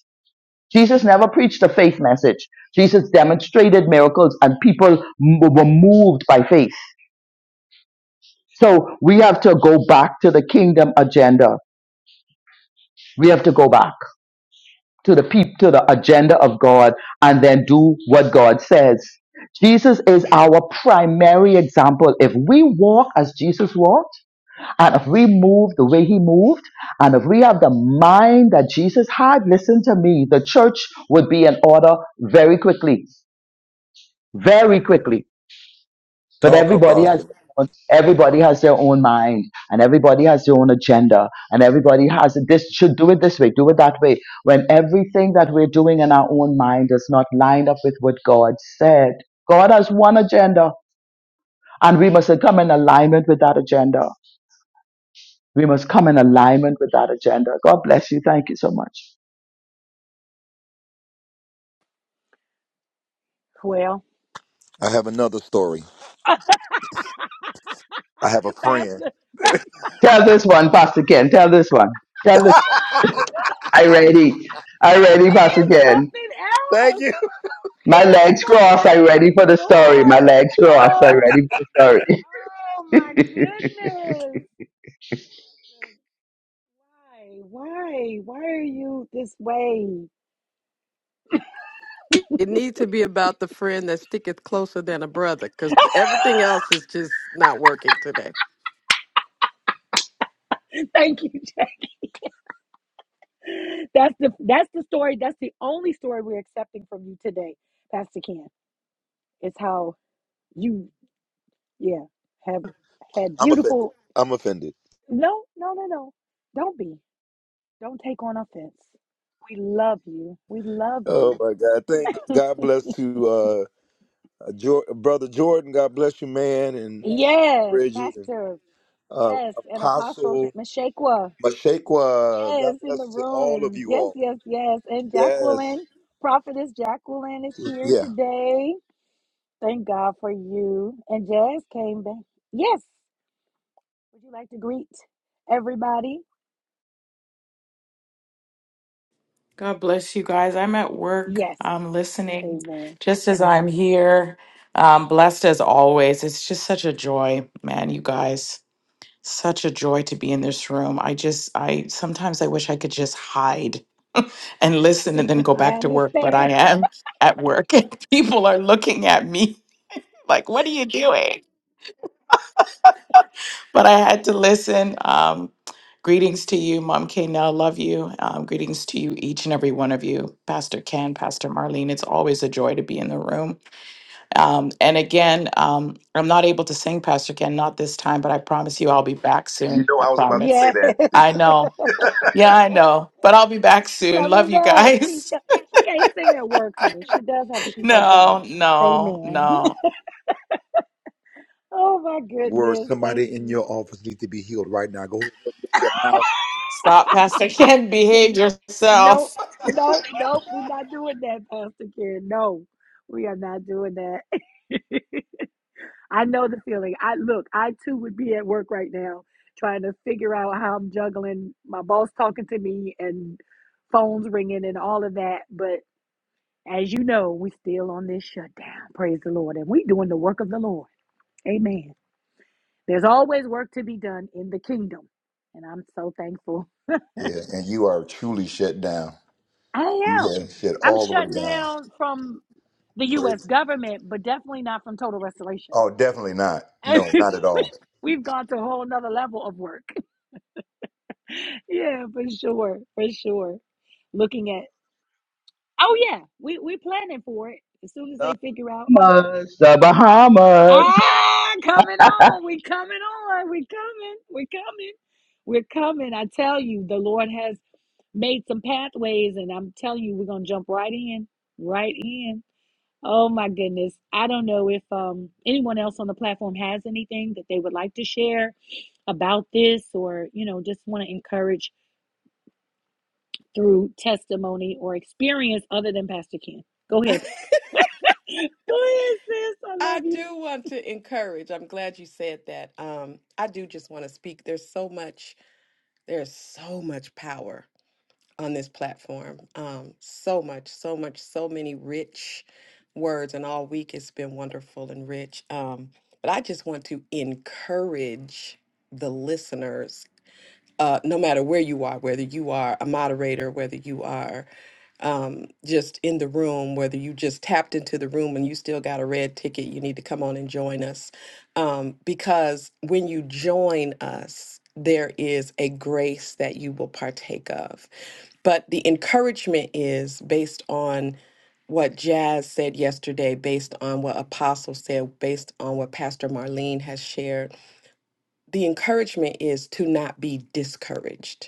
Speaker 2: Jesus never preached a faith message. Jesus demonstrated miracles and people m- were moved by faith. So we have to go back to the kingdom agenda. We have to go back. to the peop to the agenda of God and then do what God says. Jesus is our primary example. If we walk as Jesus walked, and if we move the way he moved, and if we have the mind that Jesus had, listen to me, the church would be in order very quickly. Very quickly but
Speaker 3: Talk,
Speaker 2: everybody has
Speaker 3: apostle.
Speaker 2: everybody has their own mind and everybody has their own agenda and everybody has this should do it this way, do it that way. When everything that we're doing in our own mind is not lined up with what God said. God has one agenda and we must come in alignment with that agenda. We must come in alignment with that agenda. God bless you. Thank you so much.
Speaker 1: Well,
Speaker 3: I have another story. I have a
Speaker 1: Pastor,
Speaker 3: friend.
Speaker 1: he is
Speaker 2: Tell this one, Pastor Ken. Tell this one. Tell this. I ready. I ready, Pastor Ken.
Speaker 1: something
Speaker 3: Thank
Speaker 1: else.
Speaker 3: you.
Speaker 1: He
Speaker 2: My
Speaker 1: is
Speaker 2: legs
Speaker 1: something
Speaker 2: crossed. I ready
Speaker 1: else.
Speaker 2: for the story. My
Speaker 1: Lord.
Speaker 2: legs crossed.
Speaker 1: Oh,
Speaker 2: I ready for the
Speaker 1: oh
Speaker 2: story.
Speaker 1: my goodness. Why? Why? Why are you this way?
Speaker 4: It, it needs to be about the friend that sticketh closer than a brother because everything else is just not working today.
Speaker 1: Thank you. that's the that's the story. That's the only story we're accepting from you today, Pastor Ken. It's how you yeah have had
Speaker 3: I'm offended.
Speaker 1: beautiful.
Speaker 3: I'm offended.
Speaker 1: No, no, no, no. Don't be. Don't take on offense. We love you. We love
Speaker 3: Oh
Speaker 1: you.
Speaker 3: my God! Thank God bless to. uh, uh, Jor- brother Jordan. God bless you, man, and uh,
Speaker 1: Yes,
Speaker 3: Bridget and
Speaker 1: Pastor.
Speaker 3: uh,
Speaker 1: Yes, and Apostle
Speaker 3: Apostle
Speaker 1: Meshekwa.
Speaker 3: Mashaqua.
Speaker 1: Yes,
Speaker 3: God
Speaker 1: in the
Speaker 3: bless to all of
Speaker 1: room.
Speaker 3: you
Speaker 1: Yes,
Speaker 3: all.
Speaker 1: yes, yes. And
Speaker 3: Yes,
Speaker 1: Jacqueline, Prophetess Jacqueline is here
Speaker 3: yeah.
Speaker 1: today. Thank God for you. And Jazz came back. Yes. Would you like to greet everybody?
Speaker 10: God bless you guys. I'm at work.
Speaker 1: Yes.
Speaker 10: I'm listening
Speaker 1: Amen.
Speaker 10: just as I'm here. Um, blessed as always. It's just such a joy, man, you guys. Such a joy to be in this room. I just, I sometimes I wish I could just hide and listen and then go
Speaker 1: I
Speaker 10: back to work, but I
Speaker 1: understand.
Speaker 10: am at work and people are looking at me like, what are you doing? but I had to listen. Um, greetings to you, Mom K. Now, love you. Um, greetings to you, each and every one of you, Pastor Ken, Pastor Marlene. It's always a joy to be in the room. Um, and again, um, I'm not able to sing, Pastor Ken, not this time, but I promise you I'll be back
Speaker 3: You
Speaker 10: soon.
Speaker 3: know,
Speaker 10: I
Speaker 3: I was about to
Speaker 10: promise.
Speaker 3: say
Speaker 1: Yes.
Speaker 3: that.
Speaker 10: I know. Yeah, I know. But I'll be back soon. Love
Speaker 1: Coming
Speaker 10: you
Speaker 1: back. She's
Speaker 10: guys.
Speaker 1: co- she can't sing at work, honey. She does have to keep her job.
Speaker 10: no, no,
Speaker 1: Amen.
Speaker 10: no.
Speaker 1: Oh my
Speaker 3: Where
Speaker 1: goodness. Thank
Speaker 3: somebody in
Speaker 1: you.
Speaker 3: your office needs to be healed right now. Go ahead and lift your mouth.
Speaker 10: Stop, Pastor Ken. Behave
Speaker 1: See,
Speaker 10: yourself.
Speaker 1: nope, nope, nope. We're not doing that, Pastor Karen. No, we are not doing that. I know the feeling. I look, I too would be at work right now trying to figure out how I'm juggling my boss talking to me and phones ringing and all of that. But as you know, we still on this shutdown. Praise the Lord. And we doing the work of the Lord. Amen. There's always work to be done in the kingdom. And I'm so thankful.
Speaker 3: Yeah, and you are truly shut down. You
Speaker 1: I am.
Speaker 3: have shut
Speaker 1: I'm
Speaker 3: all the way
Speaker 1: shut
Speaker 3: down.
Speaker 1: down from the US
Speaker 3: Praise.
Speaker 1: government, but definitely not from total restoration.
Speaker 3: Oh, definitely not.
Speaker 1: And
Speaker 3: No, not at all.
Speaker 1: We've gone to a whole nother level of work. yeah, for sure, for sure. Looking at, oh yeah, we we planning for it as soon as they figure out.
Speaker 2: The Bahamas, the Bahamas.
Speaker 1: Ah, coming on, we coming on, we coming, we coming, we're coming. I tell you, the Lord has made some pathways, and I'm telling you, we're gonna jump right in, right in. Oh my goodness, I don't know if um anyone else on the platform has anything that they would like to share about this, or you know, just want to encourage through testimony or experience other than Pastor Ken. Go ahead. Go ahead, sis. I
Speaker 4: I
Speaker 1: love you.
Speaker 4: do want to encourage. I'm glad you said that. Um, I do just want to speak. There's so much, there's so much power on this platform. Um, so much, so much, so many rich words. And all week it's been wonderful and rich. Um, but I just want to encourage the listeners, uh, no matter where you are, whether you are a moderator, whether you are um, just in the room, whether you just tapped into the room and you still got a red ticket, you need to come on and join us. Um, because when you join us, there is a grace that you will partake of. But the encouragement is based on what Jazz said yesterday, based on what Apostle said, based on what Pastor Marlene has shared. The encouragement is to not be discouraged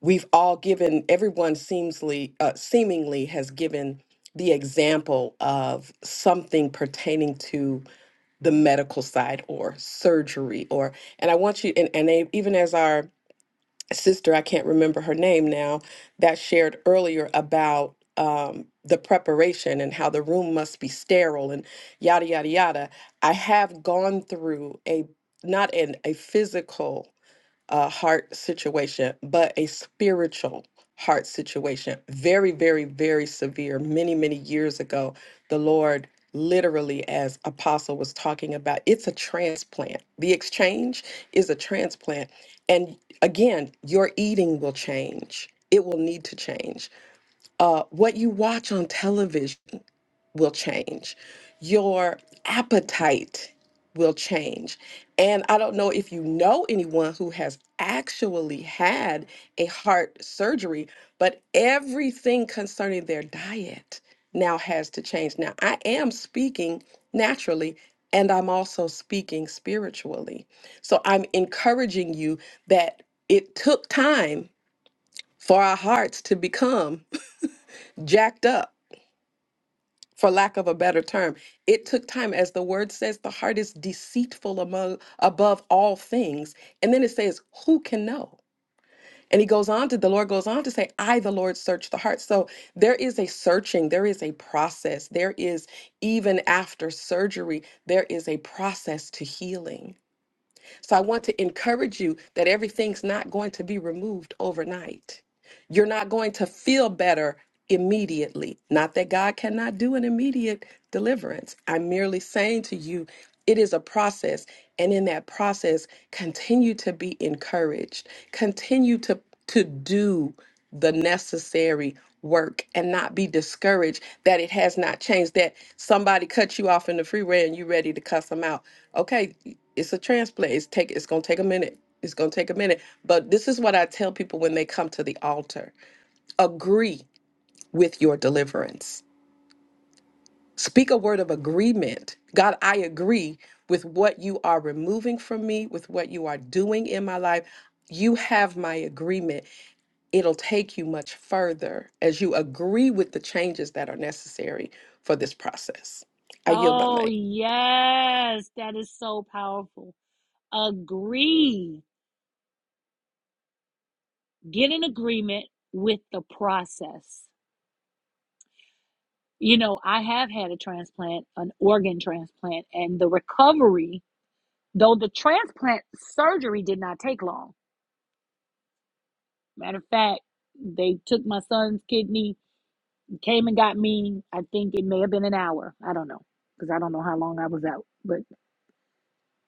Speaker 4: we've all given everyone seemingly uh, seemingly has given the example of something pertaining to the medical side or surgery or and i want you and, and they, even as our sister i can't remember her name now that shared earlier about um, the preparation and how the room must be sterile and yada yada yada i have gone through a not in a physical a heart situation, but a spiritual heart situation. Very, very, very severe. Many, many years ago, the Lord literally, as Apostle was talking about, it's a transplant. The exchange is a transplant. And again, your eating will change. It will need to change. Uh, what you watch on television will change. Your appetite will change. And I don't know if you know anyone who has actually had a heart surgery, but everything concerning their diet now has to change. Now, I am speaking naturally. And I'm also speaking spiritually. So I'm encouraging you that it took time for our hearts to become jacked up for lack of a better term. It took time, as the word says, the heart is deceitful among, above all things. And then it says, Who can know? And he goes on to, the Lord goes on to say, I, the Lord, search the heart. So there is a searching, there is a process. There is, even after surgery, there is a process to healing. So I want to encourage you that everything's not going to be removed overnight. You're not going to feel better immediately. Not that God cannot do an immediate deliverance. I'm merely saying to you, it is a process. And in that process, continue to be encouraged, continue to, to do the necessary work and not be discouraged that it has not changed that somebody cut you off in the freeway and you are ready to cuss them out okay, it's a transplant. It's take it's gonna take a minute. It's gonna take a minute. But this is what I tell people when they come to the altar. Agree with your deliverance. Speak a word of agreement. God, I agree with what you are removing from me, with what you are doing in my life. You have my agreement. It'll take you much further as you agree with the changes that are necessary for this process. I yield my
Speaker 1: Oh,
Speaker 4: mic.
Speaker 1: yes. That is so powerful. Agree. Get in agreement with the process. You know, I have had a transplant, an organ transplant, and the recovery, though the transplant surgery did not take long. Matter of fact, they took my son's kidney Came and got me. I think it may have been an hour. I don't know because I don't know how long I was out, but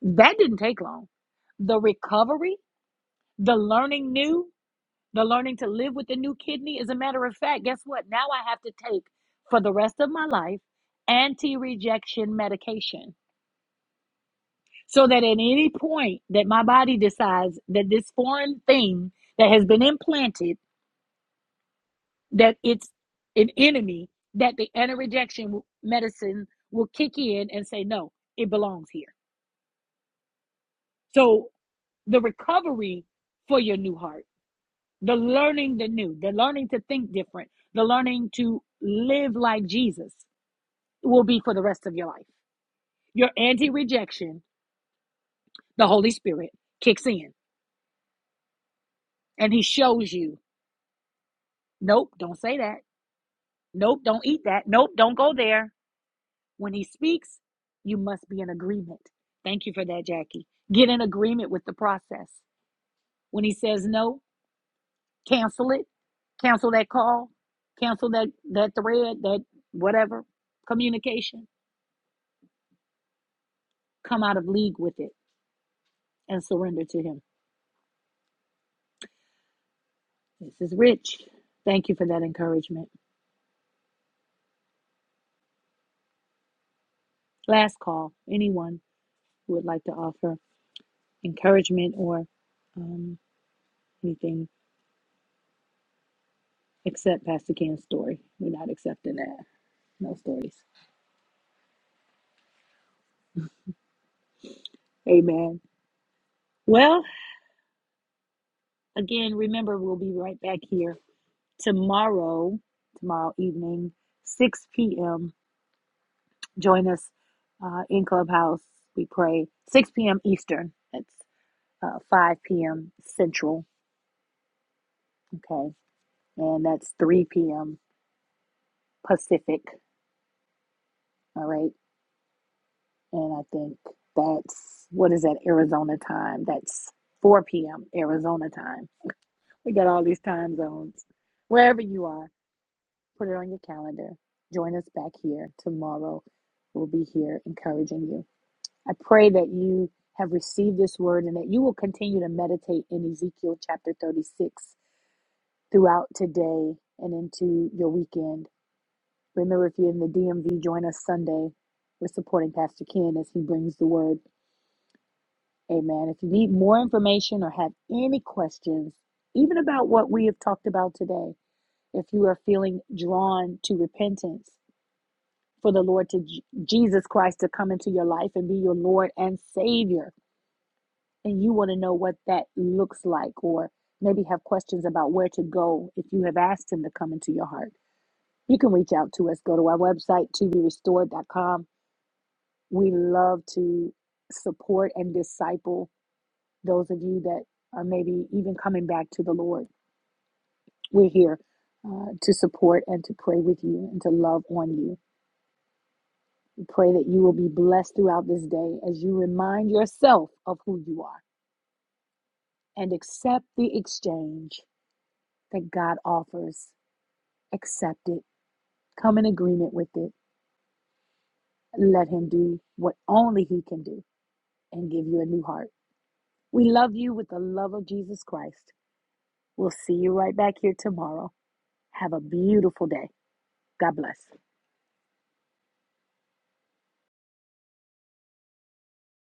Speaker 1: that didn't take long. The recovery, the learning new, the learning to live with the new kidney. As a matter of fact, guess what? Now I have to take for the rest of my life anti rejection medication so that at any point that my body decides that this foreign thing that has been implanted that it's an enemy that the anti-rejection medicine will kick in and say no it belongs here so the recovery for your new heart the learning the new the learning to think different the learning to live like jesus will be for the rest of your life your anti-rejection the holy spirit kicks in and he shows you nope don't say that nope don't eat that nope don't go there When he speaks, you must be in agreement. Thank you for that, Jackie. Get in agreement with the process. When he says no, cancel it. Cancel that call. Cancel that that thread, that whatever communication. Come out of league with it and surrender to him. This is rich. Thank you for that encouragement. Last call. Anyone who would like to offer encouragement or um, anything except Pastor Ken's story. We're not accepting that. No stories. Amen. Well, again, remember we'll be right back here tomorrow, tomorrow evening, 6 p.m. Join us uh, in Clubhouse. We pray 6 p.m. Eastern. That's uh, 5 p.m. Central. Okay. And that's 3 p.m. Pacific. All right. And I think that's what is that Arizona time? That's 4 p.m. Arizona time. We got all these time zones. Wherever you are. Put it on your calendar. Join us back here tomorrow. We'll be here encouraging you. I pray that you have received this word and that you will continue to meditate in Ezekiel chapter 36 throughout today and into your weekend. Remember, if you're in the DMV, join us Sunday. We're supporting Pastor Ken as he brings the word. Amen. If you need more information or have any questions, even about what we have talked about today, if you are feeling drawn to repentance, for the Lord to Jesus Christ to come into your life and be your Lord and Savior. And you want to know what that looks like, or maybe have questions about where to go if you have asked Him to come into your heart. You can reach out to us. Go to our website, toberestored.com. We love to support and disciple those of you that are maybe even coming back to the Lord. We're here uh, to support and to pray with you and to love on you. Pray that you will be blessed throughout this day as you remind yourself of who you are and accept the exchange that God offers. Accept it. Come in agreement with it. Let Him do what only He can do and give you a new heart. We love you with the love of Jesus Christ. We'll see you right back here tomorrow. Have a beautiful day. God bless.